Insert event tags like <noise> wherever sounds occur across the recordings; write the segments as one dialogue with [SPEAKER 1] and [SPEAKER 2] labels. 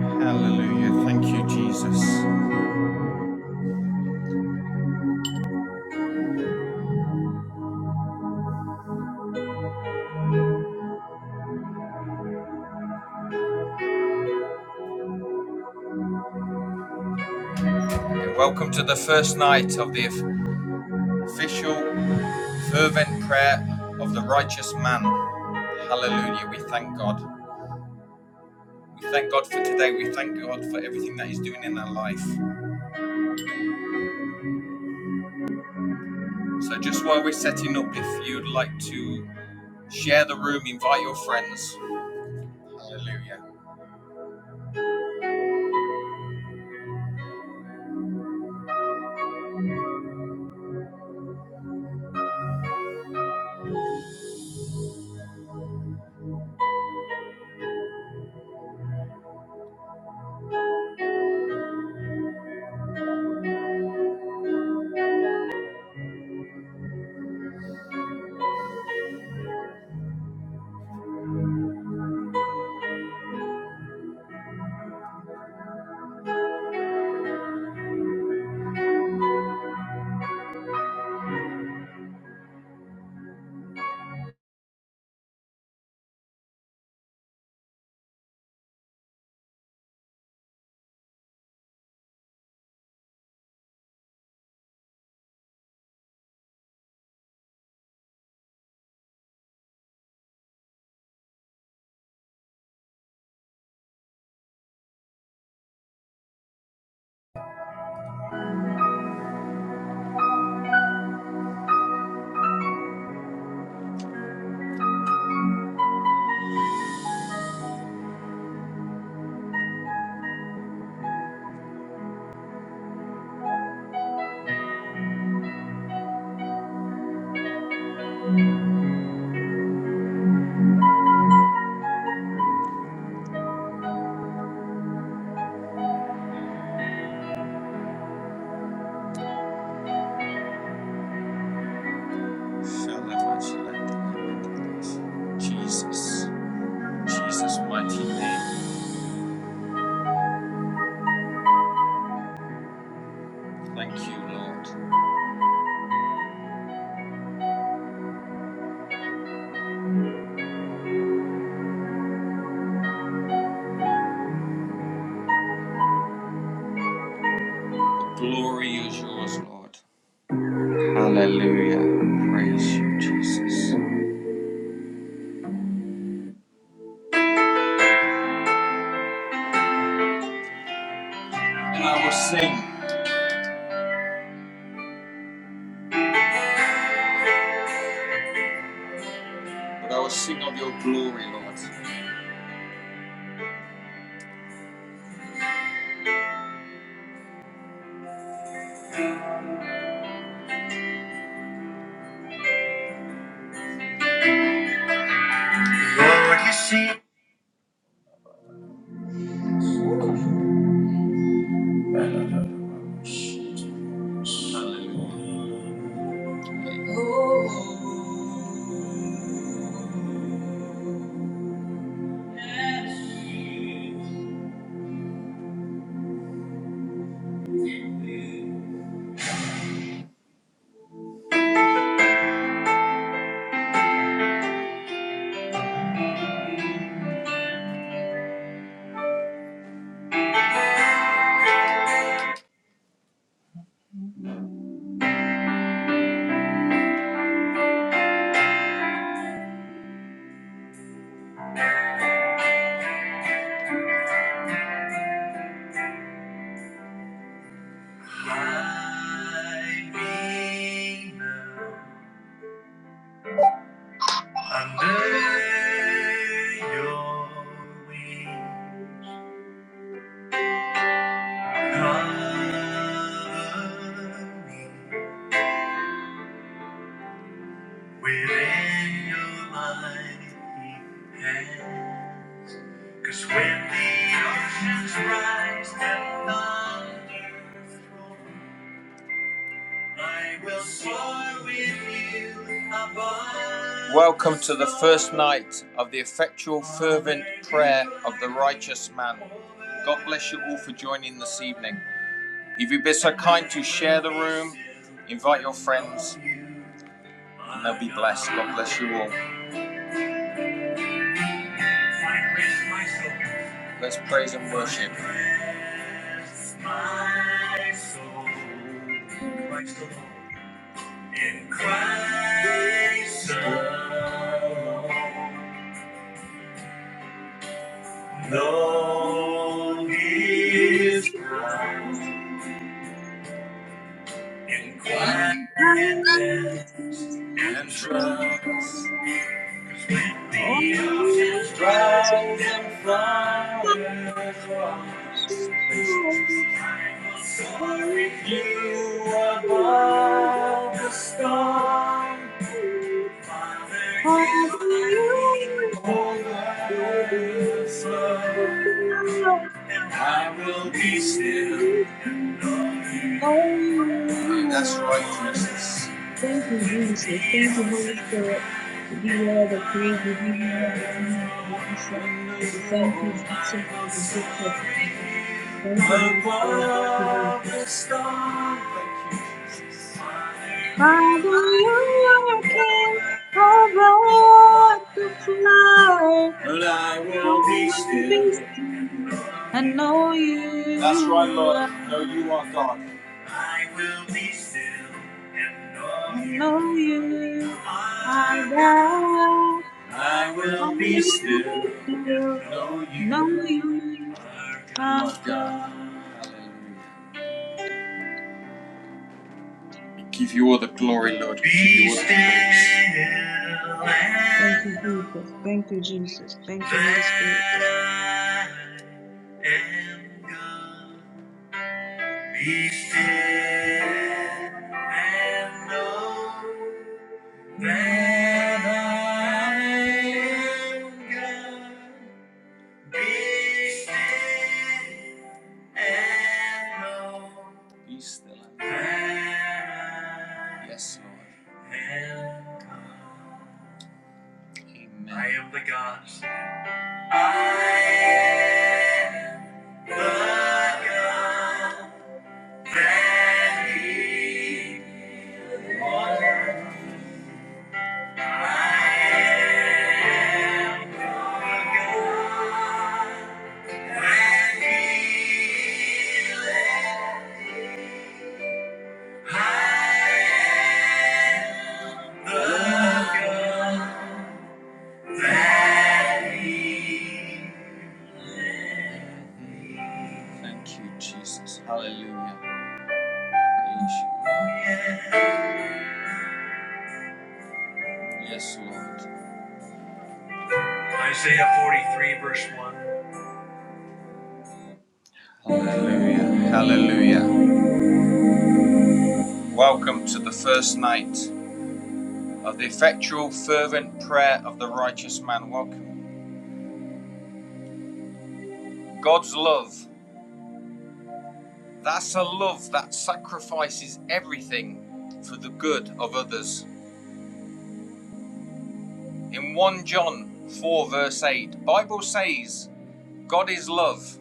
[SPEAKER 1] Hallelujah. Thank you, Jesus. And welcome to the first night of the official fervent prayer of the righteous man. Hallelujah. We thank God. We thank God for today. We thank God for everything that He's doing in our life. So, just while we're setting up, if you'd like to share the room, invite your friends. Hallelujah. Jesus. Jesus' mighty name. Thank you, Lord. The Glory is yours, Lord. Hallelujah. Praise you, Jesus. And I will sing, but I will sing of your glory, Lord. Lord, you see, oh, my Redeemer, under your wings, cover me within your mighty hand. Cause when the oceans rise and thunder, I will soar with you above. Welcome to the first night of the effectual, fervent prayer of the righteous man. God bless you all for joining this evening. If you'd be so kind to share the room, invite your friends, and they'll be blessed. God bless you all. Let's praise and worship. My soul, Christ alone. In Christ alone, Lord is God. In quietness and trust, 'Cause when the oceans rise and flowers rise, I will soar with you above the storm. Father, you are the overflow. I will be still. Yeah, that's right,
[SPEAKER 2] Oh,
[SPEAKER 1] Jesus.
[SPEAKER 2] Thank you, Jesus. Thank you, Holy Spirit. We give you all the praise. We give you all the honor and adoration.
[SPEAKER 1] I
[SPEAKER 2] We thank you, Jesus, for
[SPEAKER 1] will
[SPEAKER 2] the gift of
[SPEAKER 1] soar
[SPEAKER 2] life. Thank you, Holy Spirit. Thank you,
[SPEAKER 1] above
[SPEAKER 2] Jesus.
[SPEAKER 1] the storm. Thank you, Jesus.
[SPEAKER 2] Father, you are King over the fly.
[SPEAKER 1] And I
[SPEAKER 2] I
[SPEAKER 1] will be
[SPEAKER 2] will be
[SPEAKER 1] still.
[SPEAKER 2] still and know
[SPEAKER 1] That's right,
[SPEAKER 2] you
[SPEAKER 1] Lord.
[SPEAKER 2] are
[SPEAKER 1] No, you are
[SPEAKER 2] God.
[SPEAKER 1] God. I will be still and know
[SPEAKER 2] I know
[SPEAKER 1] you.
[SPEAKER 2] you are
[SPEAKER 1] my God,
[SPEAKER 2] God.
[SPEAKER 1] I
[SPEAKER 2] I
[SPEAKER 1] will be still
[SPEAKER 2] will be still
[SPEAKER 1] and know
[SPEAKER 2] No,
[SPEAKER 1] you
[SPEAKER 2] you
[SPEAKER 1] are God. You
[SPEAKER 2] can't.
[SPEAKER 1] are God. Hallelujah. We give you all the
[SPEAKER 2] Thank you,
[SPEAKER 1] glory, Lord.
[SPEAKER 2] Jesus.
[SPEAKER 1] We give you all the praise.
[SPEAKER 2] Thank you, Jesus. Thank you, Jesus. Thank you, Holy Spirit.
[SPEAKER 1] that I am God. Be still and know that I am God. Be still and know. Be still and know. Yes, Lord. am God. Amen. I am the God. I am the God. Thank you, Jesus. Hallelujah. Praise you. Yes, Lord. Isaiah 43, verse 1. Hallelujah. Hallelujah. Welcome to the first night. of the effectual, fervent prayer of the righteous man. Welcome. God's love. That's a love that sacrifices everything for the good of others. In 1 John 4, verse 8, Bible says, God is love.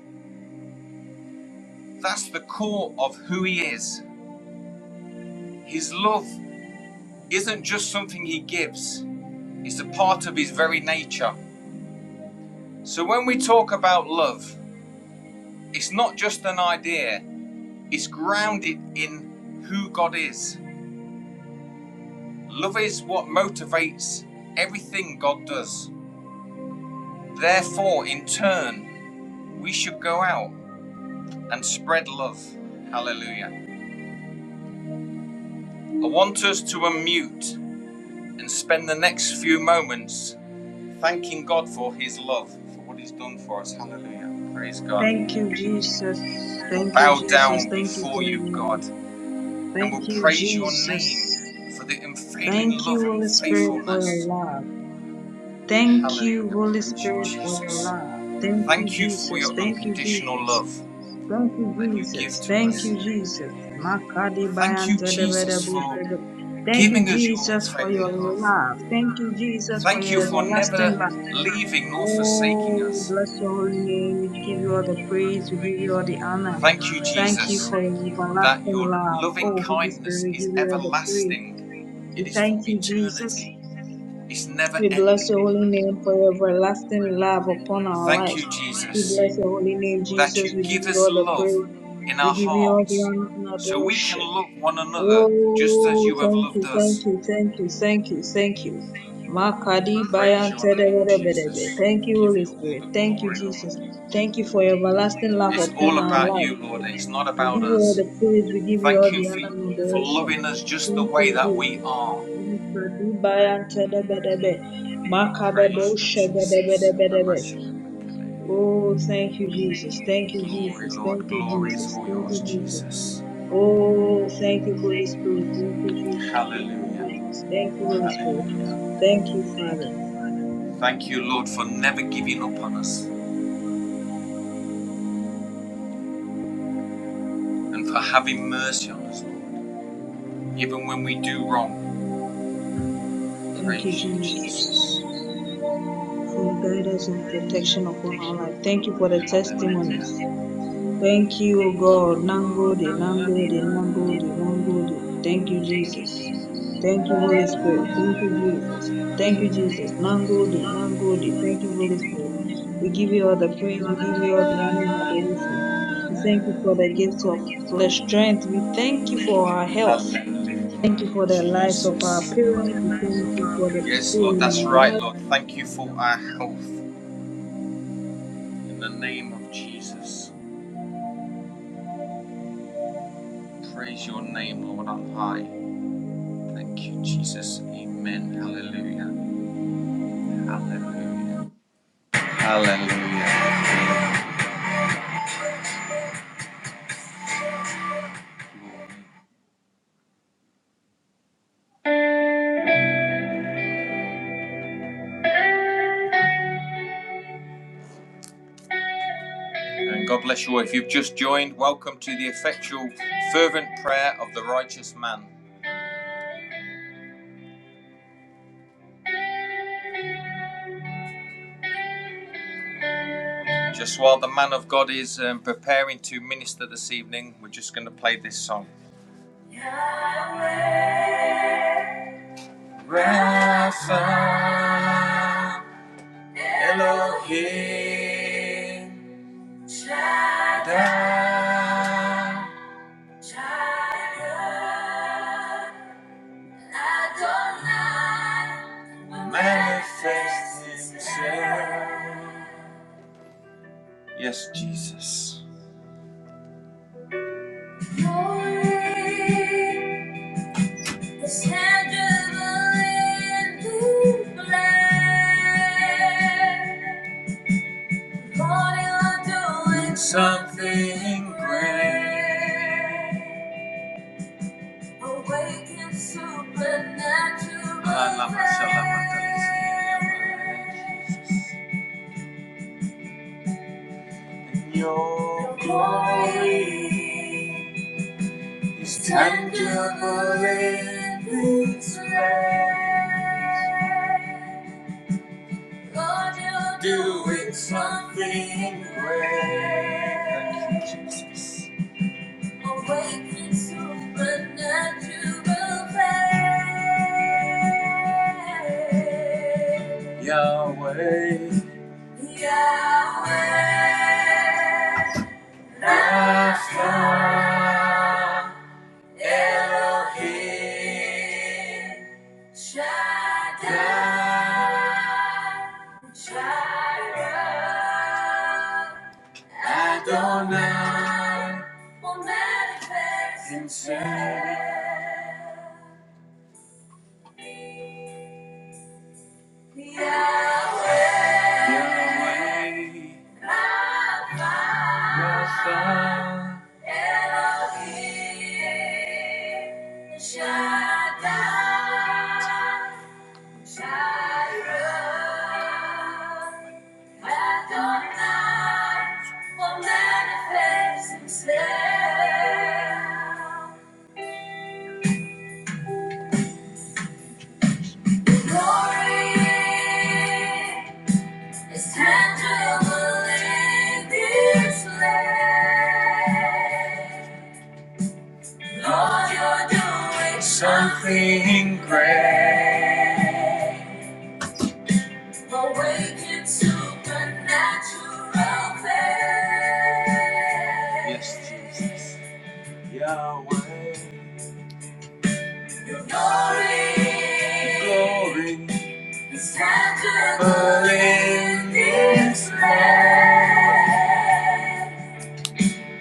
[SPEAKER 1] That's the core of who he is. His love isn't just something he gives, it's a part of his very nature. So when we talk about love, it's not just an idea, it's grounded in who God is. Love is what motivates everything God does. Therefore, in turn, we should go out and spread love. Hallelujah. I want us to unmute and spend the next few moments thanking God for His love, for what He's done for us. Hallelujah. Praise God.
[SPEAKER 2] Thank you, Jesus.
[SPEAKER 1] We'll
[SPEAKER 2] Thank you,
[SPEAKER 1] bow
[SPEAKER 2] Jesus.
[SPEAKER 1] down
[SPEAKER 2] Thank you for
[SPEAKER 1] before
[SPEAKER 2] your
[SPEAKER 1] you,
[SPEAKER 2] love.
[SPEAKER 1] God, and
[SPEAKER 2] Thank
[SPEAKER 1] we'll
[SPEAKER 2] you,
[SPEAKER 1] praise your name
[SPEAKER 2] Jesus.
[SPEAKER 1] for the unfailing
[SPEAKER 2] Thank
[SPEAKER 1] love
[SPEAKER 2] you,
[SPEAKER 1] and
[SPEAKER 2] Holy Spirit, for your
[SPEAKER 1] faithfulness.
[SPEAKER 2] love. Thank you,
[SPEAKER 1] Hallelujah.
[SPEAKER 2] Holy
[SPEAKER 1] Praise you,
[SPEAKER 2] Spirit, for your
[SPEAKER 1] Jesus.
[SPEAKER 2] love. Thank you,
[SPEAKER 1] Thank you for
[SPEAKER 2] Jesus.
[SPEAKER 1] your
[SPEAKER 2] Thank you,
[SPEAKER 1] unconditional
[SPEAKER 2] Jesus.
[SPEAKER 1] love.
[SPEAKER 2] Thank you,
[SPEAKER 1] that you give
[SPEAKER 2] Jesus.
[SPEAKER 1] to
[SPEAKER 2] Thank
[SPEAKER 1] us.
[SPEAKER 2] you, Jesus. Makadi
[SPEAKER 1] Thank you, Jesus,
[SPEAKER 2] bayantedebedebu
[SPEAKER 1] for
[SPEAKER 2] shege- Thank you,
[SPEAKER 1] giving us your
[SPEAKER 2] Jesus, for your
[SPEAKER 1] unfailing love.
[SPEAKER 2] love. Thank you, Jesus, for
[SPEAKER 1] Thank you
[SPEAKER 2] your
[SPEAKER 1] for
[SPEAKER 2] everlasting
[SPEAKER 1] never
[SPEAKER 2] love.
[SPEAKER 1] leaving nor forsaking
[SPEAKER 2] Oh,
[SPEAKER 1] us.
[SPEAKER 2] bless your holy name. We give you all the praise. We give you all the honor.
[SPEAKER 1] Thank you,
[SPEAKER 2] Thank you
[SPEAKER 1] Jesus,
[SPEAKER 2] for your
[SPEAKER 1] that
[SPEAKER 2] everlasting
[SPEAKER 1] your
[SPEAKER 2] love.
[SPEAKER 1] loving
[SPEAKER 2] Oh, Holy Spirit,
[SPEAKER 1] kindness
[SPEAKER 2] we
[SPEAKER 1] is
[SPEAKER 2] give you all the praise.
[SPEAKER 1] everlasting, it
[SPEAKER 2] We
[SPEAKER 1] is for
[SPEAKER 2] thank you, Jesus.
[SPEAKER 1] eternity, it's never
[SPEAKER 2] We bless your holy
[SPEAKER 1] ending.
[SPEAKER 2] name for your everlasting love upon our
[SPEAKER 1] Thank
[SPEAKER 2] lives.
[SPEAKER 1] you,
[SPEAKER 2] We
[SPEAKER 1] Jesus,
[SPEAKER 2] bless your holy name,
[SPEAKER 1] that
[SPEAKER 2] Jesus.
[SPEAKER 1] you
[SPEAKER 2] We give
[SPEAKER 1] give
[SPEAKER 2] you
[SPEAKER 1] us
[SPEAKER 2] all the
[SPEAKER 1] love
[SPEAKER 2] praise.
[SPEAKER 1] in
[SPEAKER 2] We
[SPEAKER 1] our
[SPEAKER 2] give you all the
[SPEAKER 1] hearts
[SPEAKER 2] honor and
[SPEAKER 1] so we can
[SPEAKER 2] adoration.
[SPEAKER 1] love one another just as
[SPEAKER 2] Oh,
[SPEAKER 1] you have
[SPEAKER 2] thank
[SPEAKER 1] loved
[SPEAKER 2] you,
[SPEAKER 1] us.
[SPEAKER 2] thank you, thank you, thank you, thank you. Makadi
[SPEAKER 1] praise
[SPEAKER 2] bayan
[SPEAKER 1] your name, Jesus.
[SPEAKER 2] tereberebebe. Thank you,
[SPEAKER 1] Give
[SPEAKER 2] Holy
[SPEAKER 1] you all
[SPEAKER 2] Spirit.
[SPEAKER 1] the
[SPEAKER 2] Thank you,
[SPEAKER 1] glory,
[SPEAKER 2] Jesus.
[SPEAKER 1] Lord.
[SPEAKER 2] Thank you for your everlasting love
[SPEAKER 1] It's
[SPEAKER 2] upon
[SPEAKER 1] all
[SPEAKER 2] our
[SPEAKER 1] about
[SPEAKER 2] life.
[SPEAKER 1] you,
[SPEAKER 2] O
[SPEAKER 1] Lord.
[SPEAKER 2] God.
[SPEAKER 1] It's not
[SPEAKER 2] We
[SPEAKER 1] about
[SPEAKER 2] give you all
[SPEAKER 1] us.
[SPEAKER 2] the praise. We give you all
[SPEAKER 1] Thank you
[SPEAKER 2] the honor and
[SPEAKER 1] for, for
[SPEAKER 2] adoration.
[SPEAKER 1] loving us just the
[SPEAKER 2] Thank
[SPEAKER 1] way
[SPEAKER 2] you,
[SPEAKER 1] that we
[SPEAKER 2] Jesus.
[SPEAKER 1] are.
[SPEAKER 2] Makadi bayan tereberebe.
[SPEAKER 1] Praise
[SPEAKER 2] Makadebo
[SPEAKER 1] you, Jesus.
[SPEAKER 2] shegedeberebebe. Oh, thank you, Jesus. Thank you,
[SPEAKER 1] Glory,
[SPEAKER 2] Jesus. Thank
[SPEAKER 1] Lord.
[SPEAKER 2] you,
[SPEAKER 1] Glory is
[SPEAKER 2] Jesus.
[SPEAKER 1] all
[SPEAKER 2] Thank
[SPEAKER 1] yours,
[SPEAKER 2] you, Jesus.
[SPEAKER 1] Jesus.
[SPEAKER 2] Oh, thank you, Holy Spirit. Thank you, Jesus. Thank you,
[SPEAKER 1] Hallelujah.
[SPEAKER 2] Jesus. Thank you, Holy Spirit.
[SPEAKER 1] Hallelujah.
[SPEAKER 2] Thank you, Father.
[SPEAKER 1] Thank you, Lord, for never giving up on us and for having mercy on us, Lord, even when we do wrong.
[SPEAKER 2] Thank you,
[SPEAKER 1] Praise you, Jesus.
[SPEAKER 2] Jesus, for your guidance and protection upon our life. Thank you for the testimonies. Thank you, O God. Nangode, nangode, nangode, nangode. Thank you, Jesus. Thank you, Holy
[SPEAKER 1] Hallelujah,
[SPEAKER 2] Spirit. Thank you, Jesus. Thank you, Jesus. Nangode, nangode. Thank you, Holy Spirit. We give you all the praise. We give you all the honor and adoration. We thank you for the gifts of the strength. We thank you for our health. Thank you for the lives of our
[SPEAKER 1] Jesus.
[SPEAKER 2] parents. We thank you for the
[SPEAKER 1] Yes,
[SPEAKER 2] people
[SPEAKER 1] Lord,
[SPEAKER 2] in
[SPEAKER 1] that's
[SPEAKER 2] our
[SPEAKER 1] right,
[SPEAKER 2] life.
[SPEAKER 1] Lord. Thank you for our health in the name of Jesus. Praise your name, Lord, on high. Thank you, Jesus. Amen. Hallelujah. Hallelujah. Hallelujah. And God bless you all. If you've just joined, welcome to the effectual, fervent prayer of the righteous man. Just while the man of God is um, preparing to minister this evening, we're just going to play this song. Yahweh, Rapha, Elohim. Shaddai, Shaddai, manifest himself. Yes, Jesus. Glory is tangible in the flesh. Lord, you're doing Something great. Awaken supernatural. Ah, lama, shalama, talisman. in your glory. is tangible in its way. Lord, you're doing something great. Awaken supernatural faith. Yahweh. Yahweh. That will manifest. Elohim Shaddai, Jireh, Adonai will manifest Himself. Glory is tangible in this place. Lord, you're doing something great. Awaken supernatural faith. Yes, Jesus. Yahweh. Your glory is tangible in this land.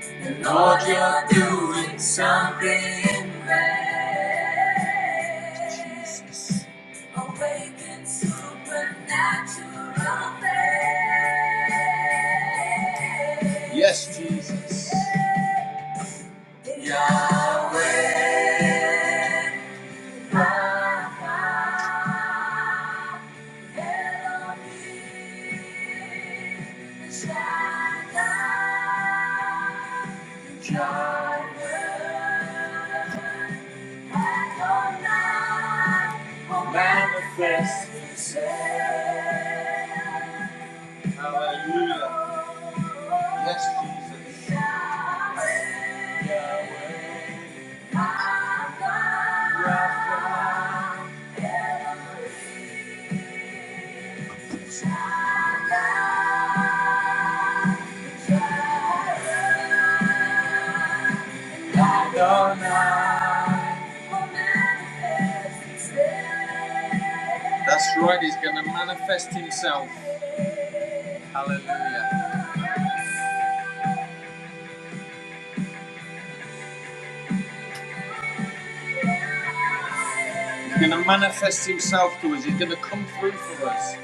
[SPEAKER 1] And Lord, you're doing something great. Jesus. Awaken supernatural faith. Yes, Jesus. Yahweh, Rapha, Elohim, Shaddai, Jireh, Adonai, will manifest. Hallelujah. Yes, Jesus. That's right, he's gonna manifest himself. Hallelujah. He's gonna manifest himself to us. He's gonna come through for us.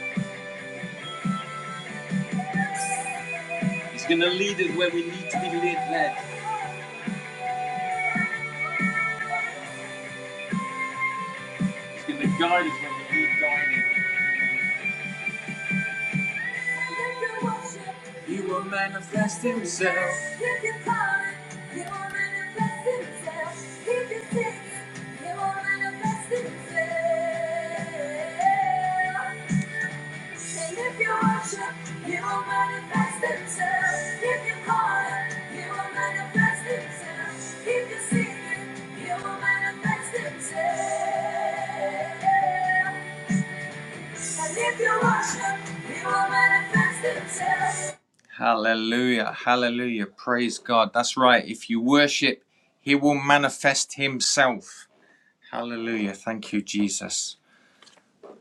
[SPEAKER 1] He's gonna lead us where we need to be led. led. He's gonna guide us where we need guiding. He will manifest himself. If you can call it, he will manifest himself. If you can sing it, he will manifest himself. And if you worship, he will manifest himself. If you call it, he will manifest himself. If you sing it, he will manifest himself. Hallelujah. Hallelujah. Praise God. That's right. If you worship, He will manifest Himself. Hallelujah. Thank you, Jesus.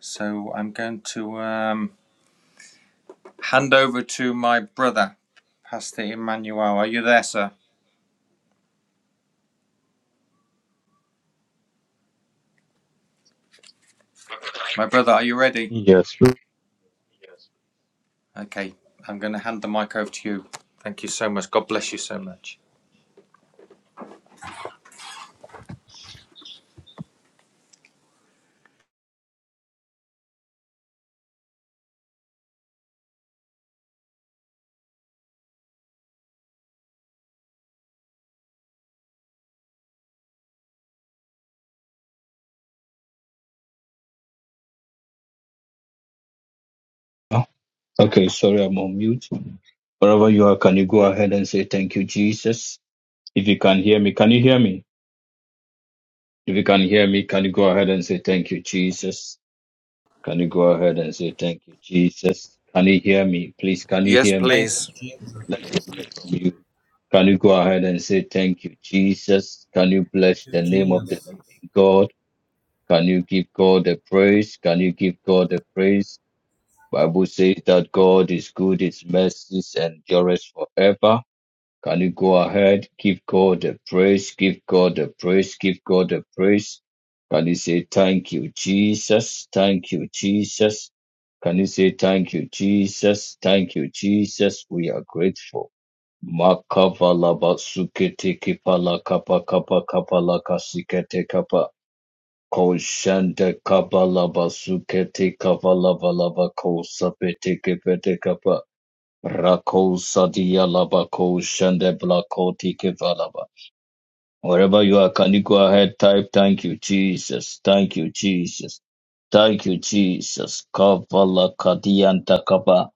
[SPEAKER 1] So I'm going to um, hand over to my brother, Pastor Emmanuel. Are you there, sir? My brother, are you ready?
[SPEAKER 3] Yes.
[SPEAKER 1] Okay. I'm going to hand the mic over to you. Thank you so much. God bless you so much.
[SPEAKER 3] Okay, sorry, I'm on mute. Wherever you are, can you go ahead and say thank you, Jesus? If you can hear me, can you hear me? If you can hear me, can you go ahead and say thank you, Jesus? Can you go ahead and say thank you, Jesus? Can you hear me? Please, can you
[SPEAKER 1] Yes,
[SPEAKER 3] hear me?
[SPEAKER 4] Thank you,
[SPEAKER 1] please.
[SPEAKER 4] Jesus.
[SPEAKER 3] Let me hear from you. Can you go ahead and say thank you, Jesus? Can you
[SPEAKER 4] Thank
[SPEAKER 3] bless
[SPEAKER 4] you,
[SPEAKER 3] the name of the
[SPEAKER 4] Jesus.
[SPEAKER 3] living God? Can you give God the praise? Can you give God the praise? Bible says that God is good, his mercies endureth forever. Can you go ahead? Give God the praise, give God the praise, give God the praise. Can you say thank you, Jesus? Thank you, Jesus. Can you say thank you, Jesus? Thank you, Jesus. We are grateful. Makavala basukete kipala kapa kapa kapa laka sikete kapa. Koshanda kabalaba suketi kavalava lava kosa pete kepete kapa rako sadia lava koshanda blakoti kevalava. Wherever you are, can you go ahead? Type, thank you, Jesus. Thank you, Jesus. Thank you, Jesus. Kavala kadianta kapa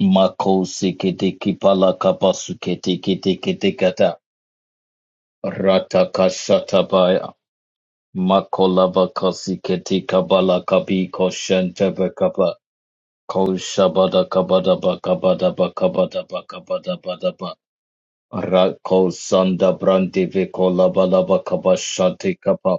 [SPEAKER 3] mako sikete kipala kapa sukete kete kete kata rata kasata Makolava Kosiketi Kabala Kabi Koshente Bakaba Koshabada Kabada Bakabada Bakabada Bakabada Badaba Rako Sanda Brandi Vikola Balaba Kabashati Kapa.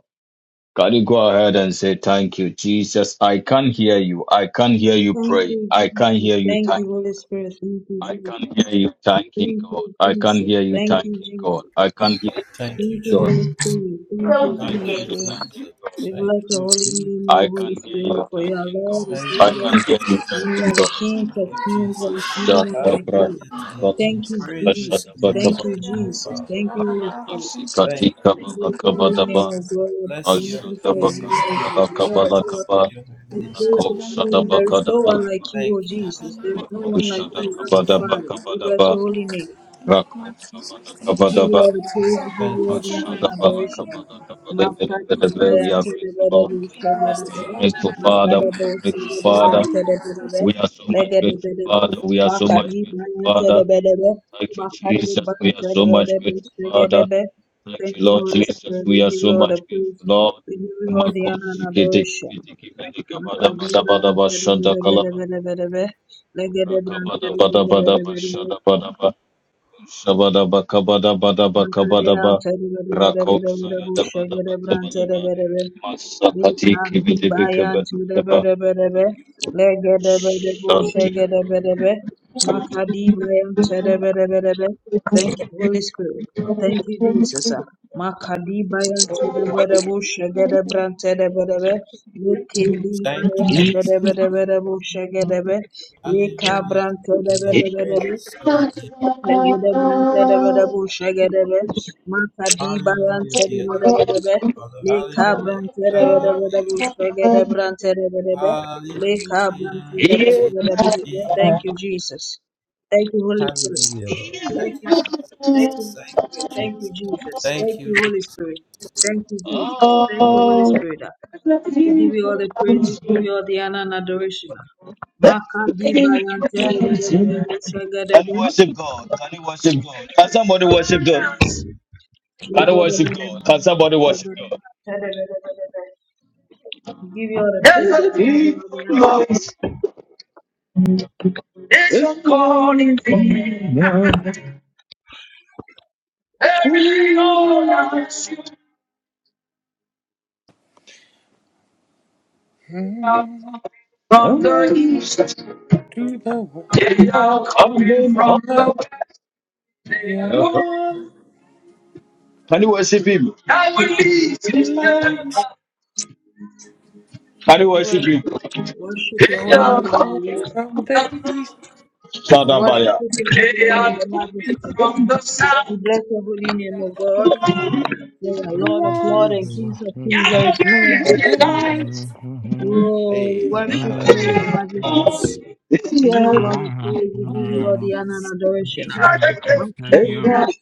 [SPEAKER 3] Can you go ahead and say thank you, Jesus? I can hear you. I can hear you
[SPEAKER 2] Thank
[SPEAKER 3] praying.
[SPEAKER 2] you,
[SPEAKER 3] I can
[SPEAKER 2] Jesus.
[SPEAKER 3] hear you
[SPEAKER 2] Thank you,
[SPEAKER 3] thanking.
[SPEAKER 2] Holy Spirit. Thank you,
[SPEAKER 3] I
[SPEAKER 2] Jesus.
[SPEAKER 3] can hear you thanking
[SPEAKER 2] Thank
[SPEAKER 3] God.
[SPEAKER 2] you,
[SPEAKER 3] I can
[SPEAKER 2] Jesus.
[SPEAKER 3] hear you
[SPEAKER 2] Thank you,
[SPEAKER 3] thanking God.
[SPEAKER 2] Jesus.
[SPEAKER 3] I can hear you
[SPEAKER 4] Thank
[SPEAKER 3] thanking
[SPEAKER 4] you,
[SPEAKER 2] Thank you,
[SPEAKER 3] God.
[SPEAKER 4] Jesus.
[SPEAKER 2] Holy Spirit. Thank
[SPEAKER 3] I
[SPEAKER 2] you,
[SPEAKER 3] can
[SPEAKER 4] Thank
[SPEAKER 3] hear
[SPEAKER 4] you,
[SPEAKER 3] you
[SPEAKER 5] Claudie
[SPEAKER 2] Jesus.
[SPEAKER 4] Jesus.
[SPEAKER 3] thanking God.
[SPEAKER 2] We
[SPEAKER 4] Thank
[SPEAKER 2] bless your
[SPEAKER 4] you,
[SPEAKER 2] holy
[SPEAKER 4] Jesus.
[SPEAKER 2] name, O
[SPEAKER 3] I
[SPEAKER 2] Holy
[SPEAKER 3] can't hear you,
[SPEAKER 2] Spirit,
[SPEAKER 3] talking.
[SPEAKER 2] for you are Lord
[SPEAKER 6] Jesus,
[SPEAKER 3] God.
[SPEAKER 2] of
[SPEAKER 4] Thank
[SPEAKER 6] thank
[SPEAKER 3] I
[SPEAKER 4] you,
[SPEAKER 2] Lord.
[SPEAKER 6] you,
[SPEAKER 3] can't hear
[SPEAKER 4] Jesus.
[SPEAKER 3] you,
[SPEAKER 6] Jesus.
[SPEAKER 2] You
[SPEAKER 3] talking.
[SPEAKER 2] are the
[SPEAKER 3] God.
[SPEAKER 2] King
[SPEAKER 6] Thank you,
[SPEAKER 4] Thank
[SPEAKER 2] of
[SPEAKER 4] you,
[SPEAKER 6] Jesus.
[SPEAKER 2] kings. There is
[SPEAKER 4] Jesus.
[SPEAKER 6] Thank
[SPEAKER 2] no
[SPEAKER 6] you,
[SPEAKER 2] one
[SPEAKER 3] Ashata
[SPEAKER 2] like you.
[SPEAKER 4] Hallelujah
[SPEAKER 6] thank
[SPEAKER 4] to
[SPEAKER 3] pratika
[SPEAKER 6] you,
[SPEAKER 4] your name.
[SPEAKER 2] Thank
[SPEAKER 6] Jesus.
[SPEAKER 2] you,
[SPEAKER 3] balabas.
[SPEAKER 4] Praises
[SPEAKER 3] Ashata
[SPEAKER 4] to
[SPEAKER 2] Jesus.
[SPEAKER 4] your
[SPEAKER 6] Thank
[SPEAKER 2] Thank
[SPEAKER 3] bakaba.
[SPEAKER 6] you,
[SPEAKER 2] you,
[SPEAKER 4] name, O
[SPEAKER 6] Yahweh.
[SPEAKER 2] Jesus.
[SPEAKER 6] Thank you,
[SPEAKER 4] Father.
[SPEAKER 2] Thank you,
[SPEAKER 6] Abba
[SPEAKER 2] Holy
[SPEAKER 3] Rata
[SPEAKER 6] Father.
[SPEAKER 2] Spirit.
[SPEAKER 6] Thank you,
[SPEAKER 4] Thank
[SPEAKER 3] sikati
[SPEAKER 4] you.
[SPEAKER 2] We
[SPEAKER 6] Jesus.
[SPEAKER 3] kabala
[SPEAKER 2] bless
[SPEAKER 6] Thank
[SPEAKER 2] the
[SPEAKER 6] you,
[SPEAKER 2] holy name
[SPEAKER 3] kabadaba.
[SPEAKER 2] of
[SPEAKER 6] Jesus.
[SPEAKER 2] God.
[SPEAKER 4] Bless
[SPEAKER 2] We
[SPEAKER 6] Thank
[SPEAKER 4] your
[SPEAKER 2] magnify
[SPEAKER 3] Ashata
[SPEAKER 6] you,
[SPEAKER 2] your
[SPEAKER 4] holy
[SPEAKER 6] Jesus.
[SPEAKER 2] holy
[SPEAKER 3] bakada
[SPEAKER 2] name,
[SPEAKER 4] name.
[SPEAKER 3] bala
[SPEAKER 2] the
[SPEAKER 6] Thank
[SPEAKER 2] Lord
[SPEAKER 6] you,
[SPEAKER 2] of
[SPEAKER 3] kabala
[SPEAKER 2] Lord.
[SPEAKER 6] Jesus.
[SPEAKER 3] kaba.
[SPEAKER 4] Your holy
[SPEAKER 2] The
[SPEAKER 6] Mama
[SPEAKER 4] name.
[SPEAKER 2] King
[SPEAKER 3] Rako
[SPEAKER 6] suti
[SPEAKER 2] of
[SPEAKER 6] handa
[SPEAKER 3] shada
[SPEAKER 2] kings. There
[SPEAKER 6] karibu
[SPEAKER 2] is
[SPEAKER 3] bakada
[SPEAKER 2] no one
[SPEAKER 6] mama
[SPEAKER 2] like
[SPEAKER 3] balaba.
[SPEAKER 2] you,
[SPEAKER 4] Thank
[SPEAKER 2] O
[SPEAKER 4] you.
[SPEAKER 6] ndada
[SPEAKER 2] Jesus. There is
[SPEAKER 6] mama
[SPEAKER 2] no
[SPEAKER 3] Mako
[SPEAKER 6] mama
[SPEAKER 2] one like
[SPEAKER 6] ndada
[SPEAKER 3] shada
[SPEAKER 2] you,
[SPEAKER 4] Thank you,
[SPEAKER 6] suti
[SPEAKER 2] Abba
[SPEAKER 3] kabada
[SPEAKER 4] Jesus.
[SPEAKER 6] handa
[SPEAKER 2] Father. We
[SPEAKER 6] karibu
[SPEAKER 2] bless
[SPEAKER 3] bakabadaba.
[SPEAKER 2] your
[SPEAKER 6] mama.
[SPEAKER 2] holy name.
[SPEAKER 6] Thank you,
[SPEAKER 3] Rako
[SPEAKER 6] Lord Jesus.
[SPEAKER 3] sabada
[SPEAKER 2] We
[SPEAKER 6] Thank you,
[SPEAKER 2] give you
[SPEAKER 6] Lord
[SPEAKER 3] kabadaba.
[SPEAKER 2] all the praise, we
[SPEAKER 6] Jesus.
[SPEAKER 2] give
[SPEAKER 4] Thank
[SPEAKER 2] you
[SPEAKER 4] you,
[SPEAKER 2] all
[SPEAKER 6] Thank
[SPEAKER 4] Jesus.
[SPEAKER 2] the
[SPEAKER 6] you, Abba
[SPEAKER 2] honor and
[SPEAKER 3] Ashata
[SPEAKER 6] Jesus, Thank you, Lord Jesus.
[SPEAKER 3] bala
[SPEAKER 2] adoration.
[SPEAKER 6] Thank
[SPEAKER 3] kabada kabale bele bele
[SPEAKER 6] you,
[SPEAKER 2] Makadiba
[SPEAKER 3] bele.
[SPEAKER 6] Lord Jesus,
[SPEAKER 3] We are
[SPEAKER 2] yante
[SPEAKER 6] thank
[SPEAKER 2] de
[SPEAKER 3] grateful,
[SPEAKER 2] bere
[SPEAKER 3] Lord.
[SPEAKER 2] bu şebe de
[SPEAKER 6] Everlasting
[SPEAKER 3] We are
[SPEAKER 2] bere.
[SPEAKER 6] Jesus,
[SPEAKER 3] grateful, Father.
[SPEAKER 2] Makada
[SPEAKER 6] Thank
[SPEAKER 3] We are
[SPEAKER 6] you,
[SPEAKER 2] bu
[SPEAKER 3] grateful,
[SPEAKER 2] şebe de
[SPEAKER 6] Jesus. Thank
[SPEAKER 3] Father.
[SPEAKER 2] brante
[SPEAKER 6] you,
[SPEAKER 2] de bere be.
[SPEAKER 6] Jesus.
[SPEAKER 3] We are so much
[SPEAKER 2] Lege de
[SPEAKER 3] grateful,
[SPEAKER 2] bere be.
[SPEAKER 3] Father. We are so much
[SPEAKER 2] Makadiba
[SPEAKER 3] grateful,
[SPEAKER 2] yante de
[SPEAKER 3] Father.
[SPEAKER 2] bere be.
[SPEAKER 3] Thank you, Jesus.
[SPEAKER 2] Makadiba
[SPEAKER 3] We are
[SPEAKER 2] yante de
[SPEAKER 3] so much
[SPEAKER 2] bere be.
[SPEAKER 3] grateful,
[SPEAKER 2] Şebe de
[SPEAKER 3] Father.
[SPEAKER 2] be.
[SPEAKER 3] Thank
[SPEAKER 2] Thank
[SPEAKER 3] you,
[SPEAKER 2] you,
[SPEAKER 3] Lord
[SPEAKER 2] Holy
[SPEAKER 3] Jesus.
[SPEAKER 2] Spirit. We
[SPEAKER 3] We are
[SPEAKER 2] give
[SPEAKER 3] so
[SPEAKER 2] you all the
[SPEAKER 3] much grateful,
[SPEAKER 2] praise.
[SPEAKER 3] Lord.
[SPEAKER 2] We give you all the honor and
[SPEAKER 3] Makos kete
[SPEAKER 2] adoration.
[SPEAKER 3] kete kete kete kabada bada
[SPEAKER 2] Makadiba
[SPEAKER 3] bada
[SPEAKER 2] yante de
[SPEAKER 3] bashanda
[SPEAKER 2] bere bere
[SPEAKER 3] kalaba
[SPEAKER 2] bere bere be. Lege de brante
[SPEAKER 3] rakabada
[SPEAKER 2] de
[SPEAKER 3] bada
[SPEAKER 2] bere
[SPEAKER 3] bada
[SPEAKER 2] bere bere be.
[SPEAKER 3] bashanda bada ba shabada ba kabada bada ba kabada
[SPEAKER 2] Mankadea
[SPEAKER 3] ba
[SPEAKER 2] tere bere bere bere
[SPEAKER 3] rakos
[SPEAKER 2] bere bu
[SPEAKER 3] yada bada
[SPEAKER 2] şegere
[SPEAKER 3] ba
[SPEAKER 2] bran
[SPEAKER 3] kabada
[SPEAKER 2] tere
[SPEAKER 3] ba
[SPEAKER 2] bere bere.
[SPEAKER 3] masakati
[SPEAKER 2] Bika bi
[SPEAKER 3] kibidi bi
[SPEAKER 2] bayan
[SPEAKER 3] kabada
[SPEAKER 2] tere
[SPEAKER 3] ba
[SPEAKER 2] bere bere bere. Legede bere bu
[SPEAKER 3] shanti
[SPEAKER 2] şegere bere bere. Makadi bayan tere bere bere bere. Thank you Holy Spirit. Thank you Jesus. Makadi bayan tere bere bu şegere bran tere bere bere. Likidi
[SPEAKER 4] Thank you,
[SPEAKER 2] bayan tere
[SPEAKER 4] Jesus.
[SPEAKER 2] bere bere bu şegere bere. Lika
[SPEAKER 4] Hallelujah
[SPEAKER 2] bran
[SPEAKER 4] to
[SPEAKER 2] tere
[SPEAKER 4] your
[SPEAKER 2] bere
[SPEAKER 4] name.
[SPEAKER 2] bere bere.
[SPEAKER 4] Praises to your name.
[SPEAKER 2] Legedebranterebedebushegerebe.
[SPEAKER 4] Hallelujah to your name,
[SPEAKER 2] Makadibayanterebedebedebe.
[SPEAKER 4] Father.
[SPEAKER 3] Can
[SPEAKER 4] Hallelujah. Hallelujah.
[SPEAKER 3] you
[SPEAKER 2] Lekabranterebedebedebushegerebranterebedebe.
[SPEAKER 4] Hallelujah. to
[SPEAKER 2] Lekabranterebedebedebedebe.
[SPEAKER 4] you.
[SPEAKER 2] Thank you, Jesus. Thank you, Holy Spirit.
[SPEAKER 4] Hallelujah, Lord. Thank
[SPEAKER 2] Thank you,
[SPEAKER 4] you, Jesus.
[SPEAKER 2] Jesus. Thank you, Holy
[SPEAKER 4] Thank
[SPEAKER 2] Spirit.
[SPEAKER 4] you,
[SPEAKER 2] Thank you,
[SPEAKER 4] Jesus.
[SPEAKER 2] Jesus. Thank
[SPEAKER 4] Thank you,
[SPEAKER 2] you,
[SPEAKER 4] Jesus.
[SPEAKER 2] Holy Spirit. Thank you, Jesus. Thank you, Holy Spirit. We give you all the praise. We give you all the honor and adoration. Makadibayanterebedebedebushegerebe.
[SPEAKER 3] worship God? Can somebody worship God?
[SPEAKER 2] We
[SPEAKER 3] Can
[SPEAKER 2] give
[SPEAKER 3] you
[SPEAKER 2] you all the
[SPEAKER 3] worship God? Can somebody worship
[SPEAKER 2] praise,
[SPEAKER 3] God?
[SPEAKER 2] we give you all the honor.
[SPEAKER 3] Can you worship Him? Can you
[SPEAKER 2] We
[SPEAKER 3] worship Him?
[SPEAKER 2] worship, worship your holy name, O Lord. We worship
[SPEAKER 3] Shadabaya.
[SPEAKER 2] your holy name, your majesty. We bless your holy name, O God. You are
[SPEAKER 7] I'm
[SPEAKER 2] Lord of lords
[SPEAKER 1] One.
[SPEAKER 2] and Kings of
[SPEAKER 7] very
[SPEAKER 2] Kings. There is no one like you. Oh, we worship you, your majesty. We give you all the praise, we give you all the honor and adoration. Oh,
[SPEAKER 7] confused
[SPEAKER 3] Eh?
[SPEAKER 2] we
[SPEAKER 7] you.
[SPEAKER 2] bless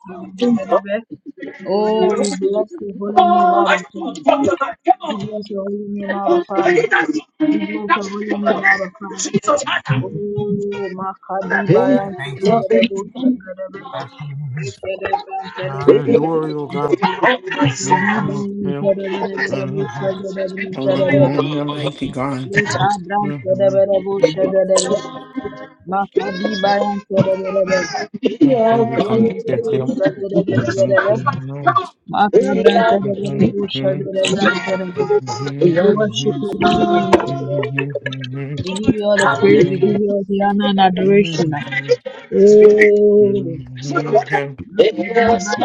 [SPEAKER 2] your holy name, Abba. Father. We bless your holy name, Abba Father. We bless your holy name, Abba Father. Oh, Makadi
[SPEAKER 7] Oh,
[SPEAKER 2] Bayan
[SPEAKER 7] thank you.
[SPEAKER 2] Terebo Shagarebe, Ekerebe, Terebe,
[SPEAKER 7] Glory, O God.
[SPEAKER 2] Makadi Bayan Terebo Shagarebe, Terebe,
[SPEAKER 7] Almighty God.
[SPEAKER 2] Ekadran Terebo Shagarebe, Makadi Bayan Terebe,
[SPEAKER 7] Can we come to
[SPEAKER 2] Shagarebe, Makabran Terebo Shagarebe, Terebe. We worship your holy name, O God. We give you all the praise, we give you all the honor and adoration. Oh,
[SPEAKER 7] you? Oh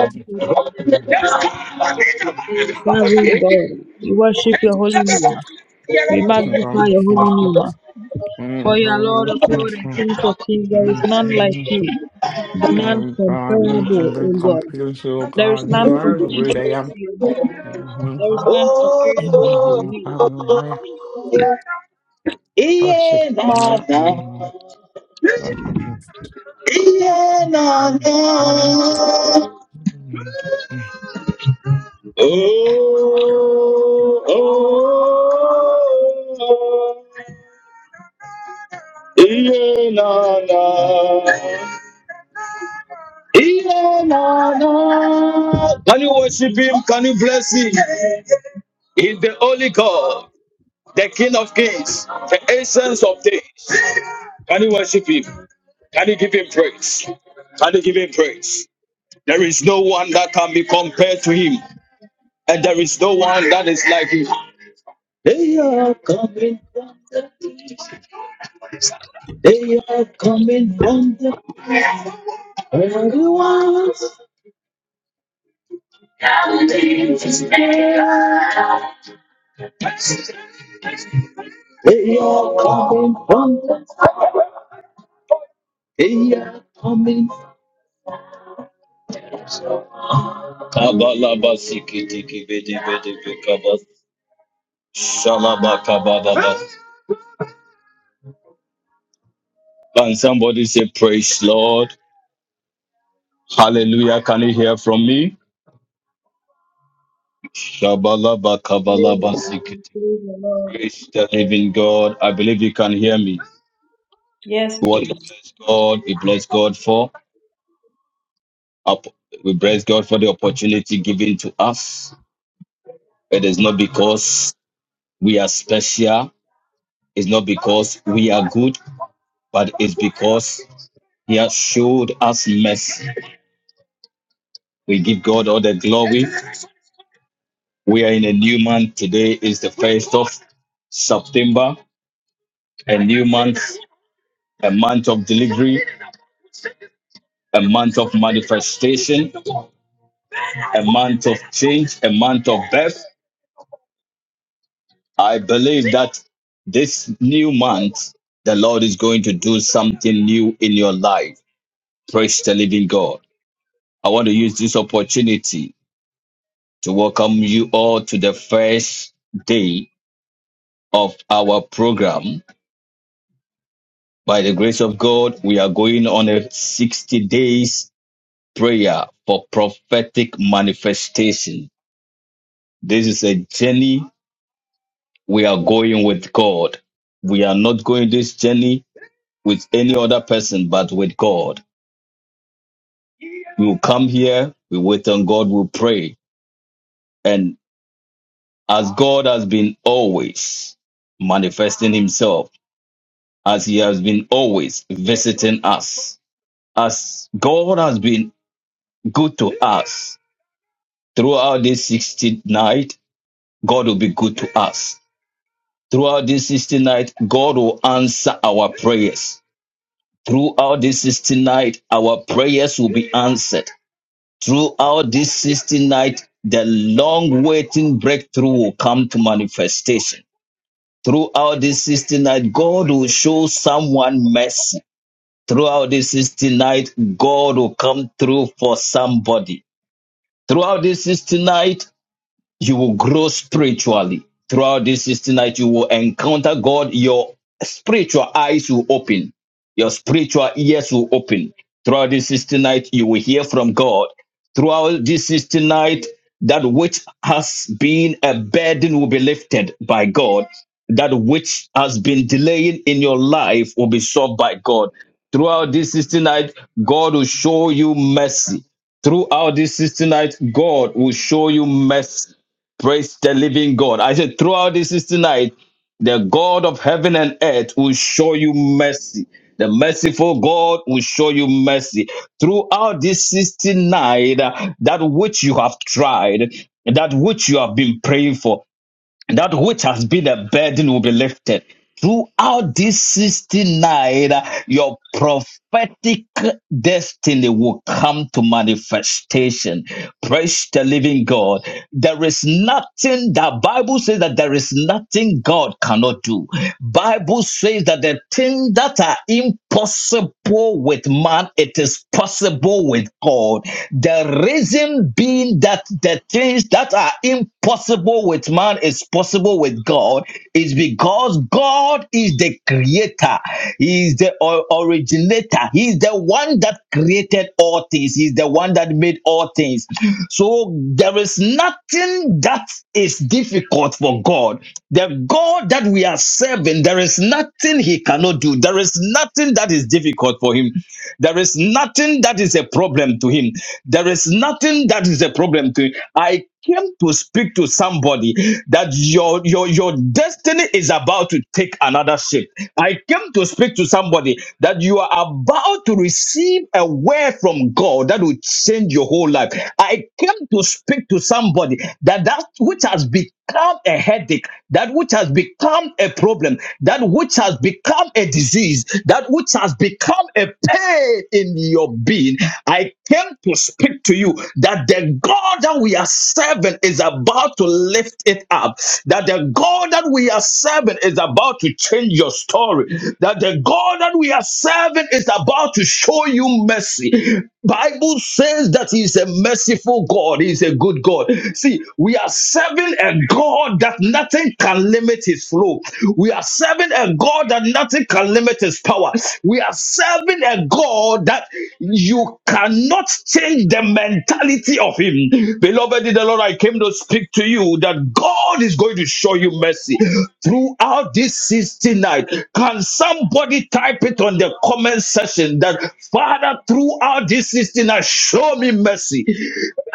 [SPEAKER 2] serving God, we worship your holy name. We magnify
[SPEAKER 7] God, you
[SPEAKER 2] your
[SPEAKER 7] can be
[SPEAKER 2] holy name. For you are Lord of Lords and Kings of Kings. There is none like you, none comparable, O God.
[SPEAKER 7] completely, oh
[SPEAKER 2] There is
[SPEAKER 7] God,
[SPEAKER 2] none
[SPEAKER 7] you are the great I
[SPEAKER 2] comparable
[SPEAKER 7] am.
[SPEAKER 2] to your name.
[SPEAKER 7] I
[SPEAKER 2] There is none comparable to
[SPEAKER 3] Oh,
[SPEAKER 2] your
[SPEAKER 7] will
[SPEAKER 2] name.
[SPEAKER 7] really worship
[SPEAKER 3] iye
[SPEAKER 7] you.
[SPEAKER 3] nada,
[SPEAKER 7] and Worship you.
[SPEAKER 3] iye nada. Oh, oh, oh. Iyana. Iyana. Can you worship him? Can you bless him? He's the Holy God, the King of Kings, the essence of things. Can you worship him? Can you give him praise? Can you give him praise? There is no one that can be compared to him, and there is no one that is like him. They are coming. They are coming. They are coming. They are coming. Kabalabasikitikibidibidibikaba- Can somebody say praise Lord? Hallelujah. Can you hear from me? Shabalaba
[SPEAKER 2] Praise
[SPEAKER 3] kabalaba
[SPEAKER 2] the Lord,
[SPEAKER 3] sikiti
[SPEAKER 2] praise the Lord.
[SPEAKER 3] Praise the living God. I believe you can hear me.
[SPEAKER 2] Yes,
[SPEAKER 3] We want to
[SPEAKER 2] please.
[SPEAKER 3] bless God. We bless God for we bless God for the opportunity given to us. It is not because we are special, it's not because we are good, but it's because He has showed us mercy. We give God all the glory. We are in a new month. Today is the first of September, a new month, a month of delivery, a month of manifestation, a month of change, a month of birth. I believe that this new month, the Lord is going to do something new in your life. Praise the living God. I want to use this opportunity to welcome you all to the first day of our program By the grace of God, we are going on a 60 days prayer for prophetic manifestation. This is a journey we are going with God. We are not going this journey with any other person, but with God. We will come here, we wait on God, we pray. And as God has been always manifesting himself, as he has been always visiting us, as God has been good to us, Throughout this 60th night, God will be good to us. Throughout this 60th night, God will answer our prayers. Throughout this 60th night, our prayers will be answered. Throughout this 60th night, the long waiting breakthrough will come to manifestation. Throughout this 60th night, God will show someone mercy. Throughout this 60th night, God will come through for somebody. Throughout this 60th night, you will grow spiritually throughout this 60 night you will encounter god your spiritual eyes will open your spiritual ears will open throughout this 60 night you will hear from god throughout this 60 night that which has been a burden will be lifted by god that which has been delaying in your life will be solved by god throughout this 60 night god will show you mercy throughout this 60 night god will show you mercy Praise the living God. I said, throughout this is tonight, the God of heaven and earth will show you mercy. The merciful God will show you mercy. Throughout this 69, uh, that which you have tried, that which you have been praying for, that which has been a burden will be lifted. Throughout this 69, uh, your prophetic destiny will come to manifestation. Praise the living God. There is nothing, the Bible says that there is nothing God cannot do. Bible says that the things that are impossible with man, it is possible with God. The reason being that the things that are impossible with man is possible with God is because God is the creator. He is the originator. He is the one that created all things. He is the one that made all things. So there is nothing that is difficult for God. The God that we are serving, there is nothing he cannot do. There is nothing that is difficult for him. There is nothing that is a problem to him. There is nothing that is a problem to him. I came to speak to somebody that your your your destiny is about to take another shape I came to speak to somebody that you are about to receive a word from God that will change your whole life. I came to speak to somebody that that which has become a headache, that which has become a problem, that which has become a disease, that which has become a pain in your being. I came to speak to you that the the God that we are serving is about to lift it up. That the God that we are serving is about to change your story. That the God that we are serving is about to show you mercy. Bible says that He is a merciful God. He is a good God. See, we are serving a God that nothing can limit His flow. We are serving a God God that nothing can limit his power. We are serving a God that you cannot change the mentality of him. Beloved in the Lord, I came to speak to you that God is going to show you mercy throughout this sixty night. Can somebody type it on the comment section that Father, throughout this sixty night, show me mercy?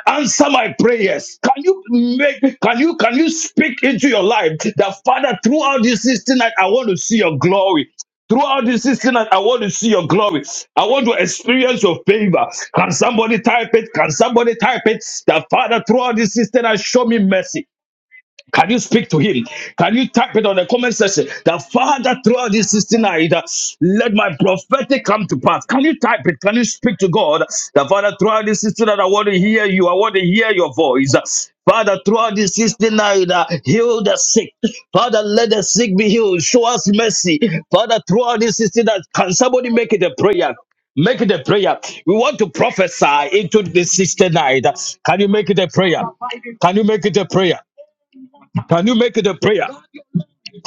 [SPEAKER 3] answer my prayers can you make can you can you speak into your life that father throughout this 16 night i want to see your glory Throughout this season, I want to see your glory. I want to experience your favor. Can somebody type it? Can somebody type it? That Father, throughout this season, I show me mercy. Can you speak to him? Can you type it on the comment section? The Father, throughout this 16 night, uh, let my prophetic come to pass. Can you type it? Can you speak to God? The Father, throughout this 16 night, I want to hear you. I want to hear your voice. Father, throughout this 16 night, uh, heal the sick. Father, let the sick be healed. Show us mercy. Father, throughout this 16 night, can somebody make it a prayer? Make it a prayer. We want to prophesy into this 16 night. Can you make it a prayer? Can you make it a prayer? Can you make it a prayer?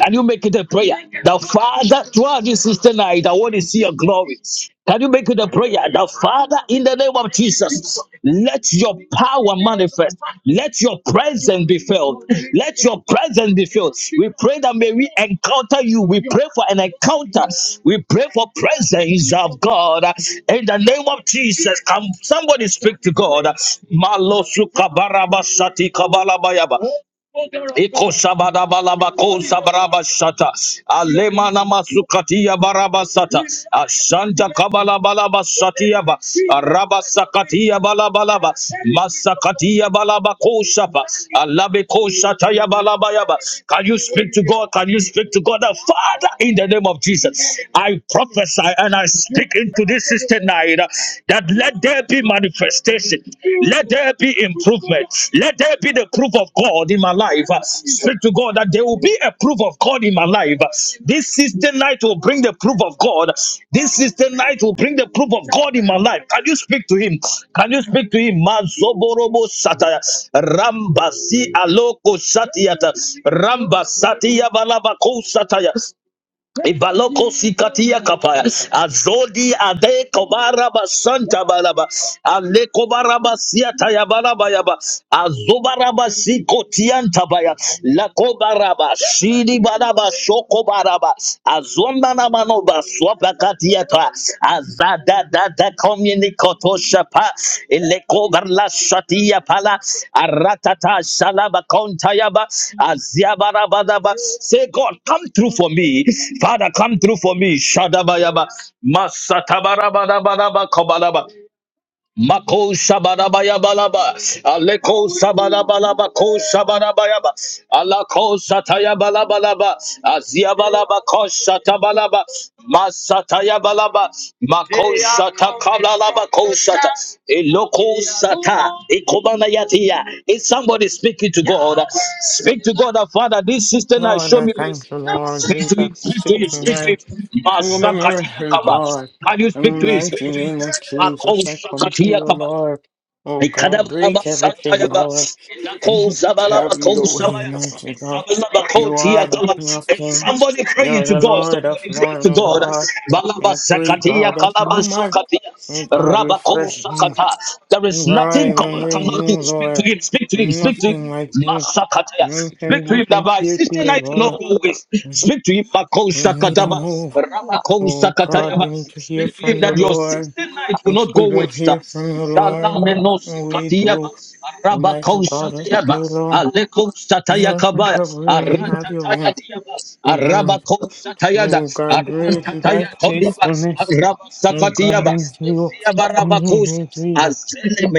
[SPEAKER 3] Can you make it a prayer? The Father, throughout this sister night, I want to see your glory. Can you make it a prayer? The Father, in the name of Jesus, let your power manifest. Let your presence be felt. Let your presence be felt. We pray that may we encounter you. We pray for an encounter. We pray for presence of God. In the name of Jesus, come somebody speak to God. Malosuka Malosukabarabasatikabalaba. Ikosabadabalabakosa barabashata. Alemana masukatiya masukatia barabasata. Ashanta kabalabalabasatiaba. Arabasakatia balabalaba. Masakatia balabakosapa. Alabekosataya balabayaba. Can you speak to God? Can you speak to God? Father, in the name of Jesus, I prophesy and I speak into this system tonight that let let there be manifestation. Let there be improvement. Let there be the proof of God in my life. Uh, Speak to God that there will be a proof of God in my life. Uh, This is the night will bring the proof of God. This is the night will bring the proof of God in my life. Can you speak to Him? Can you speak to Him? Mazoborobo sataya. Ramba si aloko satiata. Ramba balabako sataya. Ibaloko sikatia kapaya. Azodi ade kobaraba santa balaba. Ale kobaraba siata ya balaba yaba. Azubaraba sikotianta baya. La kobaraba shidi balaba shoko baraba. Azonda na manoba swapa shapa azada da da komini koto shapa ileko garla shatia pala aratata shalaba kontayaba aziabarabadaba say God come through for me Father come through for me shadabayaba masatabarabadabadaba kobalaba Mako Shabarabayabalaba, Aleko Shabarabalaba, Ko Shabarabayaba, Alako Satayabalabalaba, Aziabalaba, Ko Satabalaba, Masatayabalaba, Mako. Eloko sata, ekobana yatia. Is somebody speaking to God? Speak to God, Father. This sister has
[SPEAKER 7] Lord,
[SPEAKER 3] shown
[SPEAKER 7] I
[SPEAKER 3] me mercy.
[SPEAKER 7] thank you, Lord
[SPEAKER 3] Speak
[SPEAKER 7] Jesus,
[SPEAKER 3] to him,
[SPEAKER 7] for
[SPEAKER 3] speak to him, speak to
[SPEAKER 7] sickening.
[SPEAKER 3] him.
[SPEAKER 7] Remember,
[SPEAKER 3] Masakatiya
[SPEAKER 7] oh
[SPEAKER 3] kaba.
[SPEAKER 7] God,
[SPEAKER 3] Can you
[SPEAKER 7] in the
[SPEAKER 3] speak to him? Speak
[SPEAKER 7] mighty name of Jesus, I come to
[SPEAKER 3] to him.
[SPEAKER 7] you,
[SPEAKER 3] Mako
[SPEAKER 7] Lord. Oh God,
[SPEAKER 3] Ikadabalaba
[SPEAKER 7] break everything,
[SPEAKER 3] Santayaba,
[SPEAKER 7] Lord.
[SPEAKER 3] Inako
[SPEAKER 7] Just
[SPEAKER 3] Zabalaba
[SPEAKER 7] Have
[SPEAKER 3] Ko
[SPEAKER 7] your way, mighty God.
[SPEAKER 3] Zabalaba Ko
[SPEAKER 7] You are the King of
[SPEAKER 3] If
[SPEAKER 7] Kings.
[SPEAKER 3] somebody pray
[SPEAKER 7] You're
[SPEAKER 3] to
[SPEAKER 7] the
[SPEAKER 3] God,
[SPEAKER 7] Lord of
[SPEAKER 3] somebody pray
[SPEAKER 7] Lords,
[SPEAKER 3] to
[SPEAKER 7] oh
[SPEAKER 3] God.
[SPEAKER 7] God. And
[SPEAKER 3] Balaba
[SPEAKER 7] I pray,
[SPEAKER 3] Sakatia,
[SPEAKER 7] God, that you
[SPEAKER 3] Kalaba
[SPEAKER 7] might,
[SPEAKER 3] Sakatia,
[SPEAKER 7] oh God,
[SPEAKER 3] Rabako
[SPEAKER 7] refresh me,
[SPEAKER 3] Sakata. There is nothing
[SPEAKER 7] revive and
[SPEAKER 3] God cannot do.
[SPEAKER 7] renew,
[SPEAKER 3] Speak to
[SPEAKER 7] Lord.
[SPEAKER 3] him, speak to him, speak to
[SPEAKER 7] Nothing
[SPEAKER 3] him.
[SPEAKER 7] like you. None
[SPEAKER 3] Masakatia.
[SPEAKER 7] can
[SPEAKER 3] Speak to
[SPEAKER 7] be
[SPEAKER 3] him that by
[SPEAKER 7] compared to
[SPEAKER 3] sister
[SPEAKER 7] you,
[SPEAKER 3] night not
[SPEAKER 7] Lord.
[SPEAKER 3] always.
[SPEAKER 7] We
[SPEAKER 3] Speak to him,
[SPEAKER 7] we
[SPEAKER 3] Makosa
[SPEAKER 7] need a
[SPEAKER 3] Kataba,
[SPEAKER 7] move.
[SPEAKER 3] Ramakosa
[SPEAKER 7] Oh God,
[SPEAKER 3] Katayaba.
[SPEAKER 7] we need to hear
[SPEAKER 3] Speak to him
[SPEAKER 7] from you,
[SPEAKER 3] that your
[SPEAKER 7] Lord.
[SPEAKER 3] 16 night will
[SPEAKER 7] If
[SPEAKER 3] not
[SPEAKER 7] we
[SPEAKER 3] go
[SPEAKER 7] don't
[SPEAKER 3] waste.
[SPEAKER 7] hear from you,
[SPEAKER 3] Shala
[SPEAKER 7] Lord, what can
[SPEAKER 3] menosi
[SPEAKER 7] we do?
[SPEAKER 3] katiyaba,
[SPEAKER 7] Almighty
[SPEAKER 3] Rabakosa
[SPEAKER 7] God, I pray,
[SPEAKER 3] Tayaba,
[SPEAKER 7] Lord,
[SPEAKER 3] Aleko
[SPEAKER 7] and let me help you and
[SPEAKER 3] Satayakaba,
[SPEAKER 7] have your will. And um,
[SPEAKER 3] Arabakosatayada,
[SPEAKER 7] oh God, great is thy
[SPEAKER 3] Arantataya Todiba,
[SPEAKER 7] faithfulness. Oh God,
[SPEAKER 3] Arabasakatiaba,
[SPEAKER 7] unto you.
[SPEAKER 3] Ziabarabakus,
[SPEAKER 7] Mhm, Jesus.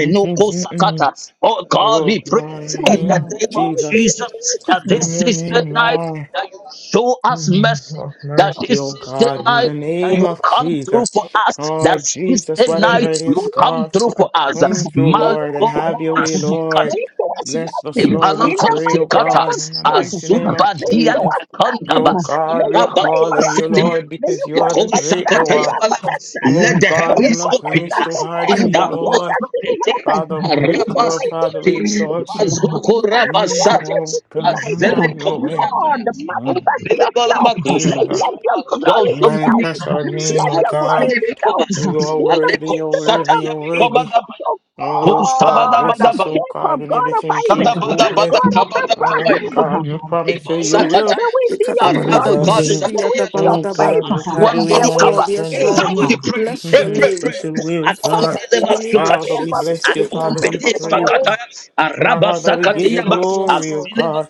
[SPEAKER 7] Mhm, mhm, mhm.
[SPEAKER 3] Oh God,
[SPEAKER 7] Oh,
[SPEAKER 3] we
[SPEAKER 7] Lord, in
[SPEAKER 3] praise
[SPEAKER 7] the
[SPEAKER 8] Lord,
[SPEAKER 3] in
[SPEAKER 7] name
[SPEAKER 3] the
[SPEAKER 7] of
[SPEAKER 3] name
[SPEAKER 8] Lord,
[SPEAKER 3] of
[SPEAKER 8] you
[SPEAKER 7] Jesus,
[SPEAKER 8] are
[SPEAKER 3] Jesus that
[SPEAKER 8] merciful.
[SPEAKER 7] in
[SPEAKER 3] this
[SPEAKER 7] your
[SPEAKER 3] is the
[SPEAKER 7] name,
[SPEAKER 3] night
[SPEAKER 7] Lord.
[SPEAKER 3] that you show
[SPEAKER 7] In the
[SPEAKER 3] us
[SPEAKER 7] name
[SPEAKER 3] mercy,
[SPEAKER 7] of
[SPEAKER 3] that
[SPEAKER 7] mercy,
[SPEAKER 3] this
[SPEAKER 7] oh
[SPEAKER 3] is the
[SPEAKER 7] God, in
[SPEAKER 3] night
[SPEAKER 7] the
[SPEAKER 3] that
[SPEAKER 7] name
[SPEAKER 3] you
[SPEAKER 7] of
[SPEAKER 3] come through
[SPEAKER 7] Jesus.
[SPEAKER 3] for us,
[SPEAKER 7] Oh
[SPEAKER 3] that
[SPEAKER 7] Lord
[SPEAKER 3] this is
[SPEAKER 7] Jesus,
[SPEAKER 3] the
[SPEAKER 7] whatever
[SPEAKER 3] night
[SPEAKER 7] it is,
[SPEAKER 3] you
[SPEAKER 8] Lord, you
[SPEAKER 3] come
[SPEAKER 8] are
[SPEAKER 7] God,
[SPEAKER 3] through for us.
[SPEAKER 7] come
[SPEAKER 8] gracious.
[SPEAKER 7] through,
[SPEAKER 8] Lord, you
[SPEAKER 7] Lord,
[SPEAKER 8] are
[SPEAKER 7] and have
[SPEAKER 8] power.
[SPEAKER 7] your way, Lord.
[SPEAKER 8] Lord, you show us
[SPEAKER 7] Bless us,
[SPEAKER 8] mercy.
[SPEAKER 7] Lord, we
[SPEAKER 8] In the
[SPEAKER 7] pray, oh
[SPEAKER 8] mighty name
[SPEAKER 3] Ipalakosikatas,
[SPEAKER 8] of
[SPEAKER 7] God, in the
[SPEAKER 8] Jesus,
[SPEAKER 7] mighty name of
[SPEAKER 8] may you show
[SPEAKER 7] Jesus.
[SPEAKER 8] us
[SPEAKER 7] Oh
[SPEAKER 8] mercy.
[SPEAKER 3] azubadiandakandabas,
[SPEAKER 7] God,
[SPEAKER 8] May you
[SPEAKER 7] we call
[SPEAKER 8] favor
[SPEAKER 7] on
[SPEAKER 8] us.
[SPEAKER 7] you, Lord,
[SPEAKER 8] May
[SPEAKER 3] rababoseteyamas,
[SPEAKER 7] because
[SPEAKER 8] you
[SPEAKER 7] you are the
[SPEAKER 8] connect
[SPEAKER 7] great, the
[SPEAKER 8] us to
[SPEAKER 7] one.
[SPEAKER 8] our
[SPEAKER 3] ikosakatayabalamas.
[SPEAKER 8] connectors.
[SPEAKER 7] Oh
[SPEAKER 3] Let the
[SPEAKER 8] May
[SPEAKER 7] God,
[SPEAKER 8] you
[SPEAKER 3] heavens
[SPEAKER 7] nothing
[SPEAKER 8] connect
[SPEAKER 3] open
[SPEAKER 7] is
[SPEAKER 8] us,
[SPEAKER 7] too
[SPEAKER 3] us
[SPEAKER 8] oh
[SPEAKER 7] hard
[SPEAKER 3] in
[SPEAKER 7] for
[SPEAKER 8] God,
[SPEAKER 7] you,
[SPEAKER 3] the
[SPEAKER 8] to our
[SPEAKER 3] most
[SPEAKER 7] Lord.
[SPEAKER 8] destiny
[SPEAKER 3] protect.
[SPEAKER 8] helpers.
[SPEAKER 7] Father, we
[SPEAKER 8] In
[SPEAKER 7] lift
[SPEAKER 8] the
[SPEAKER 7] you up,
[SPEAKER 8] mighty
[SPEAKER 7] Father,
[SPEAKER 3] Arabasikate,
[SPEAKER 8] name
[SPEAKER 7] we
[SPEAKER 8] of
[SPEAKER 7] exalt
[SPEAKER 8] Jesus,
[SPEAKER 7] you.
[SPEAKER 8] as
[SPEAKER 7] Mm,
[SPEAKER 8] throughout
[SPEAKER 3] mazokorabasata,
[SPEAKER 8] this
[SPEAKER 7] Oh God,
[SPEAKER 8] tonight,
[SPEAKER 7] have your way.
[SPEAKER 3] azelekoniataya,
[SPEAKER 8] Lord,
[SPEAKER 7] Mm.
[SPEAKER 8] manifest yourself.
[SPEAKER 3] azelekolamakosha,
[SPEAKER 7] Heal.
[SPEAKER 8] Let your glory be felt.
[SPEAKER 7] Manifest our
[SPEAKER 3] azozominikobas,
[SPEAKER 7] name,
[SPEAKER 8] Let
[SPEAKER 7] O
[SPEAKER 8] your
[SPEAKER 7] God.
[SPEAKER 8] glory be felt in
[SPEAKER 7] For
[SPEAKER 3] azelekobasa,
[SPEAKER 7] You are
[SPEAKER 8] the mighty
[SPEAKER 7] worthy, O
[SPEAKER 8] name
[SPEAKER 7] worthy,
[SPEAKER 8] of
[SPEAKER 7] O worthy.
[SPEAKER 8] Jesus,
[SPEAKER 3] alekosatayamikobadabaya,
[SPEAKER 8] oh
[SPEAKER 7] Oh God,
[SPEAKER 8] God
[SPEAKER 7] bless
[SPEAKER 8] of
[SPEAKER 7] us,
[SPEAKER 3] kosabadabadabaya.
[SPEAKER 7] O God,
[SPEAKER 8] Jacob,
[SPEAKER 7] when
[SPEAKER 8] God of
[SPEAKER 7] everything
[SPEAKER 3] Sada
[SPEAKER 8] Isaac,
[SPEAKER 7] seems
[SPEAKER 3] bada bada
[SPEAKER 7] hopeless.
[SPEAKER 8] God of
[SPEAKER 3] kabada
[SPEAKER 7] Oh
[SPEAKER 3] kabaya.
[SPEAKER 7] God, you
[SPEAKER 8] Abraham.
[SPEAKER 7] promise
[SPEAKER 3] Ibo
[SPEAKER 7] that you will
[SPEAKER 8] May
[SPEAKER 3] sakataya.
[SPEAKER 8] we see your
[SPEAKER 7] move
[SPEAKER 8] glory.
[SPEAKER 3] Arabaka
[SPEAKER 7] again.
[SPEAKER 8] May we
[SPEAKER 3] sataya
[SPEAKER 8] see
[SPEAKER 3] kaba.
[SPEAKER 8] your
[SPEAKER 7] Oh
[SPEAKER 9] Ikadabaladabasidiyadabaladaba.
[SPEAKER 7] God,
[SPEAKER 8] favor.
[SPEAKER 7] just have your way
[SPEAKER 3] Aswamini
[SPEAKER 8] May
[SPEAKER 9] Yes,
[SPEAKER 8] we
[SPEAKER 7] among
[SPEAKER 3] kaba.
[SPEAKER 9] Lord.
[SPEAKER 7] us
[SPEAKER 9] Yes,
[SPEAKER 3] Is
[SPEAKER 8] see the
[SPEAKER 9] Lord.
[SPEAKER 7] tonight.
[SPEAKER 9] We
[SPEAKER 3] somebody
[SPEAKER 8] name
[SPEAKER 3] pray?
[SPEAKER 9] bless
[SPEAKER 3] Pray,
[SPEAKER 9] your
[SPEAKER 3] pray,
[SPEAKER 7] Mhm.
[SPEAKER 9] name.
[SPEAKER 3] pray.
[SPEAKER 7] Special will,
[SPEAKER 3] Akonde
[SPEAKER 7] God.
[SPEAKER 9] Fire in
[SPEAKER 3] leva
[SPEAKER 9] the name of
[SPEAKER 7] Father,
[SPEAKER 3] sukataya.
[SPEAKER 7] we
[SPEAKER 8] of
[SPEAKER 9] Jesus.
[SPEAKER 7] bless you.
[SPEAKER 8] Jesus.
[SPEAKER 7] Father,
[SPEAKER 3] Akonde
[SPEAKER 7] we
[SPEAKER 8] May
[SPEAKER 7] praise
[SPEAKER 9] Ikadabababa.
[SPEAKER 8] we
[SPEAKER 7] you.
[SPEAKER 3] sakataya. Araba
[SPEAKER 7] Father, we give
[SPEAKER 3] sakataya
[SPEAKER 9] Yes,
[SPEAKER 7] you
[SPEAKER 3] ba.
[SPEAKER 9] Lord. Yes,
[SPEAKER 7] glory, O
[SPEAKER 9] Lord.
[SPEAKER 3] Asileva
[SPEAKER 7] God.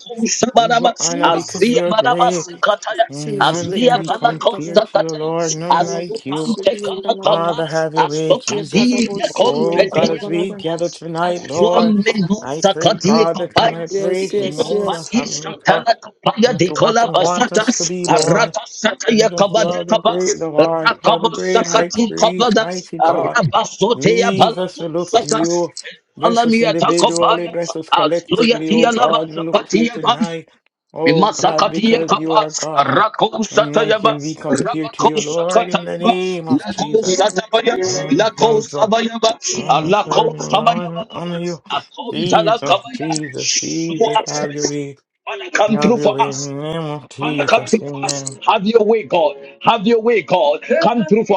[SPEAKER 7] We give you
[SPEAKER 3] kusabaraba.
[SPEAKER 9] We
[SPEAKER 7] honor
[SPEAKER 9] have to
[SPEAKER 7] because
[SPEAKER 9] say
[SPEAKER 3] Azia
[SPEAKER 7] you're
[SPEAKER 3] baraba
[SPEAKER 7] great.
[SPEAKER 3] sakataya.
[SPEAKER 7] And
[SPEAKER 9] Jesus.
[SPEAKER 7] none
[SPEAKER 3] Azia
[SPEAKER 7] can be
[SPEAKER 3] bala
[SPEAKER 9] Ikadabaladabalada.
[SPEAKER 7] compared to you,
[SPEAKER 3] kusakataya.
[SPEAKER 7] Lord. None like you.
[SPEAKER 3] Azupante kana kaba.
[SPEAKER 9] Ikadabasidiyadabalada.
[SPEAKER 7] Father, have your way,
[SPEAKER 3] Asokadi
[SPEAKER 7] Jesus. Oh,
[SPEAKER 3] konte
[SPEAKER 7] God,
[SPEAKER 3] dia
[SPEAKER 7] as we
[SPEAKER 9] Ikadabasidiyadabalada.
[SPEAKER 7] gather
[SPEAKER 3] kaba.
[SPEAKER 7] tonight, Lord,
[SPEAKER 3] Swambe
[SPEAKER 7] I
[SPEAKER 3] nusa
[SPEAKER 7] pray,
[SPEAKER 3] kati
[SPEAKER 7] God, that you
[SPEAKER 3] kapai.
[SPEAKER 7] might pray
[SPEAKER 9] Yes,
[SPEAKER 7] from
[SPEAKER 3] Iko
[SPEAKER 9] yes,
[SPEAKER 7] all the
[SPEAKER 9] yes.
[SPEAKER 3] pati
[SPEAKER 7] heavenly cup
[SPEAKER 3] shatala kapaya
[SPEAKER 7] and to
[SPEAKER 3] dekola
[SPEAKER 7] watch and want
[SPEAKER 3] basata.
[SPEAKER 7] us to be, Lord.
[SPEAKER 3] Arata sataya
[SPEAKER 7] Jesus, you
[SPEAKER 3] kabadi
[SPEAKER 7] are the
[SPEAKER 3] kaba.
[SPEAKER 7] great Lord. You are the
[SPEAKER 3] Rakaba
[SPEAKER 7] great high
[SPEAKER 3] sakati
[SPEAKER 7] priest,
[SPEAKER 3] kabada.
[SPEAKER 7] mighty God.
[SPEAKER 3] Araba soteya
[SPEAKER 7] Jesus,
[SPEAKER 3] balaku
[SPEAKER 7] we look to
[SPEAKER 3] sata.
[SPEAKER 7] you. Bless us
[SPEAKER 3] Alamia
[SPEAKER 7] individually,
[SPEAKER 3] takopaya.
[SPEAKER 7] bless us
[SPEAKER 3] Azuya
[SPEAKER 7] collectively, oh
[SPEAKER 3] tiya lava
[SPEAKER 7] God, we look to you
[SPEAKER 3] sapatiya
[SPEAKER 7] tonight. Oh God,
[SPEAKER 3] Masakatia
[SPEAKER 7] because you are
[SPEAKER 3] kapas,
[SPEAKER 7] God.
[SPEAKER 3] Rako
[SPEAKER 7] And none can be
[SPEAKER 3] Satayabas,
[SPEAKER 7] compared to
[SPEAKER 3] Rabako
[SPEAKER 7] you, Lord, in the
[SPEAKER 3] Sakatayabas,
[SPEAKER 7] name of
[SPEAKER 3] Lako
[SPEAKER 7] Jesus.
[SPEAKER 3] Satabayas,
[SPEAKER 7] Uh,
[SPEAKER 3] Lako
[SPEAKER 7] I'm so
[SPEAKER 3] Sabayabas,
[SPEAKER 7] I'm
[SPEAKER 3] Alako
[SPEAKER 7] serving Lord honor
[SPEAKER 3] Sabayabas,
[SPEAKER 7] you.
[SPEAKER 3] Akontala
[SPEAKER 7] Jesus,
[SPEAKER 3] Kabayas,
[SPEAKER 7] Jesus,
[SPEAKER 3] show
[SPEAKER 7] Jesus,
[SPEAKER 3] us
[SPEAKER 7] have your way.
[SPEAKER 3] Father, come
[SPEAKER 7] Have
[SPEAKER 3] through
[SPEAKER 7] your
[SPEAKER 3] for
[SPEAKER 7] way in the
[SPEAKER 3] us.
[SPEAKER 7] name of
[SPEAKER 3] Father, come
[SPEAKER 7] Jesus,
[SPEAKER 3] through for us.
[SPEAKER 7] amen.
[SPEAKER 3] Have your way, God. Have your way, God. Come through for.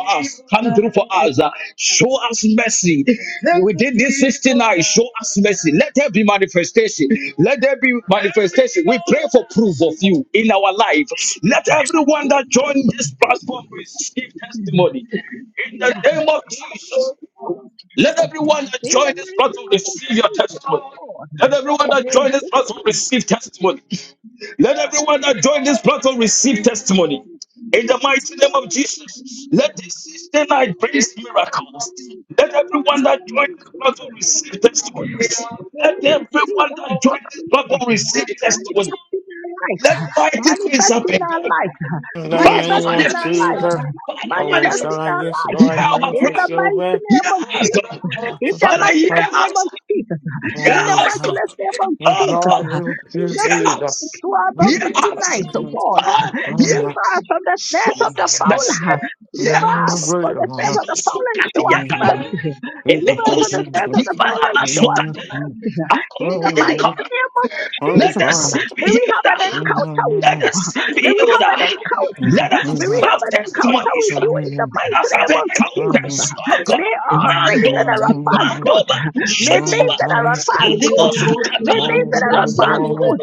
[SPEAKER 3] Come through for us. uh, Show us mercy. We did this sixty-nine. Show us mercy. Let there be manifestation. Let there be manifestation. We pray for proof of you in our life. Let everyone that joined this platform receive testimony. In the name of
[SPEAKER 8] in the name
[SPEAKER 3] Jesus.
[SPEAKER 8] of
[SPEAKER 3] Let
[SPEAKER 8] Jesus,
[SPEAKER 3] everyone that
[SPEAKER 8] in the
[SPEAKER 3] joined this
[SPEAKER 8] mighty
[SPEAKER 3] platform receive your
[SPEAKER 8] name of Jesus,
[SPEAKER 3] testimony. Let everyone that joined
[SPEAKER 8] God.
[SPEAKER 3] this platform receive testimony.
[SPEAKER 8] Manifest in our life,
[SPEAKER 7] In the
[SPEAKER 8] manifest in our life, manifest
[SPEAKER 7] name of
[SPEAKER 8] in our life,
[SPEAKER 7] Jesus, oh
[SPEAKER 8] manifest
[SPEAKER 7] God,
[SPEAKER 8] our
[SPEAKER 7] yes,
[SPEAKER 8] life,
[SPEAKER 7] Lord,
[SPEAKER 8] in
[SPEAKER 7] manifest
[SPEAKER 8] the
[SPEAKER 7] your
[SPEAKER 8] mighty
[SPEAKER 7] way.
[SPEAKER 8] name of Jesus. In the
[SPEAKER 7] Manifest your way.
[SPEAKER 8] matchless name of Jesus. ah. In the
[SPEAKER 7] Oh God,
[SPEAKER 8] matchless name of
[SPEAKER 7] yes,
[SPEAKER 3] Oh,
[SPEAKER 8] Jesus.
[SPEAKER 7] Lord,
[SPEAKER 3] God,
[SPEAKER 8] ah.
[SPEAKER 7] you
[SPEAKER 8] In
[SPEAKER 3] hear
[SPEAKER 7] Jesus.
[SPEAKER 8] the
[SPEAKER 3] us. Hear
[SPEAKER 7] Jesus,
[SPEAKER 3] us.
[SPEAKER 8] 1259, oh
[SPEAKER 7] Jesus,
[SPEAKER 8] God, ah.
[SPEAKER 3] Father, hear
[SPEAKER 8] deliver
[SPEAKER 3] us.
[SPEAKER 8] us from the
[SPEAKER 3] Show
[SPEAKER 8] snares
[SPEAKER 7] Oh,
[SPEAKER 8] of the
[SPEAKER 3] us mercy.
[SPEAKER 8] fowler.
[SPEAKER 3] Hear
[SPEAKER 8] Deliver us
[SPEAKER 3] us.
[SPEAKER 7] great
[SPEAKER 8] from the snares
[SPEAKER 7] Lord.
[SPEAKER 8] of the fowler and
[SPEAKER 3] Sukati
[SPEAKER 8] show us
[SPEAKER 3] yakaba.
[SPEAKER 7] Jesus.
[SPEAKER 8] mercy. ah.
[SPEAKER 7] Jesus,
[SPEAKER 8] Deliver us
[SPEAKER 3] Eleko
[SPEAKER 8] from the snares of
[SPEAKER 3] sakati
[SPEAKER 8] the fowler and
[SPEAKER 3] balaba
[SPEAKER 8] show us
[SPEAKER 3] sukati.
[SPEAKER 8] mercy. ah. In
[SPEAKER 3] According
[SPEAKER 8] the
[SPEAKER 3] to the
[SPEAKER 7] Jesus.
[SPEAKER 8] mighty
[SPEAKER 3] covenant,
[SPEAKER 8] name of
[SPEAKER 7] Oh,
[SPEAKER 3] Let
[SPEAKER 8] Jesus,
[SPEAKER 3] the
[SPEAKER 8] ah.
[SPEAKER 7] fine.
[SPEAKER 3] sick be
[SPEAKER 8] may we have an
[SPEAKER 7] Oh
[SPEAKER 3] healed.
[SPEAKER 7] God,
[SPEAKER 8] encounter
[SPEAKER 7] none
[SPEAKER 8] with
[SPEAKER 3] Let
[SPEAKER 8] you.
[SPEAKER 3] the
[SPEAKER 7] like
[SPEAKER 8] ah.
[SPEAKER 3] sick
[SPEAKER 8] May
[SPEAKER 3] be
[SPEAKER 8] we
[SPEAKER 3] healed.
[SPEAKER 8] have an encounter. ah.
[SPEAKER 3] Let us
[SPEAKER 8] May we have
[SPEAKER 3] have
[SPEAKER 8] an encounter
[SPEAKER 3] testimonies.
[SPEAKER 8] with you in the
[SPEAKER 3] Let
[SPEAKER 8] mighty
[SPEAKER 3] us
[SPEAKER 8] name
[SPEAKER 3] have
[SPEAKER 8] of Jesus. ah.
[SPEAKER 3] encounters. Oh God.
[SPEAKER 8] May all things that
[SPEAKER 3] Mandoba.
[SPEAKER 8] are not for our good,
[SPEAKER 3] Mandoba.
[SPEAKER 8] may things
[SPEAKER 3] Shekoba.
[SPEAKER 8] that are not for our
[SPEAKER 2] Thank
[SPEAKER 8] good,
[SPEAKER 3] Salimos Kata.
[SPEAKER 8] may things that are not for our good,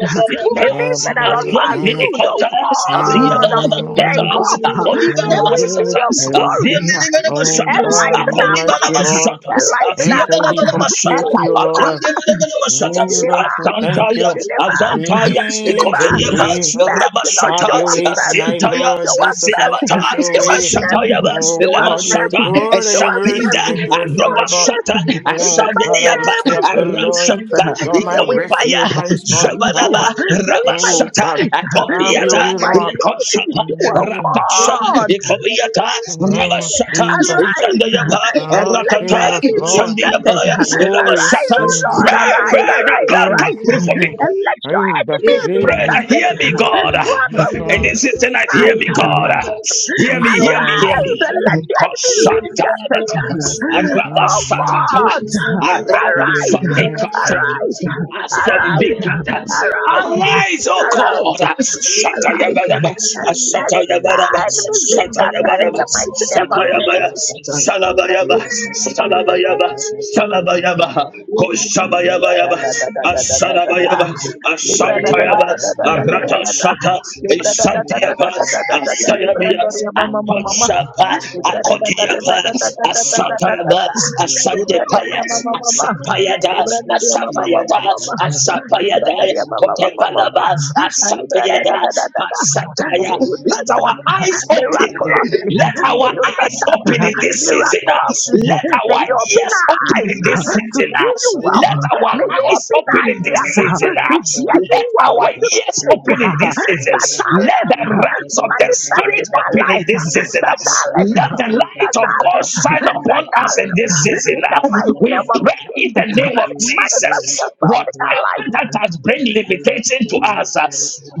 [SPEAKER 8] may things that are
[SPEAKER 3] As
[SPEAKER 8] not for
[SPEAKER 3] one
[SPEAKER 8] our
[SPEAKER 3] mini
[SPEAKER 8] good, oh
[SPEAKER 3] quarters, as the
[SPEAKER 8] God of
[SPEAKER 3] other
[SPEAKER 8] Jacob,
[SPEAKER 3] shutters, according to
[SPEAKER 8] may
[SPEAKER 3] the
[SPEAKER 8] we see your
[SPEAKER 3] shutters, as the
[SPEAKER 8] glory,
[SPEAKER 3] minimum shutters,
[SPEAKER 8] enlighten our
[SPEAKER 3] according to
[SPEAKER 7] you,
[SPEAKER 8] path,
[SPEAKER 3] the
[SPEAKER 7] Lord,
[SPEAKER 3] shutters, as
[SPEAKER 8] enlighten
[SPEAKER 3] the
[SPEAKER 7] and
[SPEAKER 8] our
[SPEAKER 7] can
[SPEAKER 8] path,
[SPEAKER 7] be
[SPEAKER 3] other
[SPEAKER 7] compared to
[SPEAKER 3] shutter,
[SPEAKER 7] you,
[SPEAKER 8] enlighten our
[SPEAKER 3] according
[SPEAKER 7] Lord.
[SPEAKER 3] to the shutters,
[SPEAKER 8] Deliver
[SPEAKER 7] Jesus,
[SPEAKER 3] as
[SPEAKER 7] we
[SPEAKER 8] us.
[SPEAKER 7] thank
[SPEAKER 3] Santaya,
[SPEAKER 7] you.
[SPEAKER 8] Deliver
[SPEAKER 3] as
[SPEAKER 8] us.
[SPEAKER 3] Santaya,
[SPEAKER 8] Deliver
[SPEAKER 7] Jesus,
[SPEAKER 8] us.
[SPEAKER 3] Ekoteyeva,
[SPEAKER 7] Jesus,
[SPEAKER 8] Mercy, Lord,
[SPEAKER 7] have
[SPEAKER 8] show
[SPEAKER 3] Rabashata,
[SPEAKER 7] your
[SPEAKER 8] us
[SPEAKER 7] way
[SPEAKER 8] mercy.
[SPEAKER 7] tonight,
[SPEAKER 3] Asientaya,
[SPEAKER 7] Lord.
[SPEAKER 8] Show us
[SPEAKER 7] Bless us in a
[SPEAKER 8] mercy.
[SPEAKER 3] Asilabata,
[SPEAKER 7] special
[SPEAKER 8] Show us
[SPEAKER 7] way.
[SPEAKER 8] mercy.
[SPEAKER 3] Ekoshatayava,
[SPEAKER 7] Oh
[SPEAKER 8] Show us
[SPEAKER 7] God, you're
[SPEAKER 3] Lemashata,
[SPEAKER 8] mercy.
[SPEAKER 7] good and
[SPEAKER 8] Show
[SPEAKER 7] your
[SPEAKER 8] us
[SPEAKER 3] Eshapinda,
[SPEAKER 7] mercies
[SPEAKER 8] mercy.
[SPEAKER 7] endure
[SPEAKER 8] Show us
[SPEAKER 7] forever.
[SPEAKER 3] Arobashata,
[SPEAKER 8] mercy. It's the
[SPEAKER 7] Oh God,
[SPEAKER 8] mighty
[SPEAKER 7] I will
[SPEAKER 3] Ashaniyava,
[SPEAKER 8] name
[SPEAKER 7] say
[SPEAKER 8] of
[SPEAKER 7] of the Lord,
[SPEAKER 8] Jesus,
[SPEAKER 3] Arashata,
[SPEAKER 7] you are my
[SPEAKER 8] may we find
[SPEAKER 3] Ekompaya,
[SPEAKER 7] refuge, my
[SPEAKER 8] peace
[SPEAKER 7] strong
[SPEAKER 8] in you.
[SPEAKER 7] tower.
[SPEAKER 3] Shabadaba,
[SPEAKER 8] May we find
[SPEAKER 7] Oh God,
[SPEAKER 3] Rabashata,
[SPEAKER 8] peace.
[SPEAKER 7] have
[SPEAKER 8] May
[SPEAKER 7] your
[SPEAKER 8] we
[SPEAKER 3] Akopiata,
[SPEAKER 7] way,
[SPEAKER 8] find
[SPEAKER 7] Lord.
[SPEAKER 8] peace in
[SPEAKER 3] Lekoshapa,
[SPEAKER 8] you, oh
[SPEAKER 7] mm
[SPEAKER 3] Ratashana,
[SPEAKER 8] God.
[SPEAKER 3] Ekoviata,
[SPEAKER 7] mm
[SPEAKER 3] Rabashata,
[SPEAKER 7] Jesus,
[SPEAKER 8] Arise
[SPEAKER 3] Shandayava,
[SPEAKER 8] and
[SPEAKER 7] oh
[SPEAKER 8] let your
[SPEAKER 3] Ratata,
[SPEAKER 7] Jesus,
[SPEAKER 8] enemies be
[SPEAKER 7] Lord.
[SPEAKER 8] scattered.
[SPEAKER 3] Shandiyava,
[SPEAKER 2] you.
[SPEAKER 7] Oh yes,
[SPEAKER 8] Arise, oh
[SPEAKER 3] Rabashata.
[SPEAKER 7] Jesus.
[SPEAKER 8] Lord.
[SPEAKER 3] Pray,
[SPEAKER 2] Thank
[SPEAKER 8] Arise,
[SPEAKER 3] pray, that
[SPEAKER 8] arise,
[SPEAKER 3] God
[SPEAKER 8] arise
[SPEAKER 7] mm
[SPEAKER 3] come through for
[SPEAKER 7] mm,
[SPEAKER 3] me.
[SPEAKER 8] and
[SPEAKER 2] you.
[SPEAKER 8] let your
[SPEAKER 7] Jesus,
[SPEAKER 2] Thank
[SPEAKER 8] enemies be
[SPEAKER 3] Pray
[SPEAKER 7] Jesus.
[SPEAKER 3] that
[SPEAKER 8] scattered.
[SPEAKER 3] hear me, God.
[SPEAKER 7] Yes,
[SPEAKER 8] You are going
[SPEAKER 3] In
[SPEAKER 7] Lord.
[SPEAKER 3] this is
[SPEAKER 8] to be
[SPEAKER 3] tonight, hear
[SPEAKER 8] night.
[SPEAKER 3] me, God. Hear me,
[SPEAKER 7] Yes,
[SPEAKER 3] hear me,
[SPEAKER 7] Lord.
[SPEAKER 3] hear
[SPEAKER 7] Yes,
[SPEAKER 8] Arise
[SPEAKER 3] me.
[SPEAKER 8] and let your enemies be
[SPEAKER 3] Kosanta
[SPEAKER 8] scattered.
[SPEAKER 3] labaka, araba
[SPEAKER 8] Oh
[SPEAKER 3] sakata,
[SPEAKER 8] God,
[SPEAKER 3] araba
[SPEAKER 8] arise,
[SPEAKER 7] in
[SPEAKER 3] Sakata,
[SPEAKER 8] arise, arise,
[SPEAKER 3] sata,
[SPEAKER 8] arise,
[SPEAKER 3] asambikata.
[SPEAKER 8] arise,
[SPEAKER 3] Arise, O God. Shata
[SPEAKER 8] arise,
[SPEAKER 3] yabaraba,
[SPEAKER 8] and let
[SPEAKER 3] shata
[SPEAKER 8] our
[SPEAKER 3] yabaraba,
[SPEAKER 8] enemies be
[SPEAKER 3] shata
[SPEAKER 8] scattered in
[SPEAKER 3] yabaraba,
[SPEAKER 8] the mighty name
[SPEAKER 3] shata
[SPEAKER 8] of
[SPEAKER 3] yabaraba,
[SPEAKER 8] Jesus.
[SPEAKER 3] shalabayaba, shalabayaba, shalabayaba.
[SPEAKER 8] Da
[SPEAKER 3] Shabayaba,
[SPEAKER 8] da da da da da da da da.
[SPEAKER 3] Asadabayaba,
[SPEAKER 2] you.
[SPEAKER 8] Libra da da da
[SPEAKER 3] Asantayaba,
[SPEAKER 8] da da da da
[SPEAKER 2] Thank
[SPEAKER 8] da da
[SPEAKER 3] Arata
[SPEAKER 8] da da.
[SPEAKER 3] Shaka,
[SPEAKER 8] Libra da da da da da
[SPEAKER 3] Isantiaba,
[SPEAKER 8] da da da da da. Libra
[SPEAKER 3] Asayabia,
[SPEAKER 8] dari mama mama mama.
[SPEAKER 3] Akashapa,
[SPEAKER 8] Libra da da da da da
[SPEAKER 3] Akotiaba,
[SPEAKER 8] da da da
[SPEAKER 10] Thank
[SPEAKER 8] da da da da
[SPEAKER 3] Asatayaba,
[SPEAKER 8] Libra dari
[SPEAKER 3] Asandepaya,
[SPEAKER 8] mama mama mama.
[SPEAKER 3] Asapayada,
[SPEAKER 8] Libra dari mama mama
[SPEAKER 3] Asapayada,
[SPEAKER 8] mama. Libra dari
[SPEAKER 3] Asapayada,
[SPEAKER 8] mama mama mama.
[SPEAKER 3] Kotepalaba,
[SPEAKER 8] Ah, Libra da da
[SPEAKER 3] Asapayada,
[SPEAKER 8] da da da da.
[SPEAKER 3] Pasataya.
[SPEAKER 8] May you
[SPEAKER 3] Let
[SPEAKER 8] touch
[SPEAKER 3] our eyes open.
[SPEAKER 8] miraculously.
[SPEAKER 3] Let our
[SPEAKER 8] May you touch
[SPEAKER 3] eyes
[SPEAKER 8] us
[SPEAKER 3] open
[SPEAKER 8] uh,
[SPEAKER 3] in this season
[SPEAKER 8] miraculously.
[SPEAKER 3] season. ah. Let
[SPEAKER 8] May
[SPEAKER 3] our
[SPEAKER 8] you open
[SPEAKER 3] ears
[SPEAKER 8] our
[SPEAKER 3] open
[SPEAKER 8] eyes
[SPEAKER 3] in this
[SPEAKER 8] uh, to
[SPEAKER 3] season. ah.
[SPEAKER 8] see you well.
[SPEAKER 3] Let our
[SPEAKER 8] May you
[SPEAKER 3] eyes
[SPEAKER 8] open
[SPEAKER 3] open
[SPEAKER 8] our
[SPEAKER 3] in this
[SPEAKER 8] ears uh,
[SPEAKER 3] season.
[SPEAKER 8] to
[SPEAKER 3] ah.
[SPEAKER 8] hear you
[SPEAKER 3] Let
[SPEAKER 8] well
[SPEAKER 3] our
[SPEAKER 8] when you
[SPEAKER 3] ears
[SPEAKER 8] speak.
[SPEAKER 3] open in
[SPEAKER 8] uh,
[SPEAKER 3] this
[SPEAKER 8] Touch our
[SPEAKER 3] season. Let
[SPEAKER 8] lips,
[SPEAKER 3] the
[SPEAKER 8] uh,
[SPEAKER 3] realms of the
[SPEAKER 8] manifest
[SPEAKER 3] spirit
[SPEAKER 8] in our
[SPEAKER 3] open in
[SPEAKER 8] life.
[SPEAKER 3] this
[SPEAKER 8] uh,
[SPEAKER 3] season. ah.
[SPEAKER 8] Touch our lips,
[SPEAKER 3] Let
[SPEAKER 8] uh,
[SPEAKER 3] the light
[SPEAKER 8] touch
[SPEAKER 3] of
[SPEAKER 8] our
[SPEAKER 3] God
[SPEAKER 8] lips, uh,
[SPEAKER 3] shine upon
[SPEAKER 8] touch our
[SPEAKER 3] us in
[SPEAKER 8] lips.
[SPEAKER 3] this
[SPEAKER 8] uh,
[SPEAKER 3] season.
[SPEAKER 8] In the
[SPEAKER 3] ah.
[SPEAKER 8] mighty
[SPEAKER 3] We
[SPEAKER 8] name of
[SPEAKER 10] you.
[SPEAKER 3] pray in
[SPEAKER 8] Jesus,
[SPEAKER 3] the
[SPEAKER 8] uh,
[SPEAKER 3] name of
[SPEAKER 10] Thank
[SPEAKER 8] manifest
[SPEAKER 3] Jesus.
[SPEAKER 8] yourself in our
[SPEAKER 3] Whatever
[SPEAKER 8] life. In
[SPEAKER 3] that has bring limitation to us, ah,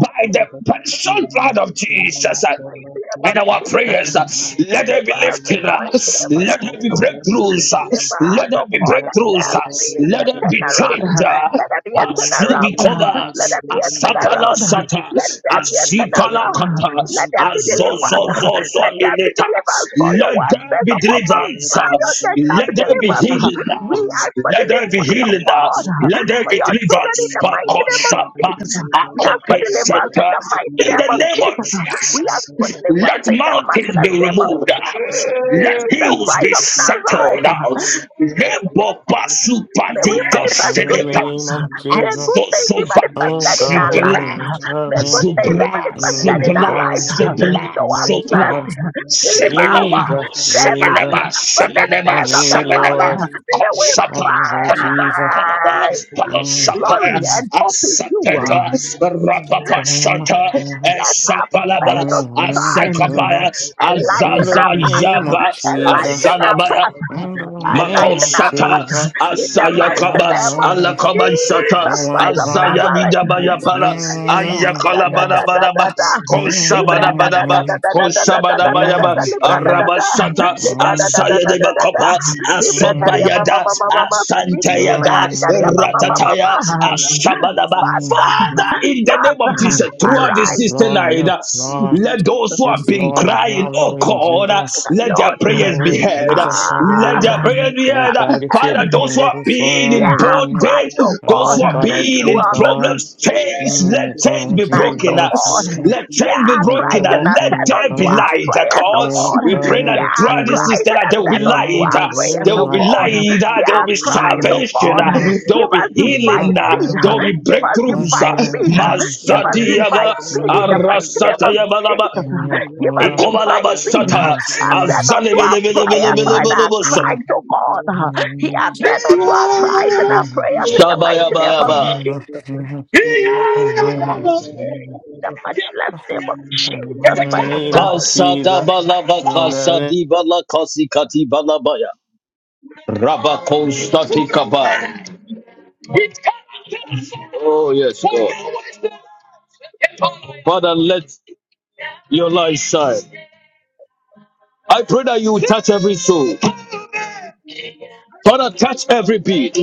[SPEAKER 3] by the personal blood of Jesus.
[SPEAKER 8] the
[SPEAKER 3] ah,
[SPEAKER 8] mighty name of
[SPEAKER 3] and our
[SPEAKER 8] Jesus,
[SPEAKER 3] prayers. uh, Let there be
[SPEAKER 8] deliver us in
[SPEAKER 3] lifted
[SPEAKER 8] the
[SPEAKER 3] up.
[SPEAKER 8] mighty name of
[SPEAKER 3] Let there
[SPEAKER 8] Jesus.
[SPEAKER 3] be breakthroughs. uh,
[SPEAKER 8] deliver
[SPEAKER 3] Let there
[SPEAKER 8] of
[SPEAKER 3] be
[SPEAKER 8] all
[SPEAKER 3] breakthroughs.
[SPEAKER 8] God.
[SPEAKER 3] uh,
[SPEAKER 8] being
[SPEAKER 3] Let
[SPEAKER 8] there
[SPEAKER 3] there
[SPEAKER 8] be a
[SPEAKER 3] be
[SPEAKER 8] turnaround.
[SPEAKER 3] change. uh,
[SPEAKER 8] Let there be a
[SPEAKER 3] As to
[SPEAKER 8] turnaround.
[SPEAKER 3] be covered,
[SPEAKER 8] Let
[SPEAKER 3] as
[SPEAKER 8] there be a
[SPEAKER 3] Sapala
[SPEAKER 8] turnaround.
[SPEAKER 3] Sata,
[SPEAKER 8] Let there
[SPEAKER 3] as
[SPEAKER 8] be a
[SPEAKER 3] Sipala
[SPEAKER 8] turnaround.
[SPEAKER 3] Kata,
[SPEAKER 8] Let there be
[SPEAKER 3] as
[SPEAKER 8] deliverance.
[SPEAKER 3] Zozozozo
[SPEAKER 8] Let there be
[SPEAKER 3] Mileta,
[SPEAKER 8] deliverance for your
[SPEAKER 3] let
[SPEAKER 8] word.
[SPEAKER 3] there
[SPEAKER 8] Says
[SPEAKER 3] be
[SPEAKER 8] upon Mount
[SPEAKER 3] deliverance, uh,
[SPEAKER 8] Zion there shall
[SPEAKER 3] let
[SPEAKER 8] be
[SPEAKER 3] there be
[SPEAKER 8] deliverance.
[SPEAKER 3] healing,
[SPEAKER 10] Let
[SPEAKER 8] We ask
[SPEAKER 3] uh,
[SPEAKER 8] for
[SPEAKER 10] your
[SPEAKER 3] let there be
[SPEAKER 8] deliverance, of
[SPEAKER 10] heart
[SPEAKER 3] healing. uh,
[SPEAKER 10] and
[SPEAKER 8] God,
[SPEAKER 10] mind
[SPEAKER 3] Let there
[SPEAKER 8] for
[SPEAKER 3] be
[SPEAKER 8] your children in
[SPEAKER 3] deliverance.
[SPEAKER 8] the mighty name of
[SPEAKER 3] Pakoshapa,
[SPEAKER 8] Jesus. We ask for deliverance in
[SPEAKER 3] akotesheta.
[SPEAKER 8] the mighty
[SPEAKER 3] In
[SPEAKER 8] name
[SPEAKER 3] the
[SPEAKER 8] of
[SPEAKER 3] name of
[SPEAKER 8] Jesus. We ask for
[SPEAKER 3] Jesus,
[SPEAKER 8] deliverance
[SPEAKER 3] let
[SPEAKER 8] in the mighty
[SPEAKER 3] mountains be
[SPEAKER 8] name of
[SPEAKER 3] removed. uh, Let
[SPEAKER 8] Jesus
[SPEAKER 3] hills
[SPEAKER 8] Christ
[SPEAKER 3] be
[SPEAKER 8] of
[SPEAKER 3] settled
[SPEAKER 8] Nazareth.
[SPEAKER 3] out. Lebo basu
[SPEAKER 8] May we
[SPEAKER 3] patito
[SPEAKER 8] manifest
[SPEAKER 7] the
[SPEAKER 8] good
[SPEAKER 3] selepa.
[SPEAKER 8] things.
[SPEAKER 7] name of
[SPEAKER 8] May
[SPEAKER 7] Jesus,
[SPEAKER 8] good
[SPEAKER 3] Aso
[SPEAKER 8] things be
[SPEAKER 3] zovaka
[SPEAKER 7] oh
[SPEAKER 8] manifested in
[SPEAKER 7] God,
[SPEAKER 8] our
[SPEAKER 7] I am
[SPEAKER 8] lives.
[SPEAKER 3] shibla
[SPEAKER 8] May
[SPEAKER 7] determined.
[SPEAKER 8] good things be
[SPEAKER 3] zubla
[SPEAKER 8] manifested
[SPEAKER 7] Oh
[SPEAKER 8] in our
[SPEAKER 3] zubla
[SPEAKER 7] God,
[SPEAKER 8] lives.
[SPEAKER 7] I
[SPEAKER 3] zubla
[SPEAKER 7] make
[SPEAKER 8] Show us
[SPEAKER 7] my son.
[SPEAKER 8] mercy.
[SPEAKER 3] zubla
[SPEAKER 8] Deliver us.
[SPEAKER 3] semenoma
[SPEAKER 7] Jesus,
[SPEAKER 8] Save us
[SPEAKER 7] Jesus,
[SPEAKER 3] semenema
[SPEAKER 8] from the
[SPEAKER 3] semenema
[SPEAKER 7] I
[SPEAKER 8] snares of
[SPEAKER 7] love
[SPEAKER 8] the
[SPEAKER 7] you,
[SPEAKER 8] fowler.
[SPEAKER 3] semenema
[SPEAKER 7] Lord.
[SPEAKER 8] May we
[SPEAKER 7] I
[SPEAKER 3] konsapa
[SPEAKER 7] love you,
[SPEAKER 3] konaba
[SPEAKER 7] Jesus.
[SPEAKER 3] konaba
[SPEAKER 8] find
[SPEAKER 7] Mm,
[SPEAKER 3] palosapa
[SPEAKER 8] glory and
[SPEAKER 7] mm,
[SPEAKER 8] hope in you.
[SPEAKER 3] asapeta
[SPEAKER 8] Let
[SPEAKER 7] mm.
[SPEAKER 3] rapapa shata esapalaba
[SPEAKER 8] faith shine.
[SPEAKER 3] asekapaya
[SPEAKER 7] In
[SPEAKER 8] Enlighten
[SPEAKER 7] the
[SPEAKER 3] azaza
[SPEAKER 8] up.
[SPEAKER 7] name of
[SPEAKER 3] yaba
[SPEAKER 7] Jesus.
[SPEAKER 8] Enlighten up.
[SPEAKER 3] asalabaya,
[SPEAKER 7] In the name
[SPEAKER 8] Enlighten
[SPEAKER 7] of
[SPEAKER 8] up.
[SPEAKER 7] Jesus,
[SPEAKER 3] Makosata
[SPEAKER 8] In the
[SPEAKER 7] I
[SPEAKER 8] mighty
[SPEAKER 3] Asayakaba
[SPEAKER 8] name of
[SPEAKER 7] know
[SPEAKER 3] Alakaba Sata
[SPEAKER 7] I
[SPEAKER 8] Jesus Christ
[SPEAKER 7] went
[SPEAKER 8] of
[SPEAKER 7] wrong.
[SPEAKER 3] Azaya
[SPEAKER 8] Nazareth.
[SPEAKER 3] Bidabaya
[SPEAKER 7] Yes,
[SPEAKER 3] Para
[SPEAKER 8] da
[SPEAKER 7] Lord,
[SPEAKER 3] Ayakala
[SPEAKER 8] da da da da
[SPEAKER 3] Badabadaba
[SPEAKER 8] da libra
[SPEAKER 3] Koshabada
[SPEAKER 8] da da da
[SPEAKER 3] Badaba
[SPEAKER 8] da da da da da
[SPEAKER 3] Koshabada
[SPEAKER 8] da da da
[SPEAKER 3] Bayaba
[SPEAKER 8] da libra da da da
[SPEAKER 3] Arabasata
[SPEAKER 8] libra da da da
[SPEAKER 3] Asaya
[SPEAKER 8] da
[SPEAKER 3] de
[SPEAKER 8] da da da
[SPEAKER 3] Bakopa
[SPEAKER 8] libra dari mama
[SPEAKER 3] Asobayada
[SPEAKER 8] mama mama speak libra
[SPEAKER 3] Asantayaba
[SPEAKER 8] dari mama mama
[SPEAKER 3] Ratataya
[SPEAKER 8] mama
[SPEAKER 3] Ashabadaba
[SPEAKER 8] Father
[SPEAKER 3] Father in the name of Jesus throughout this
[SPEAKER 8] arise
[SPEAKER 3] sister night let those who have
[SPEAKER 7] yes, Lord, yes,
[SPEAKER 3] been
[SPEAKER 7] Lord,
[SPEAKER 3] crying oh
[SPEAKER 7] hallelujah,
[SPEAKER 3] God
[SPEAKER 7] Jesus,
[SPEAKER 3] let their
[SPEAKER 8] Lord
[SPEAKER 3] prayers be
[SPEAKER 7] hallelujah,
[SPEAKER 3] heard.
[SPEAKER 7] Jesus,
[SPEAKER 3] Let
[SPEAKER 7] hallelujah.
[SPEAKER 3] their
[SPEAKER 8] ah
[SPEAKER 3] prayers be
[SPEAKER 7] Oh
[SPEAKER 3] heard.
[SPEAKER 7] God, it's
[SPEAKER 3] Father, those
[SPEAKER 7] everything
[SPEAKER 3] who
[SPEAKER 7] that
[SPEAKER 3] are
[SPEAKER 7] is going
[SPEAKER 3] being
[SPEAKER 7] on
[SPEAKER 3] in
[SPEAKER 8] yeah
[SPEAKER 7] around me.
[SPEAKER 3] bondage,
[SPEAKER 8] Christ oh
[SPEAKER 3] those
[SPEAKER 7] Oh
[SPEAKER 8] God
[SPEAKER 3] who are
[SPEAKER 7] God, I
[SPEAKER 3] being
[SPEAKER 7] pray,
[SPEAKER 3] in
[SPEAKER 8] throughout
[SPEAKER 7] God.
[SPEAKER 3] problems,
[SPEAKER 8] us
[SPEAKER 7] Jesus.
[SPEAKER 3] change, let
[SPEAKER 7] In
[SPEAKER 3] change be
[SPEAKER 8] night,
[SPEAKER 3] broken.
[SPEAKER 8] oh God.
[SPEAKER 10] stay out
[SPEAKER 3] Let
[SPEAKER 10] in the
[SPEAKER 3] change
[SPEAKER 8] Yeah,
[SPEAKER 3] be
[SPEAKER 10] mighty
[SPEAKER 3] broken.
[SPEAKER 8] Christ
[SPEAKER 10] name of
[SPEAKER 8] that
[SPEAKER 3] Let
[SPEAKER 8] said
[SPEAKER 3] there
[SPEAKER 8] unto
[SPEAKER 3] be
[SPEAKER 10] Allah.
[SPEAKER 7] the
[SPEAKER 8] our
[SPEAKER 3] light.
[SPEAKER 8] prayers, oh
[SPEAKER 3] God,
[SPEAKER 10] Thank
[SPEAKER 8] God.
[SPEAKER 10] you.
[SPEAKER 3] we pray that
[SPEAKER 8] Yeah,
[SPEAKER 3] throughout this
[SPEAKER 8] Christ
[SPEAKER 3] system, that
[SPEAKER 8] that
[SPEAKER 3] there will
[SPEAKER 8] said
[SPEAKER 3] be
[SPEAKER 8] unto
[SPEAKER 3] light.
[SPEAKER 8] our prayers,
[SPEAKER 3] There will
[SPEAKER 8] oh
[SPEAKER 3] be
[SPEAKER 8] God.
[SPEAKER 3] light. There
[SPEAKER 8] Yeah,
[SPEAKER 3] will be
[SPEAKER 8] Christ, oh
[SPEAKER 3] salvation.
[SPEAKER 8] God.
[SPEAKER 3] There will
[SPEAKER 8] Give us
[SPEAKER 3] be
[SPEAKER 8] divine
[SPEAKER 3] healing.
[SPEAKER 8] speed.
[SPEAKER 3] There will be
[SPEAKER 8] Give us
[SPEAKER 3] breakthroughs.
[SPEAKER 8] divine speed. Give us divine
[SPEAKER 3] Masadiaba,
[SPEAKER 8] speed in the mighty name of
[SPEAKER 3] Arasatayaba,
[SPEAKER 8] Jesus. Give us
[SPEAKER 3] Ikovala
[SPEAKER 8] divine speed.
[SPEAKER 3] basata
[SPEAKER 8] I said
[SPEAKER 3] azane
[SPEAKER 8] unto our
[SPEAKER 3] bele bele bele
[SPEAKER 8] prayers
[SPEAKER 3] bele
[SPEAKER 8] and
[SPEAKER 3] bele
[SPEAKER 8] our
[SPEAKER 3] basata.
[SPEAKER 8] cries, oh God. He has said unto our cries and our prayers in the
[SPEAKER 3] Shaba ya Ikobalabashata. Azanebelebelebelebelebelebosata.
[SPEAKER 8] mighty name of
[SPEAKER 3] Shabayaba.
[SPEAKER 8] Jesus
[SPEAKER 7] name
[SPEAKER 8] the mighty name, in the matchless name of Jesus Christ of
[SPEAKER 7] of
[SPEAKER 8] Nazareth.
[SPEAKER 3] Kasada balaba
[SPEAKER 7] Jesus.
[SPEAKER 3] kasadi bala kasikati balabaya. Rabakostati kaba. Oh yes, Lord. Father, let your light shine. I pray that you touch every soul. Father, touch every beat.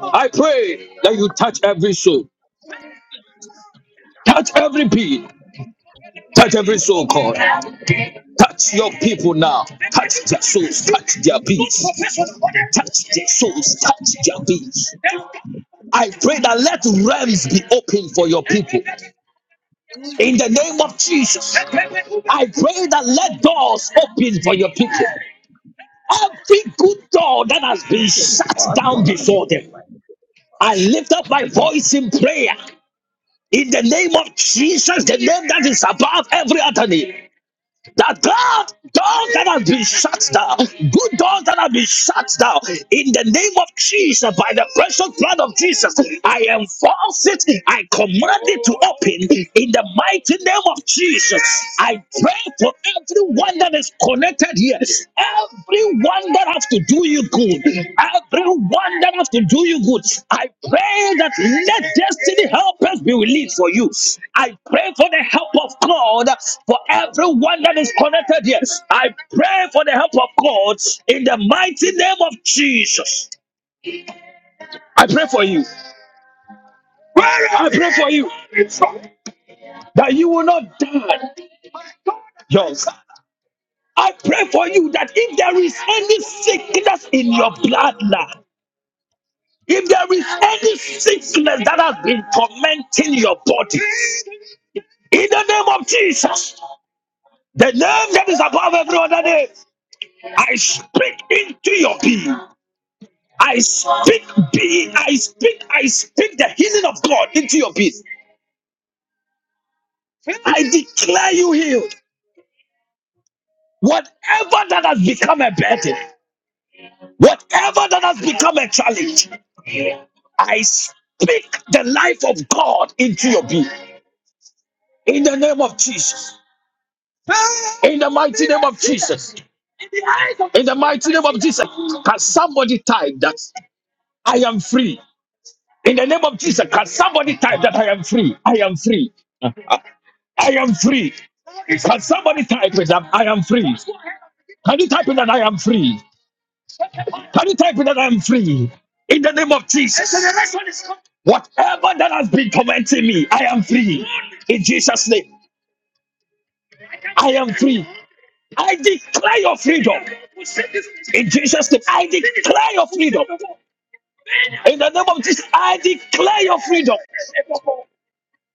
[SPEAKER 3] I pray that you touch every soul. Touch every beat. Touch every soul, God. Touch your people now. Touch their souls. Touch their beats. touch their souls, touch their beings. I pray that let realms be open for your people in the name of Jesus. I pray that let doors open for your people. Every good door that has been shut down
[SPEAKER 8] Awesome.
[SPEAKER 3] before them, I lift up my voice in prayer in the name of Jesus, the name that is above every other name. That God, doors that have been shut down, good doors that have been shut down, in the name of Jesus, by the precious blood of Jesus, I enforce it, I command it to open in the mighty name of Jesus. I pray for everyone that is connected here, Everyone that has to do you good, everyone that has to do you good, I pray that let destiny help us be released for you. I pray for the help of God for everyone that is connected here. I pray for the help of God in the mighty name of Jesus. I pray for you. I pray for you that you will not die. Yes. I pray for you that if there is any sickness in your bloodline, If there is any sickness that has been tormenting your body, in the name of Jesus, the name that is above every other name, I speak into your being. I speak being, I speak, I speak the healing of God into your being. I declare you healed. Whatever that has become a burden, whatever that has become a challenge, I speak the life of God into your being. In the name of Jesus. In the mighty name of Jesus. In the mighty name of Jesus. Can somebody type that I am free? In the name of Jesus, can somebody type that I am free? I am free. I am free. Can somebody type it that I am free? Can you type in that I am free? Can you type in that I am free? In the name of Jesus. Whatever that has been tormenting me, I am free. In Jesus' name, free. I declare your freedom. In Jesus' name, I in the name of Jesus, I declare your freedom.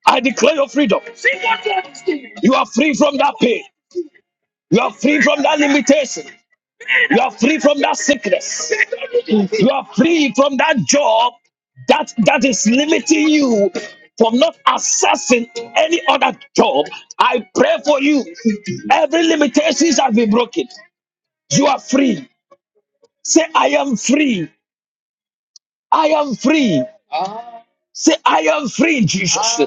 [SPEAKER 3] I declare your freedom. You are free from that pain. You are free from that limitation. You are free from that sickness. You are free from that job that that is limiting you from not accessing any other job. I pray for you. Every limitation shall be broken. You are free. Say, I am free. I am free. Say, I am free, Jesus.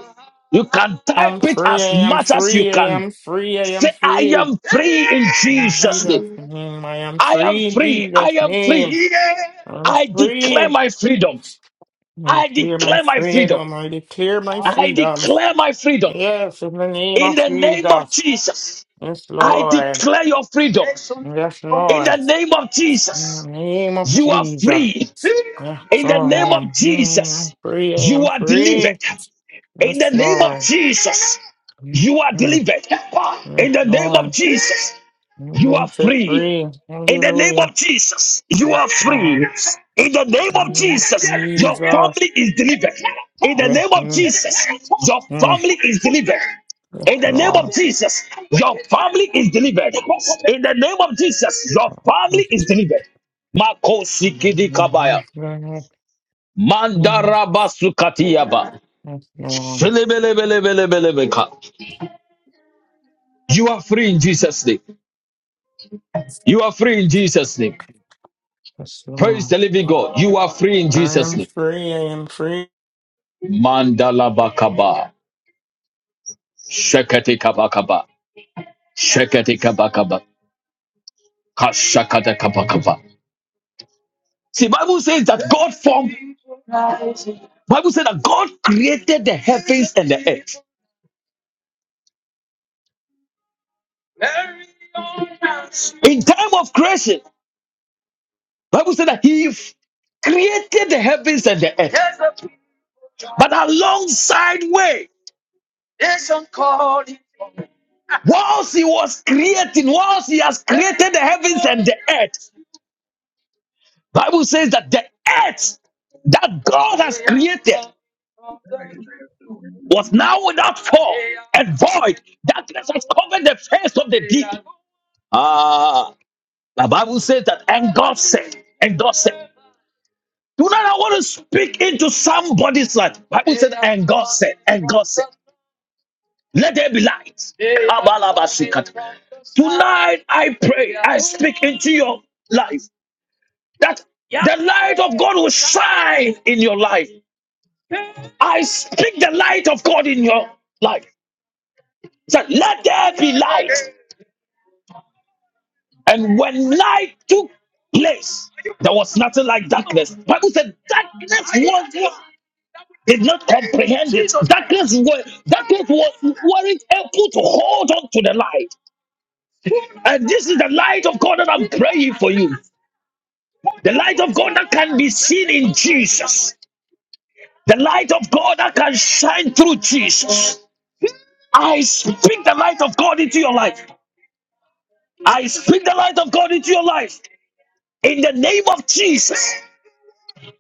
[SPEAKER 3] You can
[SPEAKER 7] I'm
[SPEAKER 3] type it
[SPEAKER 7] free,
[SPEAKER 3] as
[SPEAKER 7] I am
[SPEAKER 3] much as you
[SPEAKER 7] free, I
[SPEAKER 3] can.
[SPEAKER 7] am free, I
[SPEAKER 3] Say,
[SPEAKER 7] am
[SPEAKER 3] I
[SPEAKER 7] free.
[SPEAKER 3] am free in
[SPEAKER 7] In
[SPEAKER 3] Jesus'
[SPEAKER 7] Jesus'
[SPEAKER 3] name.
[SPEAKER 7] name, I am
[SPEAKER 3] I am
[SPEAKER 7] free in
[SPEAKER 3] free. I
[SPEAKER 7] Jesus'
[SPEAKER 3] am
[SPEAKER 7] name.
[SPEAKER 3] free.
[SPEAKER 7] I'm
[SPEAKER 3] I declare
[SPEAKER 7] free.
[SPEAKER 3] my freedom.
[SPEAKER 7] I
[SPEAKER 3] I
[SPEAKER 7] declare my
[SPEAKER 3] declare my freedom.
[SPEAKER 7] freedom, I declare my
[SPEAKER 3] I
[SPEAKER 7] freedom.
[SPEAKER 3] declare my freedom.
[SPEAKER 7] Yes, in the name
[SPEAKER 3] In
[SPEAKER 7] of
[SPEAKER 3] the name of
[SPEAKER 7] Jesus.
[SPEAKER 3] Jesus,
[SPEAKER 7] Yes,
[SPEAKER 3] I
[SPEAKER 7] Lord.
[SPEAKER 3] declare your freedom.
[SPEAKER 7] Yes,
[SPEAKER 3] In the
[SPEAKER 7] Lord.
[SPEAKER 3] name of
[SPEAKER 7] In the
[SPEAKER 3] Jesus,
[SPEAKER 7] name of
[SPEAKER 3] you are
[SPEAKER 7] Jesus.
[SPEAKER 3] free.
[SPEAKER 7] Yes,
[SPEAKER 3] In the
[SPEAKER 7] Lord.
[SPEAKER 3] name
[SPEAKER 7] I'm,
[SPEAKER 3] of
[SPEAKER 7] I'm
[SPEAKER 3] Jesus,
[SPEAKER 7] free, I
[SPEAKER 3] you
[SPEAKER 7] am
[SPEAKER 3] are delivered.
[SPEAKER 7] free.
[SPEAKER 3] In the
[SPEAKER 7] Yes,
[SPEAKER 3] name of
[SPEAKER 7] Lord.
[SPEAKER 3] Jesus,
[SPEAKER 7] Mm,
[SPEAKER 3] you are
[SPEAKER 7] mm.
[SPEAKER 3] delivered.
[SPEAKER 7] Yes,
[SPEAKER 3] In the name of
[SPEAKER 7] Lord.
[SPEAKER 3] Jesus,
[SPEAKER 7] I'm
[SPEAKER 3] you are
[SPEAKER 7] being set
[SPEAKER 3] free.
[SPEAKER 7] free.
[SPEAKER 3] In the name
[SPEAKER 7] Hallelujah.
[SPEAKER 3] of Jesus, you
[SPEAKER 7] Yes,
[SPEAKER 3] are
[SPEAKER 7] Lord.
[SPEAKER 3] free. In the name
[SPEAKER 7] In the
[SPEAKER 3] of
[SPEAKER 7] name of
[SPEAKER 3] Jesus, your
[SPEAKER 7] Jesus.
[SPEAKER 3] family is delivered. In the
[SPEAKER 7] Yes,
[SPEAKER 3] name of
[SPEAKER 7] mm,
[SPEAKER 3] Jesus, your
[SPEAKER 7] mm.
[SPEAKER 3] family is delivered.
[SPEAKER 7] Yes,
[SPEAKER 3] In the name of
[SPEAKER 7] Lord.
[SPEAKER 3] Jesus, your family is delivered. In the name of Jesus, your
[SPEAKER 7] Yes,
[SPEAKER 3] family is delivered. Mako sikidi kabaya.
[SPEAKER 7] Lord.
[SPEAKER 3] Mandaraba sukatiyaba.
[SPEAKER 7] Yes, Lord.
[SPEAKER 3] Shelebelebelebelebelebeka. You are free in Jesus' name. You are free in Jesus' name.
[SPEAKER 7] Yes,
[SPEAKER 3] Praise
[SPEAKER 7] Lord.
[SPEAKER 3] the living God. You are free in
[SPEAKER 7] I
[SPEAKER 3] Jesus'
[SPEAKER 7] am
[SPEAKER 3] name.
[SPEAKER 7] free. I am free.
[SPEAKER 3] Mandala bakaba, shekete kabakaba, shekete kabakaba, kashakata kabakaba. See, Bible says that God formed. Bible said that God created the heaven in time of creation. Bible said that He f- created the heavens and the earth. But alongside way, whilst He was creating, whilst He has created the heavens and the earth, Bible says that the earth that God has was now without form and void. Darkness has covered the face of the Ah, the Bible says that, and God said, and God said, do not I want to speak into somebody's life. Bible, let there be light. I, I pray, I speak into your life that the light of God will shine in your life. I speak the light of God in your life. So let there be light. And when light took place, there was nothing like darkness. Bible said darkness did not comprehend it. Jesus Christ. Darkness were darkness was weren't able to hold on to the light. And this is the light of God that I'm praying for you. The light of God that can be seen in Jesus. The light of God that can shine through Jesus. I speak the light of God into your life. I speak the light of God into your life. In the name of Jesus,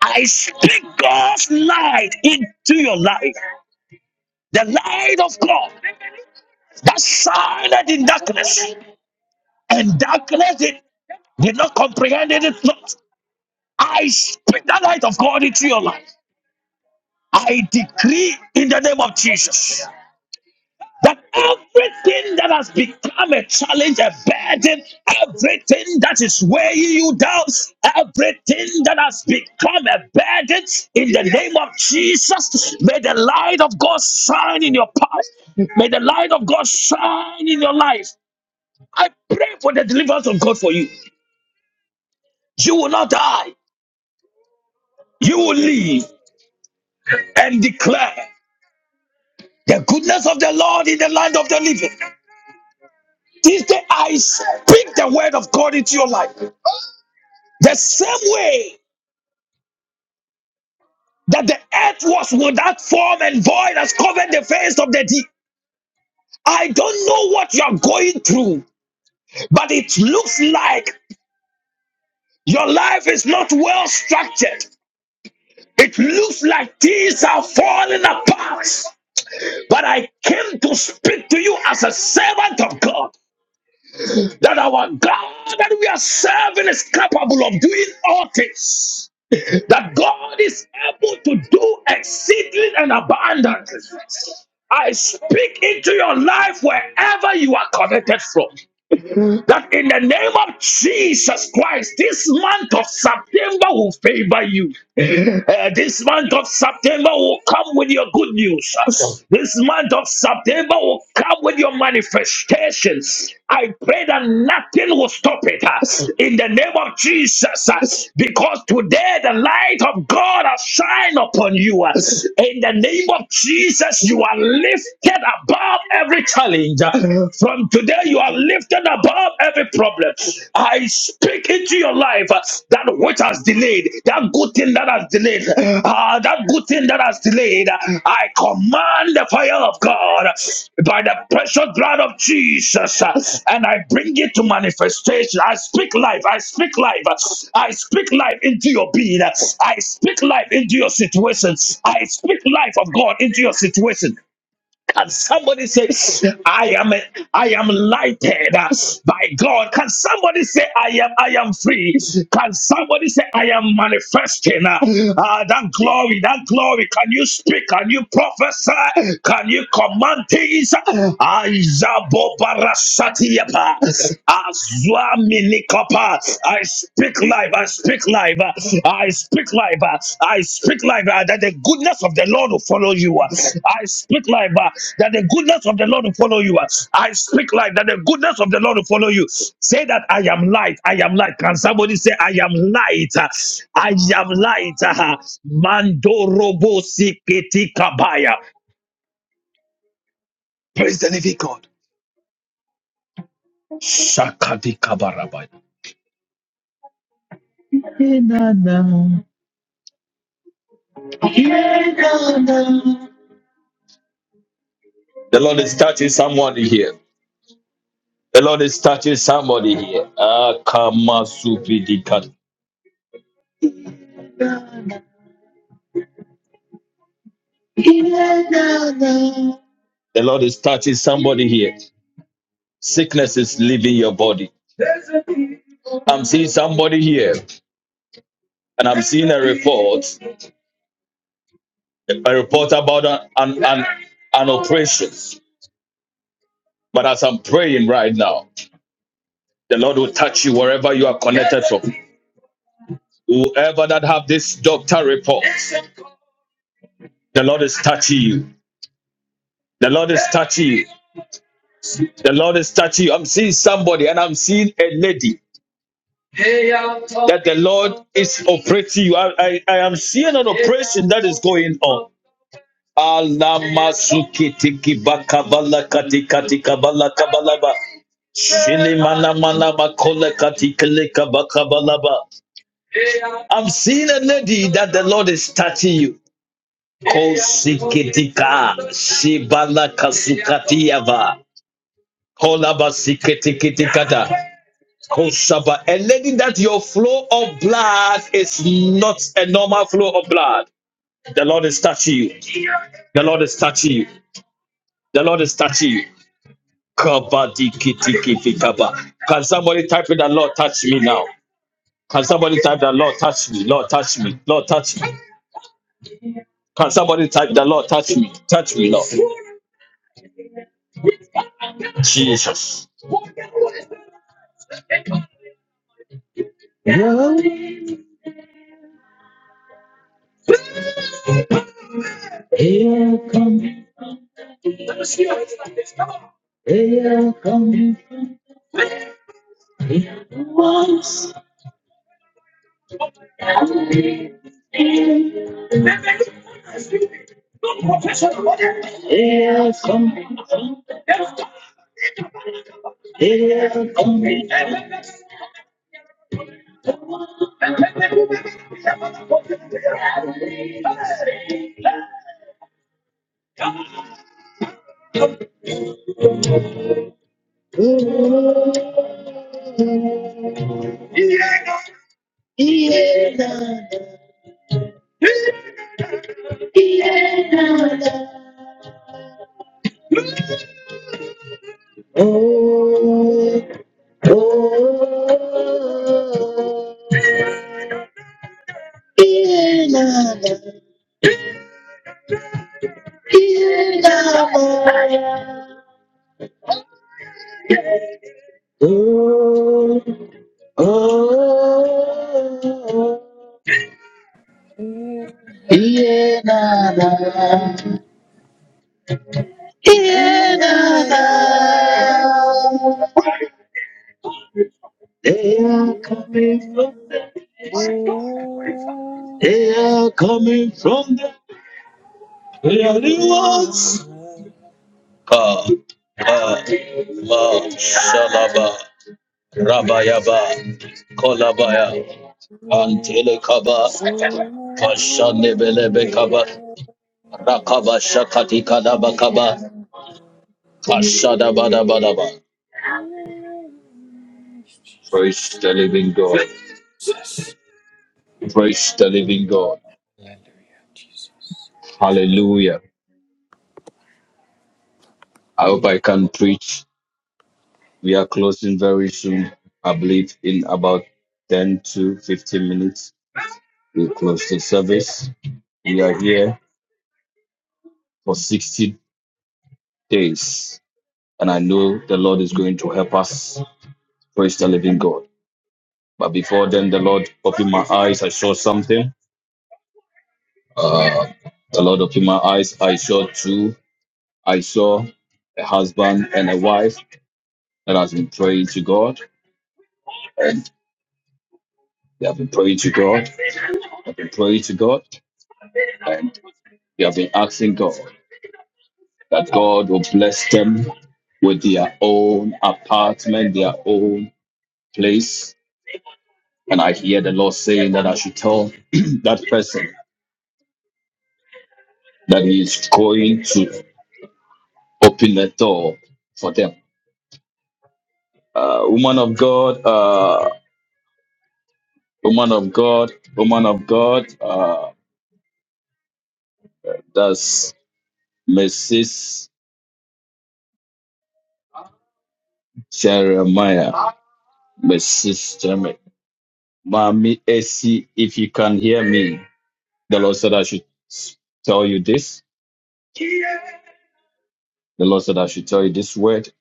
[SPEAKER 3] I speak God's light into your life. The light of God that shined in darkness. and darkness did, did not comprehend it It's not. I speak the light of God into your life. I decree in the name of Jesus that everything that has become a challenge, a burden, everything that is weighing you down, everything that has become a burden, in the name of Jesus, may the light of God shine in your path. May the light of God shine in your life. I pray for the deliverance of God for you. You will not die. you will live and declare the goodness of the Lord in the land of the living. This day I speak the word of God into your life. The same way that the earth was without form and void has covered the face of the deep. I don't know what you're going through, but it looks like your life is not well structured. It looks like things are falling apart. But I came to speak to you as a servant of God. that our God that we are serving is capable of doing all things. That God is able to do exceeding and abundantly. I speak into your life wherever you are connected from that in the name of Jesus Christ, this month of September will favor you. Uh, this month of September will come with your good news. This month of September will come with your manifestations. I pray that nothing will stop it uh, in the name of Jesus uh, because today the light of God has shined upon you. uh, In the name of Jesus, you are lifted above every challenge. From today, you are lifted above every problem. I speak into your life uh, that which has delayed, that good thing that has delayed, uh, that good thing that has delayed. I command the fire of God by the precious blood of Jesus, uh, and I bring it to manifestation. I speak life. I speak life. I speak life into your being. I speak life into your situation. I speak life of God into your situation. Can somebody say, I am I am lighted uh, by God? Can somebody say, I am I am free? Can somebody say, I am manifesting uh, uh, that glory, that glory? Can you speak? Can you prophesy? Can you command things? Azabobarasatiyapa, Azwaminikapa. I speak life. I speak life. I speak life. I speak life. uh, That the goodness of the Lord will follow you. I speak life. uh, That the goodness of the Lord will follow you. I speak life. That the goodness of the Lord will follow you. Say that I am light. I am light. Can somebody say I am light? I am light. Mandorobo siketi kabaya. Praise the living God. Shakadi kabarabaya. The Lord is touching somebody here. The Lord is touching somebody here. Did cut. The Lord is touching somebody here. Sickness is leaving your body. I'm seeing somebody here, and I'm seeing a report, a report about an, an, an operation. But as I'm praying right now, the Lord will touch you wherever you are connected. Whoever that have this doctor report, you Lord is touching you. The Lord, I'm seeing somebody, and I'm seeing a lady. It's operating you. I, I, I am seeing an operation. bakavala katikati kabala kabalaba. I'm seeing a lady that the Lord is touching you. Ibala kasiava. Kolaba A lady that your flow of blood is not a normal flow of blood. The Lord is touching you. The Lord is touching you. The Lord is touching you. Kabadikitikikaba. Can somebody type in the Lord touch me now? Can somebody type the Lord touch me? Lord touch me. Lord touch me. Can somebody type the Lord touch me? Touch me, Lord. Jesus. Here come, here come, once. Here come, here come. Ooh, yeah, na, na, yeah, na, na. Oh, oh, inanna, inanna. Oh, oh, inanna, inanna.
[SPEAKER 1] Hallelujah. Oh,
[SPEAKER 3] They are coming from the they are
[SPEAKER 1] yeah.
[SPEAKER 3] the ones. Ah, ah, ah, shalaba. Rabayaba, Kolabaya, Antelekaba, Kashanebelebekaba, Rakaba Shakati Kadabakaba, Kashadabadabadaba.
[SPEAKER 1] Jesus.
[SPEAKER 3] Praise the living God. Praise the living God.
[SPEAKER 1] Jesus.
[SPEAKER 3] Hallelujah. I hope I can preach. We are closing very soon. I believe in about 10 to 15 minutes, we'll close the service. We are here for 60 days, and I know the Lord is going to help us Praise the living God. But before then, the Lord opened my eyes. I saw something. Uh, the Lord opened my eyes. I saw two. I saw a husband and a wife that has been praying to God. And they have been praying to God, been praying to God. They have been asking God that God will bless them with their own apartment, their own place. And I hear the Lord saying that I should tell <clears throat> that person that He is going to open the door for them uh, woman of God, uh, woman of God, woman of God. Uh, that's Mrs. Jeremiah, Mrs. Jeremiah. Mommy AC, if you can hear me, the Lord said I should s- tell you this. The Lord said I should tell you this word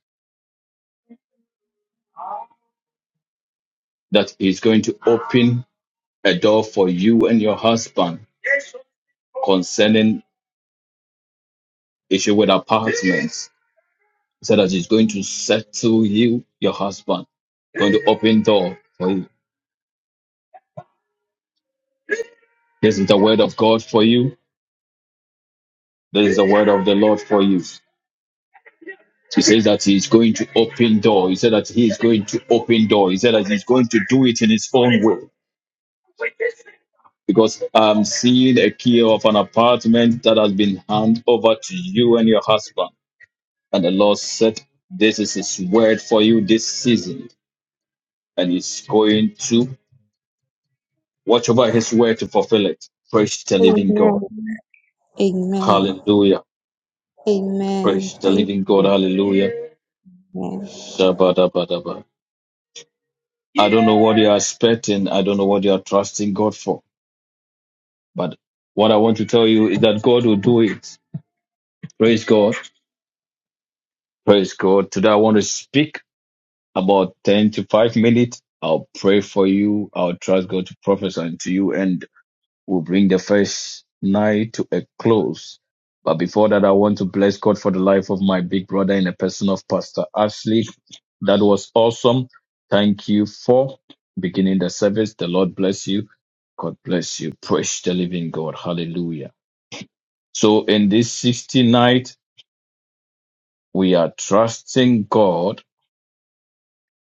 [SPEAKER 3] that is going to open a door for you and your husband concerning issue with apartments. He said that He's going to settle you, your husband, going to open door for you This is the word of God for you. This is the word of the Lord for you. He says that he is going to open door. He said that he is going to open door. He said that he's going to do it in his own way. Because I'm seeing a key of an apartment that has been handed over to you and your husband. And the Lord said, This is his word for you this season. And he's going to watch over his word to fulfill it. Praise the living God.
[SPEAKER 11] Amen. Amen.
[SPEAKER 3] Hallelujah.
[SPEAKER 11] Amen.
[SPEAKER 3] Praise the
[SPEAKER 11] Thank
[SPEAKER 3] living God.
[SPEAKER 11] you.
[SPEAKER 3] Hallelujah.
[SPEAKER 11] Amen.
[SPEAKER 3] Shabbat what you are expecting. I don't know what you are trusting God for. But what I want to tell you is that God will do it. Praise God. Praise God. Today I want to speak about 10 to 5 minutes. I'll pray for you. I'll trust God to prophesy to you. and. will bring the first night to a close. But before that, I want to bless God for the life of my big brother in the person of Pastor Ashley. That was awesome. Thank you for beginning the service. The Lord bless you. God bless you. Praise the living God. Hallelujah. So in this 60 night, we are trusting God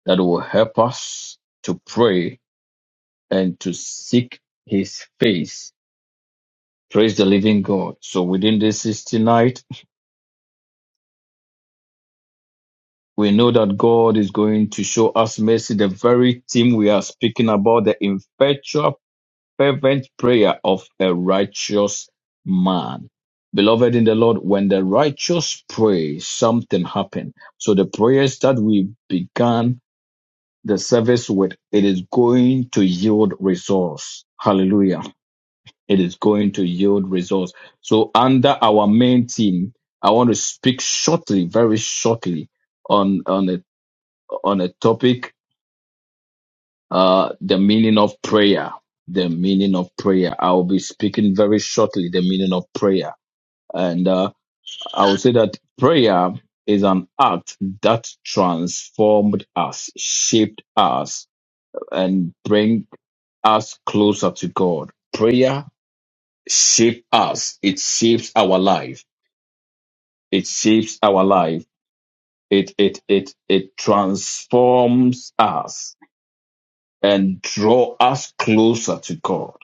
[SPEAKER 3] that will help us to pray and to seek his face. Praise the living God. So within this 60 night, We know that God is going to show us mercy. The very thing we are speaking about, the effectual, fervent prayer of a righteous man. Beloved in the Lord, when the righteous pray, something happens. So the prayers that we began the service with, it is going to yield results. Hallelujah. It is going to yield results. So under our main theme, I want to speak shortly, very shortly on on it on a topic, uh, the meaning of prayer. The meaning of prayer. I will be speaking very shortly the meaning of prayer. And uh, I will say that prayer is an act that transformed us, shaped us, and bring us closer to God. Prayer shapes us. It shapes our life. It shapes our life. It it it it transforms us and draw us closer to God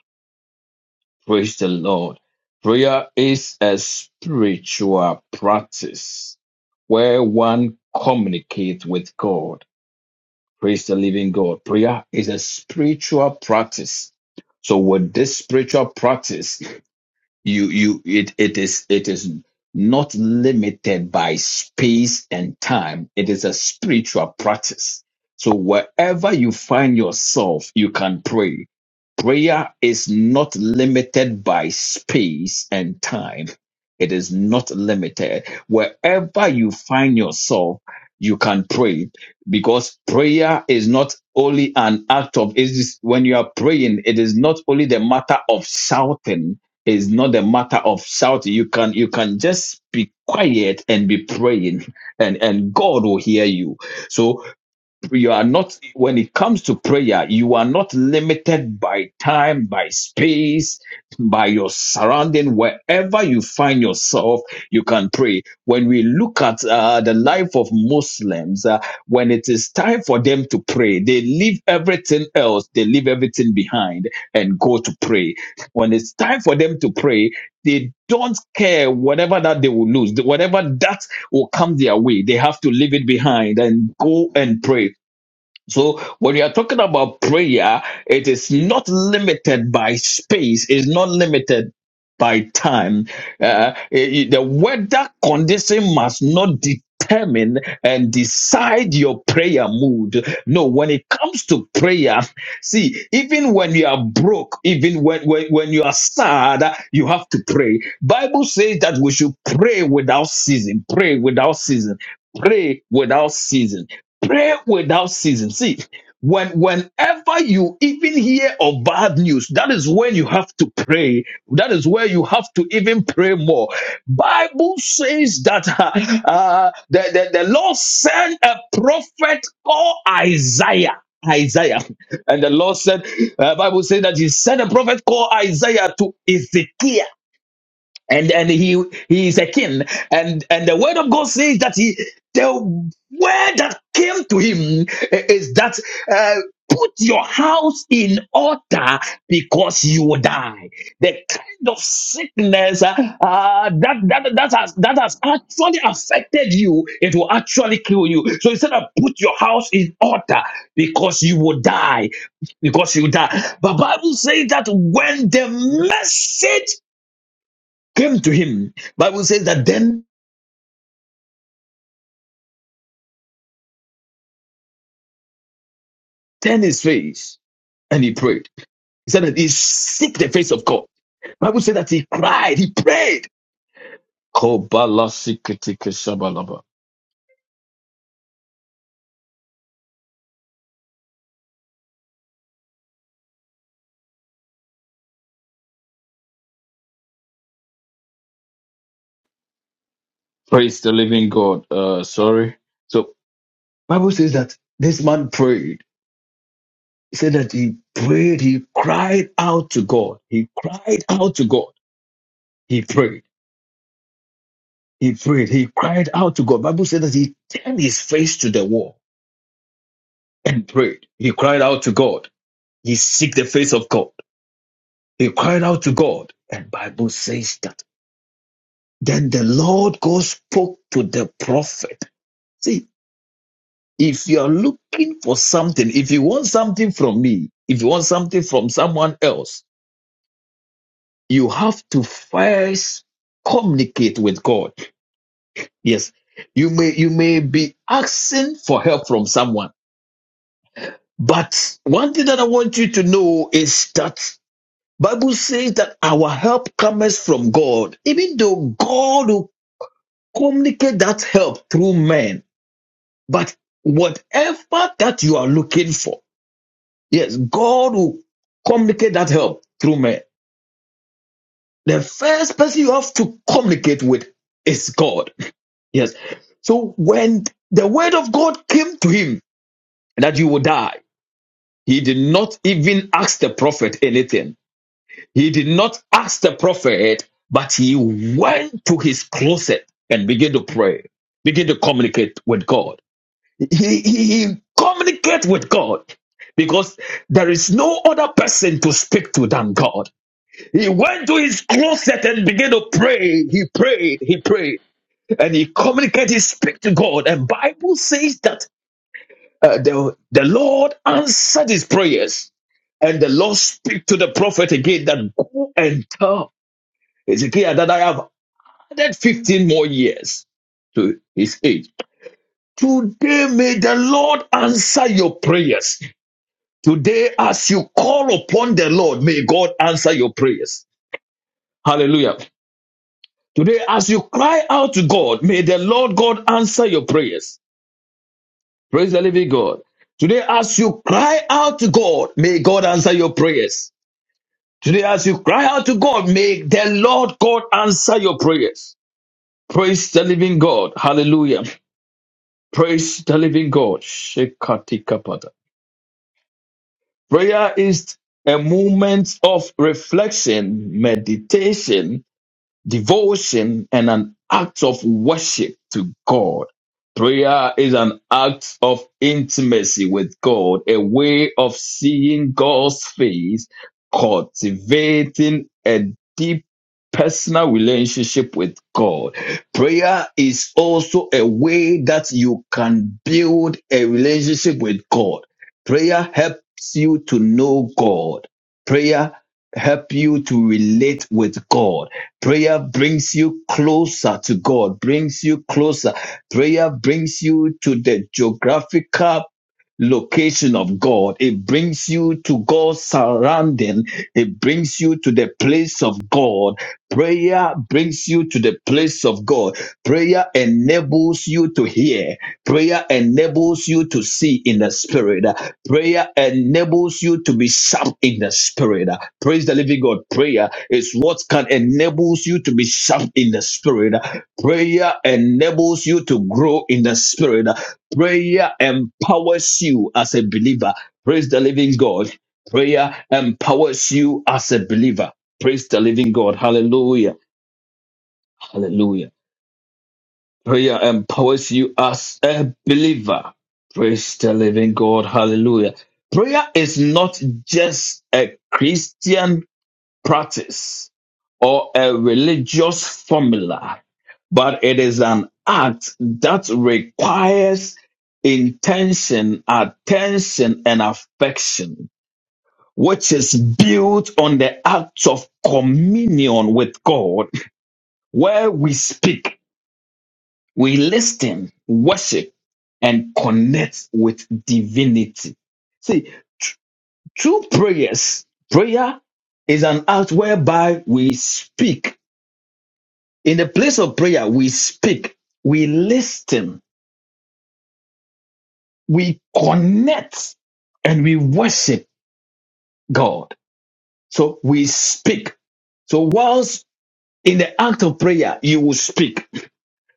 [SPEAKER 3] Praise the Lord. Prayer is a spiritual practice where one communicates with God. Praise the living God. Prayer is a spiritual practice. So with this spiritual practice, you you it it is it is not limited by space and time it is a spiritual practice so wherever you find yourself you can pray prayer is not limited by space and time it is not limited wherever you find yourself you can pray because prayer is not only an act of it is when you are praying it is not only the matter of shouting it's not a matter of shouting. You can you can just be quiet and be praying, and and God will hear you. So you are not when it comes to prayer you are not limited by time by space by your surrounding wherever you find yourself you can pray when we look at uh, the life of muslims uh, when it is time for them to pray they leave everything else they leave everything behind and go to pray when it's time for them to pray they don't care whatever that they will lose whatever that will come their way they have to leave it behind and go and pray so when you are talking about prayer, it is not limited by space, it's not limited by time. Uh, it- the weather condition must not determine and decide your prayer mood. No, when it comes to prayer, see, even when you are broke, even when, when, when you are sad, you have to pray. Bible says that we should pray without season, pray without season, pray without season pray without ceasing. See, when whenever you even hear of bad news, that is when you have to pray. That is where you have to even pray more. Bible says that <laughs> uh, uh, the, the, the Lord sent a prophet called Isaiah. Isaiah. And the Lord said, uh, Bible says that he sent a prophet called Isaiah to Ezekiel and and he he is a king and and the word of god says that he the word that came to him is that uh, put your house in order because you will die the kind of sickness uh, uh, that, that that has that has actually affected you it will actually kill you so instead of put your house in order because you will die because you die but bible says that when the message came to him. Bible says that then turned his face and he prayed. He said that he seek the face of God. Bible said that he cried, he prayed. Kobalasikitikishabalaba. Praise the living God. Uh, sorry. So Bible says that this man prayed. He said that he prayed, he cried out to God. He cried out to God. He prayed. He prayed. He cried out to God. Bible said that he turned his face to the wall and prayed. He cried out to God. He seek the face of God. He cried out to God, and Bible says that. Then the Lord God spoke to the prophet. See, if you are looking for something, if you want something from me, if you want something from someone else, you have to first communicate with God. Yes, you may you may be asking for help from someone, but one thing that I want you to know is that Bible says that our help comes from God. Even though God will communicate that help through men. But whatever that you are looking for, yes, God will communicate that help through men. The first person you have to communicate with is God. Yes. So when the word of God came to him that you will die, he did not even ask the prophet anything. He did not ask the prophet, but he went to his closet and began to pray, began to communicate with God. He, he, he communicates with God because there is no other person to speak to than God. He went to his closet and began to pray. He prayed, he prayed, and he communicated, he speak to God. And Bible says that uh, the, the Lord answered his prayers. And the Lord speak to the prophet again that go and tell Ezekiel that I have added 15 more years to his age. Today may the Lord answer your prayers. Today, as you call upon the Lord, may God answer your prayers. Hallelujah. Today, as you cry out to God, may the Lord God answer your prayers. Praise the living God. Today, as you cry out to God, may God answer your prayers. Today, as you cry out to God, may the Lord God answer your prayers. Praise the living God. Hallelujah. Praise the living God. Shekatikapata. Prayer is a moment of reflection, meditation, devotion and an act of worship to God. Prayer is an act of intimacy with God, a way of seeing God's face, cultivating a deep personal relationship with God. Prayer is also a way that you can build a relationship with God. Prayer helps you to know God. Prayer helps you to relate with God Prayer brings you closer to God, brings you closer. Prayer brings you to the geographical location of God. It brings you to God's surrounding. It brings you to the place of God. Prayer brings you to the place of God. Prayer enables you to hear. Prayer enables you to see in the spirit. Prayer enables you to be sharp in the spirit. Uh, Praise the living God. Prayer is what can enables you to be sharp in the spirit. Uh, Prayer enables you to grow in the spirit. Uh, Prayer empowers you as a believer. Praise the living God. Prayer empowers you as a believer. Praise the living God. Hallelujah. Hallelujah. Prayer empowers you as a believer. Praise the living God. Hallelujah. Prayer is not just a Christian practice or a religious formula, but it is an act that requires intention, attention, and affection, which is built on the act of communion with God, where we speak we listen, worship, and connect with divinity. See, tr- true prayers, prayer is an act whereby we speak. In the place of prayer, we speak, we listen, we connect, and we worship God. So we speak. So whilst in the act of prayer, you will speak.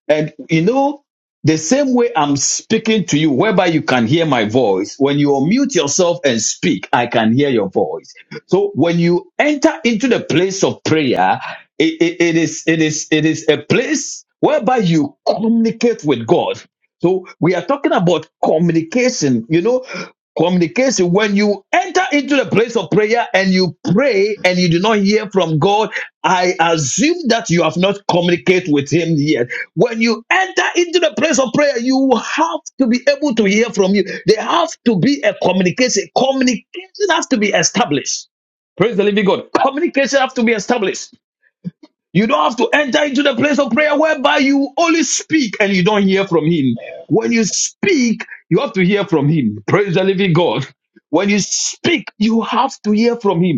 [SPEAKER 3] And you know, the same way I'm speaking to you, whereby you can hear my voice, when you unmute yourself and speak, I can hear your voice. So when you enter into the place of prayer, it, it, it is it is it is a place whereby you communicate with God. So we are talking about communication. You know, communication when you enter into the place of prayer and you pray and you do not hear from god i assume that you have not communicated with him yet when you enter into the place of prayer, you have to be able to hear from you. There has to be a communication. Communication has to be established. Praise the living God. Communication has to be established. You don't have to enter into the place of prayer whereby you only speak and you don't hear from Him. When you speak, you have to hear from Him. Praise the living God. When you speak, you have to hear from Him.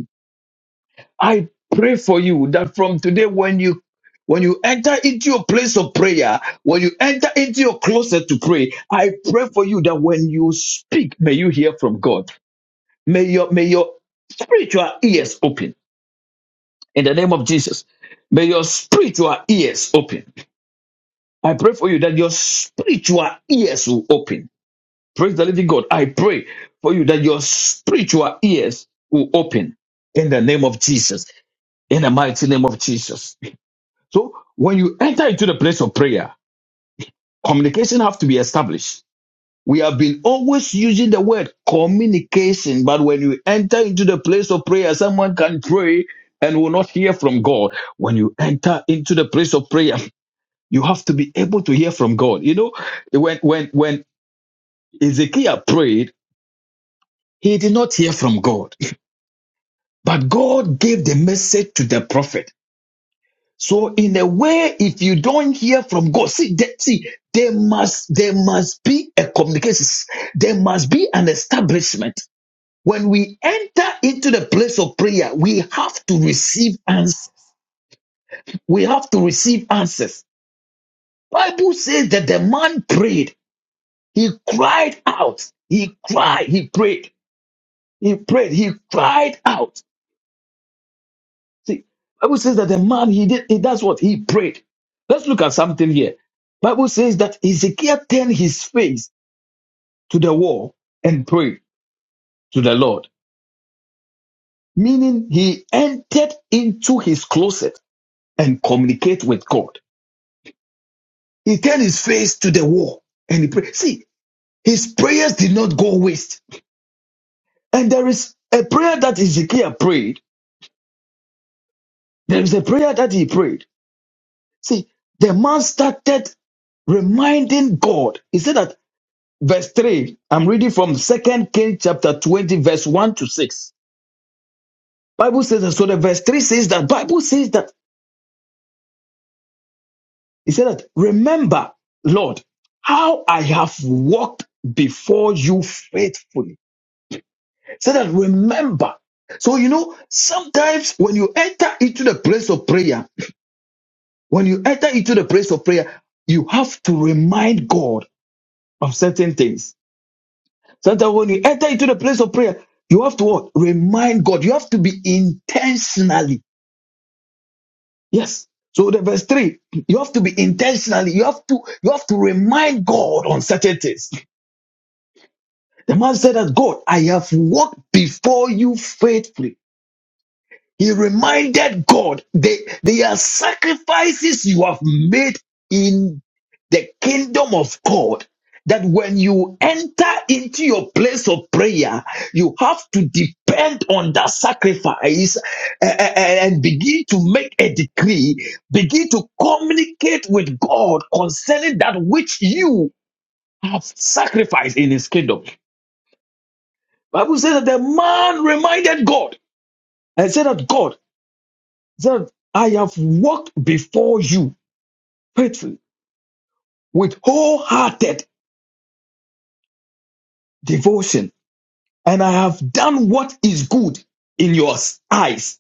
[SPEAKER 3] I pray for you that from today when you when you enter into your place of prayer, when you enter into your closet to pray, I pray for you that when you speak, may you hear from God. May your may your spiritual ears open in the name of Jesus. May your spiritual ears open. I pray for you that your spiritual ears will open. Praise the living God. I pray for you that your spiritual ears will open in the name of Jesus. In the mighty name of Jesus. So when you enter into the place of prayer, communication have to be established. We have been always using the word communication, but when you enter into the place of prayer, someone can pray and will not hear from God. When you enter into the place of prayer, you have to be able to hear from God. You know, when when when Ezekiel prayed, he did not hear from God, but God gave the message to the prophet. So in a way, if you don't hear from God, see, there, see, there must there must be a communication. There must be an establishment. When we enter into the place of prayer, we have to receive answers. We have to receive answers. Bible says that the man prayed. He cried out. He cried. He prayed. He prayed. He cried out. See, Bible says that the man he did he does what he prayed. Let's look at something here. Bible says that Ezekiel turned his face to the wall and prayed to the Lord, meaning he entered into his closet and communicate with God. He turned his face to the wall and he prayed. See, his prayers did not go waste. And there is a prayer that Ezekiel prayed. There is a prayer that he prayed. See, the man started reminding God. He said that verse 3 i'm reading from second king chapter 20 verse 1 to 6 bible says that so the verse 3 says that bible says that It said that remember lord how i have walked before you faithfully so that remember so you know sometimes when you enter into the place of prayer when you enter into the place of prayer you have to remind god of certain things Sometimes when you enter into the place of prayer, you have to what? Remind God. You have to be intentionally. Yes. So the verse three, you have to be intentionally. You have to you have to remind God on certain things. The man said that God, I have walked before you faithfully. He reminded God, they, they are sacrifices you have made in the kingdom of God. That when you enter into your place of prayer, you have to depend on that sacrifice a- a- a- and begin to make a decree, begin to communicate with God concerning that which you have sacrificed in his kingdom. Bible says that the man reminded God and said that God, that I have walked before you faithfully with wholehearted devotion, and I have done what is good in your eyes.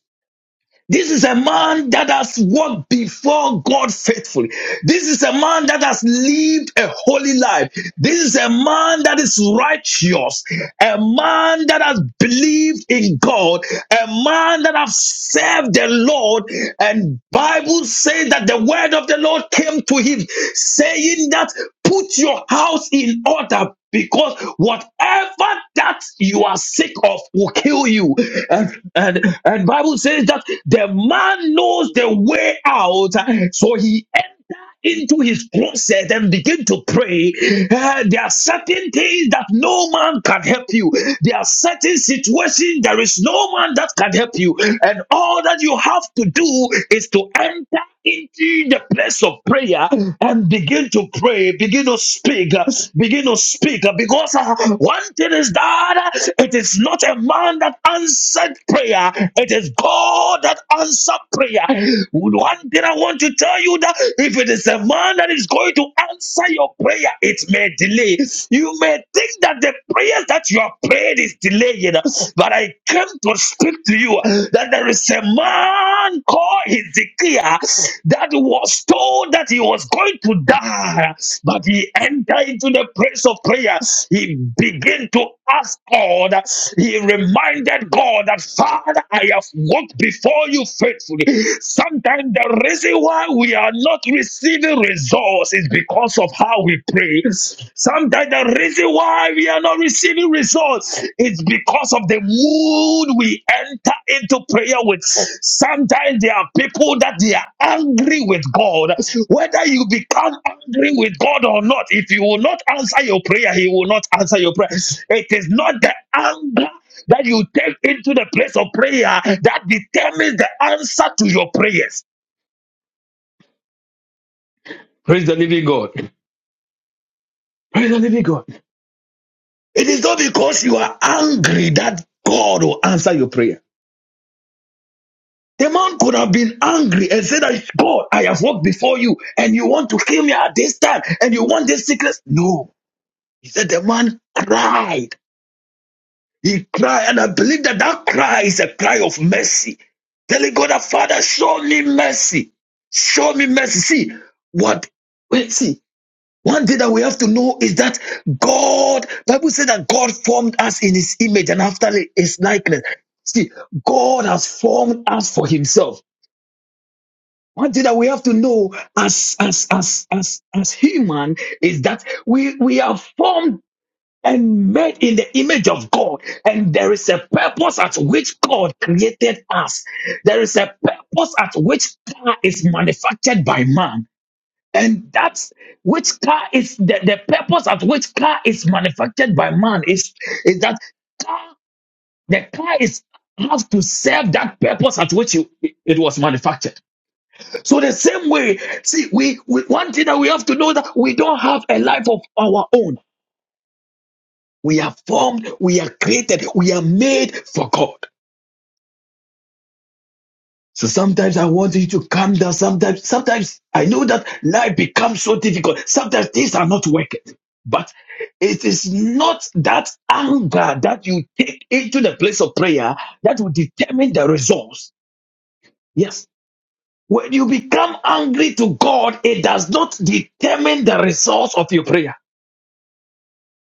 [SPEAKER 3] This is a man that has walked before God faithfully. This is a man that has lived a holy life. This is a man that is righteous. a man that has believed in God, a man that has served the Lord. And Bible says that the word of the Lord came to him saying that put your house in order because whatever that you are sick of will kill you and and and bible says that the man knows the way out so he enters into his closet and begin to pray. Uh, there are certain things that no man can help you. There are certain situations there is no man that can help you. And all that you have to do is to enter into the place of prayer and begin to pray, begin to speak, uh, begin to speak. uh, Because uh, one thing is that uh, it is not a man that answered prayer, it is God that answered prayer. One thing I want to tell you that if it is a man that is going to answer your prayer, it may delay. You may think that the prayers that you have prayed is delaying, but I came to speak to you that there is a man called Ezekiel that was told that he was going to die, but he entered into the place of prayer. He he began to ask God. He reminded God that, Father, I have walked before you faithfully. Sometimes the reason why we are not receiving results is because of how we pray. Sometimes the reason why we are not receiving results is because of the mood we enter into prayer with. Sometimes there are people that they are angry with God. Whether you become angry with God or not, if you will not answer your prayer, He will not answer your prayer. It is not the anger that you take into the place of prayer that determines the answer to your prayers. It is not because you are angry that God will answer your prayer. The man could have been angry and said, that, God, I have walked before you and you want to kill me at this time and you want this sickness. No. He said, the man cried. He cried. And I believe that that cry is a cry of mercy. Telling God the Father, show me mercy. Show me mercy. See what wait, see. One thing that we have to know is that God, Bible said that God formed us in his image and after his likeness. See, God has formed us for himself. One thing that we have to know as as as as as human is that we we are formed and made in the image of God. And there is a purpose at which God created us. There is a purpose at which car is manufactured by man. And that's which car is the, the purpose at which car is manufactured by man is, is that car, the car is has to serve that purpose at which you, it was manufactured. So the same way, see, we, we one thing that we have to know that we don't have a life of our own. We are formed, we are created, we are made for God. So sometimes I want you to calm down. Sometimes, sometimes I know that life becomes so difficult. Sometimes things are not working. But it is not that anger that you take into the place of prayer that will determine the results. Yes. When you become angry to God, it does not determine the results of your prayer.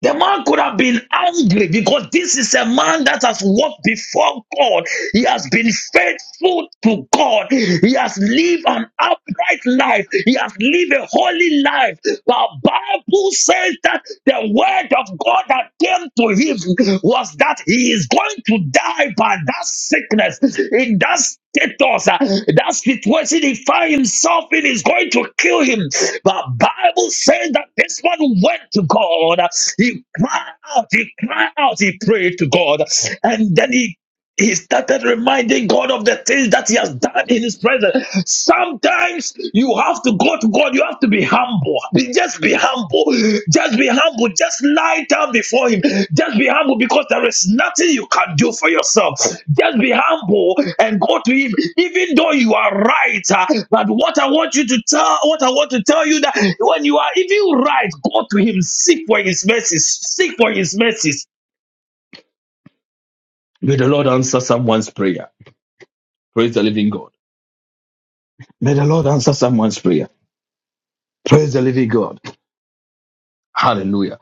[SPEAKER 3] The man could have been angry because this is a man that has walked before God. He has been faithful to God. He has lived an upright life. He has lived a holy life. The Bible says that the word of God that came to him was that he is going to die by that sickness. In that protect us. Uh, That situation, he found himself in, is going to kill him. But Bible says that this one went to God. He cried out, he cried out, he prayed to God, and then he he started reminding God of the things that he has done in his presence. Sometimes you have to go to God, you have to be humble. Be- Just be humble. Just be humble. Just lie down before him. Just be humble because there is nothing you can do for yourself. Just be humble and go to him, even though you are right. uh, But what I want you to tell, what I want to tell you that when you are even right, go to him, seek for his mercies, seek for his mercies. May the Lord answer someone's prayer. Praise the living God. May the Lord answer someone's prayer. Praise the living God. Hallelujah.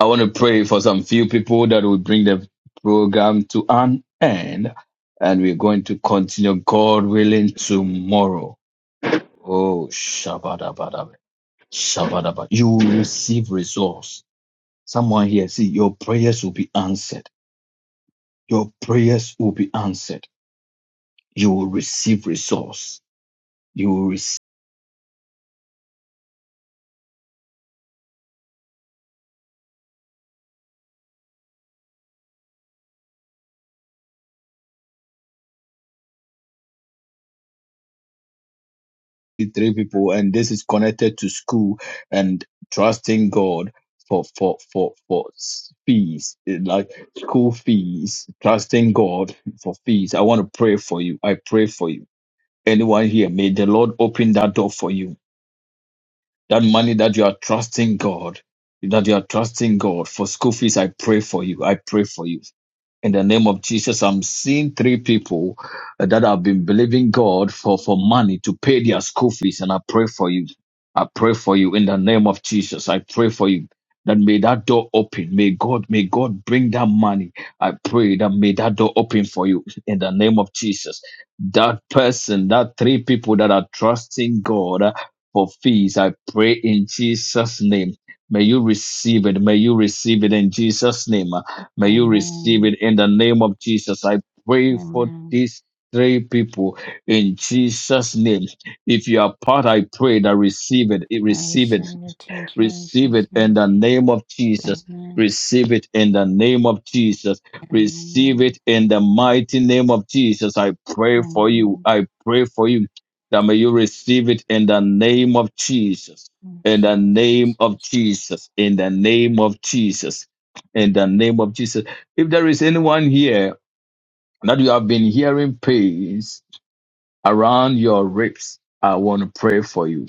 [SPEAKER 3] I want to pray for some few people that will bring the program to an end. And we're going to continue, God willing, tomorrow. Oh, shabadabadab. Shabadabad. You will receive results. Someone here, see, your prayers will be answered. Your prayers will be answered. You will receive results. You will receive three people, and this is connected to school and trusting God for for for for fees eh, like school fees, trusting God for fees. I want to pray for you. I pray for you. Anyone here, may the Lord open that door for you. That money that you are trusting God, that you are trusting God for school fees, I pray for you. I pray for you. In the name of Jesus, I'm seeing three people uh, that have been believing God for, for money to pay their school fees, and I pray for you. I pray for you in the name of Jesus. I pray for you that may that door open. May God, may God bring that money. I pray that may that door open for you in the name of Jesus. That person, that three people that are trusting God. uh, for fees. I pray in Jesus' name. May you receive it. May you receive it in Jesus' name. May you receive it
[SPEAKER 12] Amen.
[SPEAKER 3] in the name of Jesus. I pray for
[SPEAKER 12] Amen.
[SPEAKER 3] these three people in Jesus' name. If you are part, I pray that receive it.
[SPEAKER 12] I
[SPEAKER 3] Receive it.
[SPEAKER 12] receive it in
[SPEAKER 3] Receive
[SPEAKER 12] Jesus'
[SPEAKER 3] it in
[SPEAKER 12] name.
[SPEAKER 3] the name of Jesus.
[SPEAKER 12] Amen.
[SPEAKER 3] Receive it in the name of Jesus. Receive
[SPEAKER 12] Amen.
[SPEAKER 3] it in the mighty name of Jesus. I pray for you.
[SPEAKER 12] Amen.
[SPEAKER 3] I pray for you that may you receive it in the name of Jesus. In
[SPEAKER 12] Yes.
[SPEAKER 3] the name of Jesus. In the name of Jesus. In the name of Jesus. If there is anyone here that you have been hearing pains around your ribs, I want to pray for you.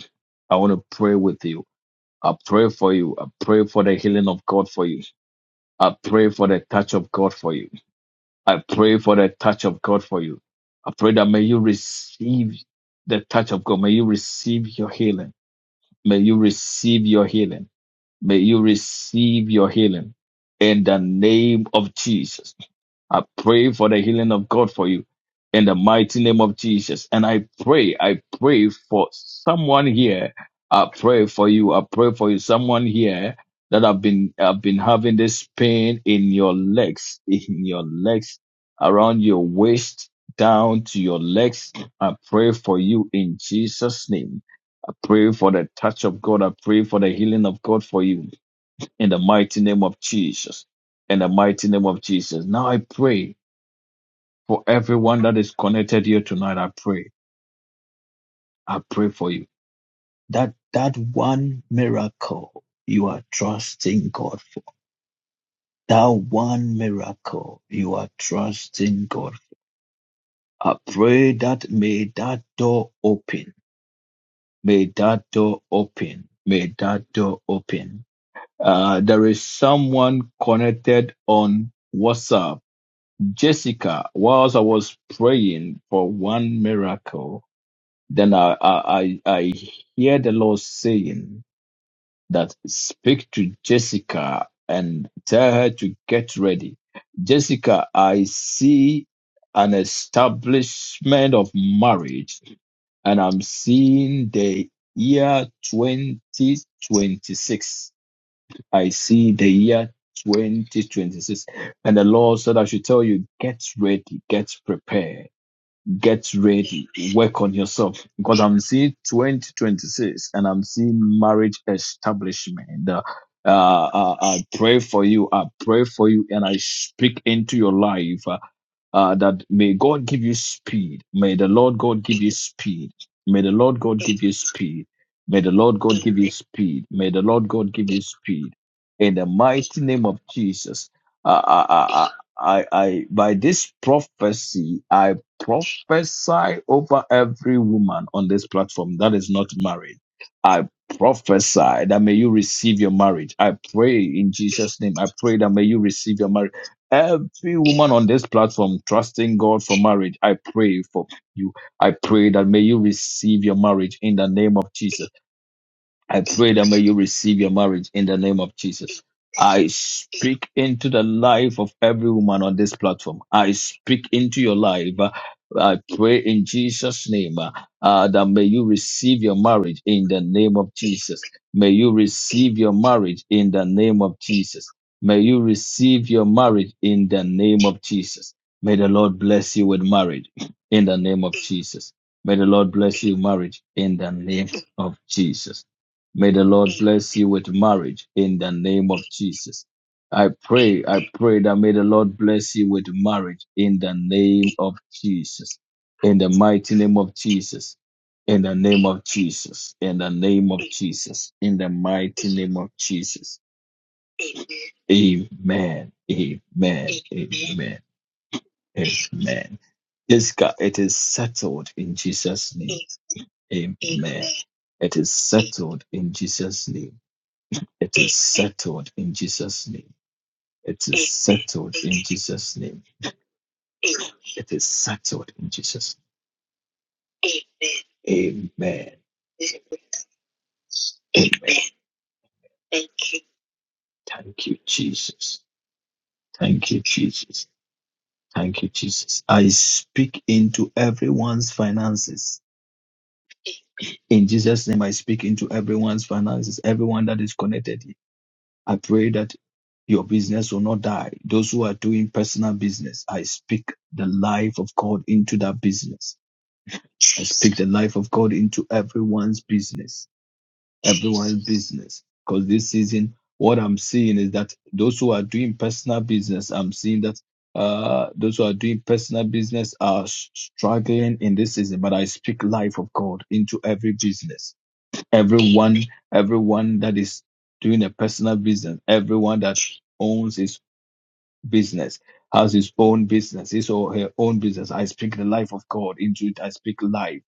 [SPEAKER 3] I want to pray with you. I pray for you. I pray for the healing of God for you. I pray for the touch of God for you. I pray for the touch of God for you. I pray that may you receive the touch of God. May you receive your healing. May you receive your healing. May you receive your healing in the name of Jesus. I pray for the healing of God for you in the mighty name of Jesus. And I pray, I pray for someone here. I pray for you. I pray for you. Someone here that have been have been having this pain in your legs, in your legs, around your waist, down to your legs. I pray for you in Jesus' name. I pray for the touch of God. I pray for the healing of God for you in the mighty name of Jesus. In the mighty name of Jesus. Now I pray for everyone that is connected here tonight. I pray. I pray for you. That that one miracle you are trusting God for. That one miracle you are trusting God for. I pray that may that door open. May that door open. May that door open. Uh, there is someone connected on WhatsApp. Jessica, whilst I was praying for one miracle, Then I, I, I I hear the Lord saying that speak to Jessica and tell her to get ready. Jessica, I see an establishment of marriage and I'm seeing the year 2026. I see the year 2026. And the Lord said, I should tell you, get ready, get prepared get ready, work on yourself. Because I'm seeing 2026 and I'm seeing marriage establishment. Uh, uh, I, I pray for you. I pray for you and I speak into your life. Uh, uh, that may God give you speed. May the Lord God give you speed. May the Lord God give you speed. May the Lord God give you speed. May the Lord God give you speed. In the mighty name of Jesus, I, I, I, I, I by this prophecy, I prophesy over every woman on this platform that is not married. I prophesy that may you receive your marriage. I pray in Jesus' name. I pray that may you receive your marriage every woman on this platform trusting God for marriage, I pray for you. I pray that may you receive your marriage in the name of Jesus. I pray that may you receive your marriage in the name of Jesus. I speak into the life of every woman on this platform. I speak into your life. Uh, I pray in Jesus' name uh, uh, that may you receive your marriage in the name of Jesus. May you receive your marriage in the name of Jesus. May you receive your marriage in the name of Jesus. May the Lord bless you with marriage in the name of Jesus. May the Lord bless you with marriage in the name of Jesus. May the Lord bless you with marriage in the name of Jesus. I pray, I pray that may the Lord bless you with marriage in the name of Jesus. In the mighty name of Jesus. In the name of Jesus. In the name of Jesus. In the mighty name of Jesus Amen. Amen. Amen. Amen. Yes, God, it is settled in Jesus' name. Amen. It is settled in Jesus' name. It settled in Jesus' name. It is settled Jesus' name. It is settled in Jesus' name. Amen. Amen. Thank you, Jesus. Thank you, Jesus. Thank you, Jesus. I speak into everyone's finances. In Jesus' name, I speak into everyone's finances, everyone that is connected here. I pray that your business will not die. Those who are doing personal business, I speak the life of God into that business. I speak the life of God into everyone's business, everyone's business. Because this season, what I'm seeing is that those who are doing personal business, I'm seeing that uh, those who are doing personal business are struggling in this season. But I speak life of God into every business everyone everyone that is doing a personal business everyone that owns his business has his own business his or her own business i speak the life of god into it i speak life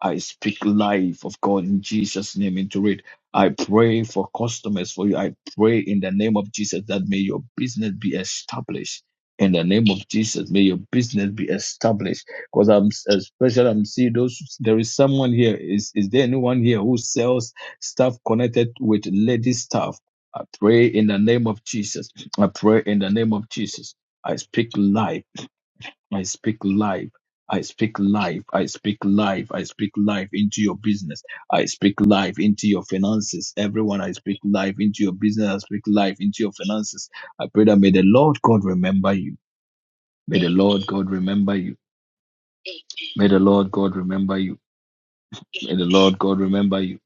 [SPEAKER 3] I speak life of God in Jesus' name into it. I pray for customers for you. I pray in the name of Jesus that may your business be established. In the name of Jesus, may your business be established. Because I'm especially I'm seeing those. There is someone here. Is is there anyone here who sells stuff connected with lady stuff? I pray in the name of Jesus. I pray in the name of Jesus. I speak life. I speak life. I speak life. I speak life. I speak life into your business. I speak life into your finances. Everyone, I speak life into your business. I speak life into your finances. I pray that may the Lord God remember you. May the Lord God remember you. May the Lord God remember you. May the Lord God remember you.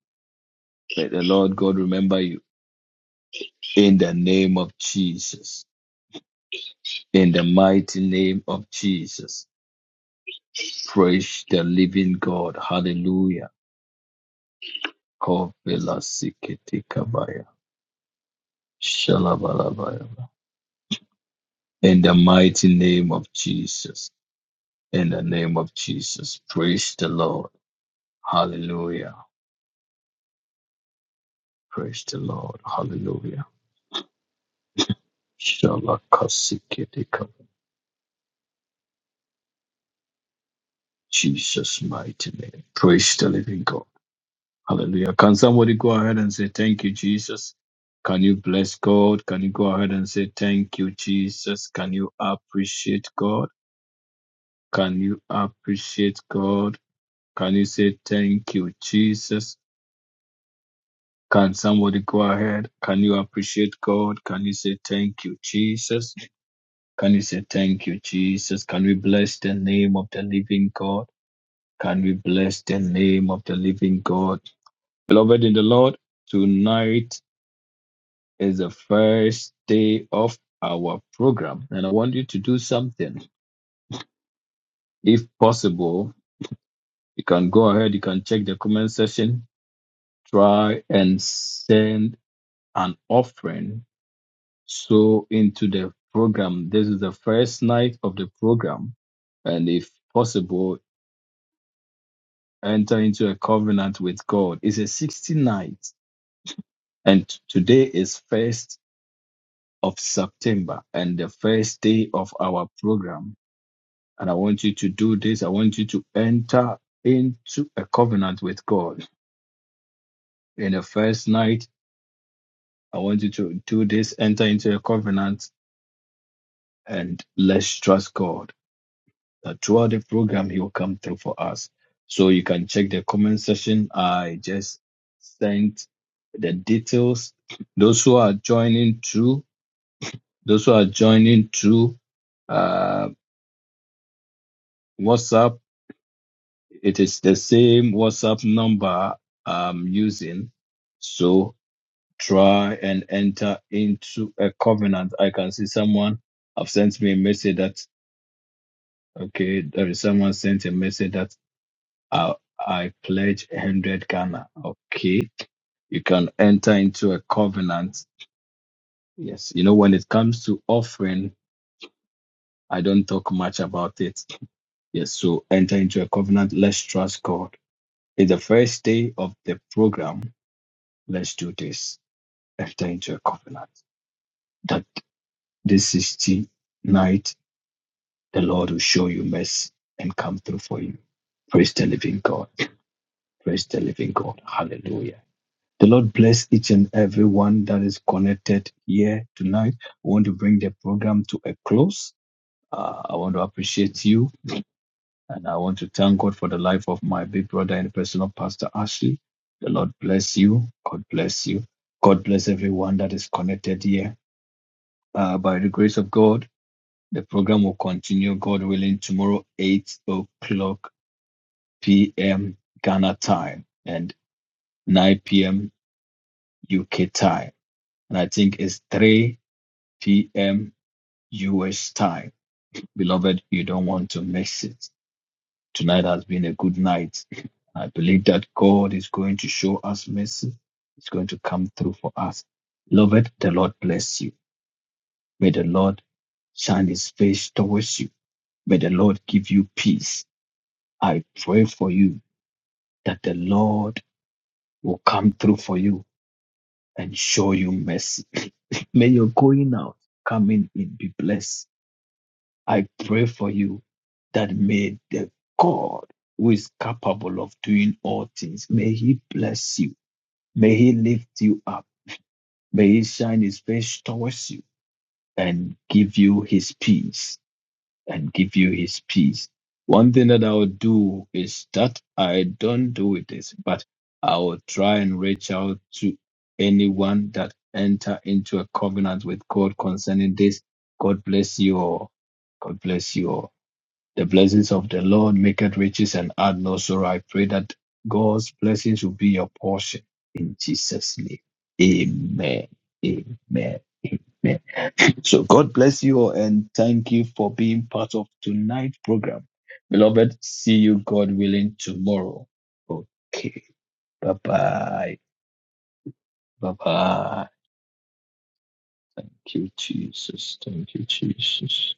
[SPEAKER 3] May the Lord God remember you. In the name of Jesus. In the mighty name of Jesus. Praise the living God. Hallelujah. Kovela Sikiti Kabaya. Shalabalabaya. In the mighty name of Jesus. In the name of Jesus. Praise the Lord. Hallelujah. Praise the Lord. Hallelujah. Shalakasikiti Kabaya. Jesus' mighty name. Praise the living God. Hallelujah. Can somebody go ahead and say, Thank you, Jesus? Can you bless God? Can you go ahead and say, Thank you, Jesus? Can you appreciate God? Can you appreciate God? Can you say thank you, Jesus? Can somebody go ahead? Can you appreciate God? Can you say thank you, Jesus? Can you say thank you, Jesus? Can we bless the name of the living God? Can we bless the name of the living God? Beloved in the Lord, tonight is the first day of our program, and I want you to do something. If possible, you can go ahead, you can check the comment section, try and send an offering So into the program. This is the first night of the program. And if possible, enter into a covenant with God. It's a 60 night. And t- today is first of September and the first day of our program. And I want you to do this. I want you to enter into a covenant with God. In the first night, I want you to do this, enter into a covenant and let's trust God that throughout the program, he will come through for us. So you can check the comment section. I just sent the details. Those who are joining through, those who are joining through uh, WhatsApp, it is the same WhatsApp number I'm using. So try and enter into a covenant. I can see someone have sent me a message that, okay, there is someone sent a message that I, I pledge 100 Ghana. Okay. You can enter into a covenant. Yes. You know, when it comes to offering, I don't talk much about it. Yes. So enter into a covenant. Let's trust God. It's the first day of the program. Let's do this. Enter into a covenant that this 16th night, the Lord will show you mercy and come through for you. Praise the living God. Praise the living God. Hallelujah. The Lord bless each and every one that is connected here tonight. I want to bring the program to a close. Uh, I want to appreciate you and I want to thank God for the life of my big brother and personal pastor Ashley. The Lord bless you. God bless you. God bless everyone that is connected here. Uh, by the grace of God, the program will continue, God willing, tomorrow, 8 o'clock p.m. Ghana time and 9 p.m. UK time. And I think it's 3 p.m. U.S. time. Beloved, you don't want to miss it. Tonight has been a good night. I believe that God is going to show us mercy. He's going to come through for us. Beloved, the Lord bless you. May the Lord shine his face towards you. May the Lord give you peace. I pray for you that the Lord will come through for you and show you mercy. <laughs> May your going out, coming in be blessed I pray for you that may the God who is capable of doing all things, may he bless you. May he lift you up. May he shine his face towards you and give you his peace and give you his peace. One thing that I will do is that I don't do it this, but I will try and reach out to anyone that enter into a covenant with God concerning this. God bless you all. God bless you all. The blessings of the Lord maketh riches and add no sorrow. I pray that God's blessings will be your portion in Jesus' name. Amen. Amen. Amen. So God bless you all and thank you for being part of tonight's program. Beloved, see you God willing tomorrow. Okay. Bye bye. Bye bye. Thank you, Jesus. Thank you, Jesus.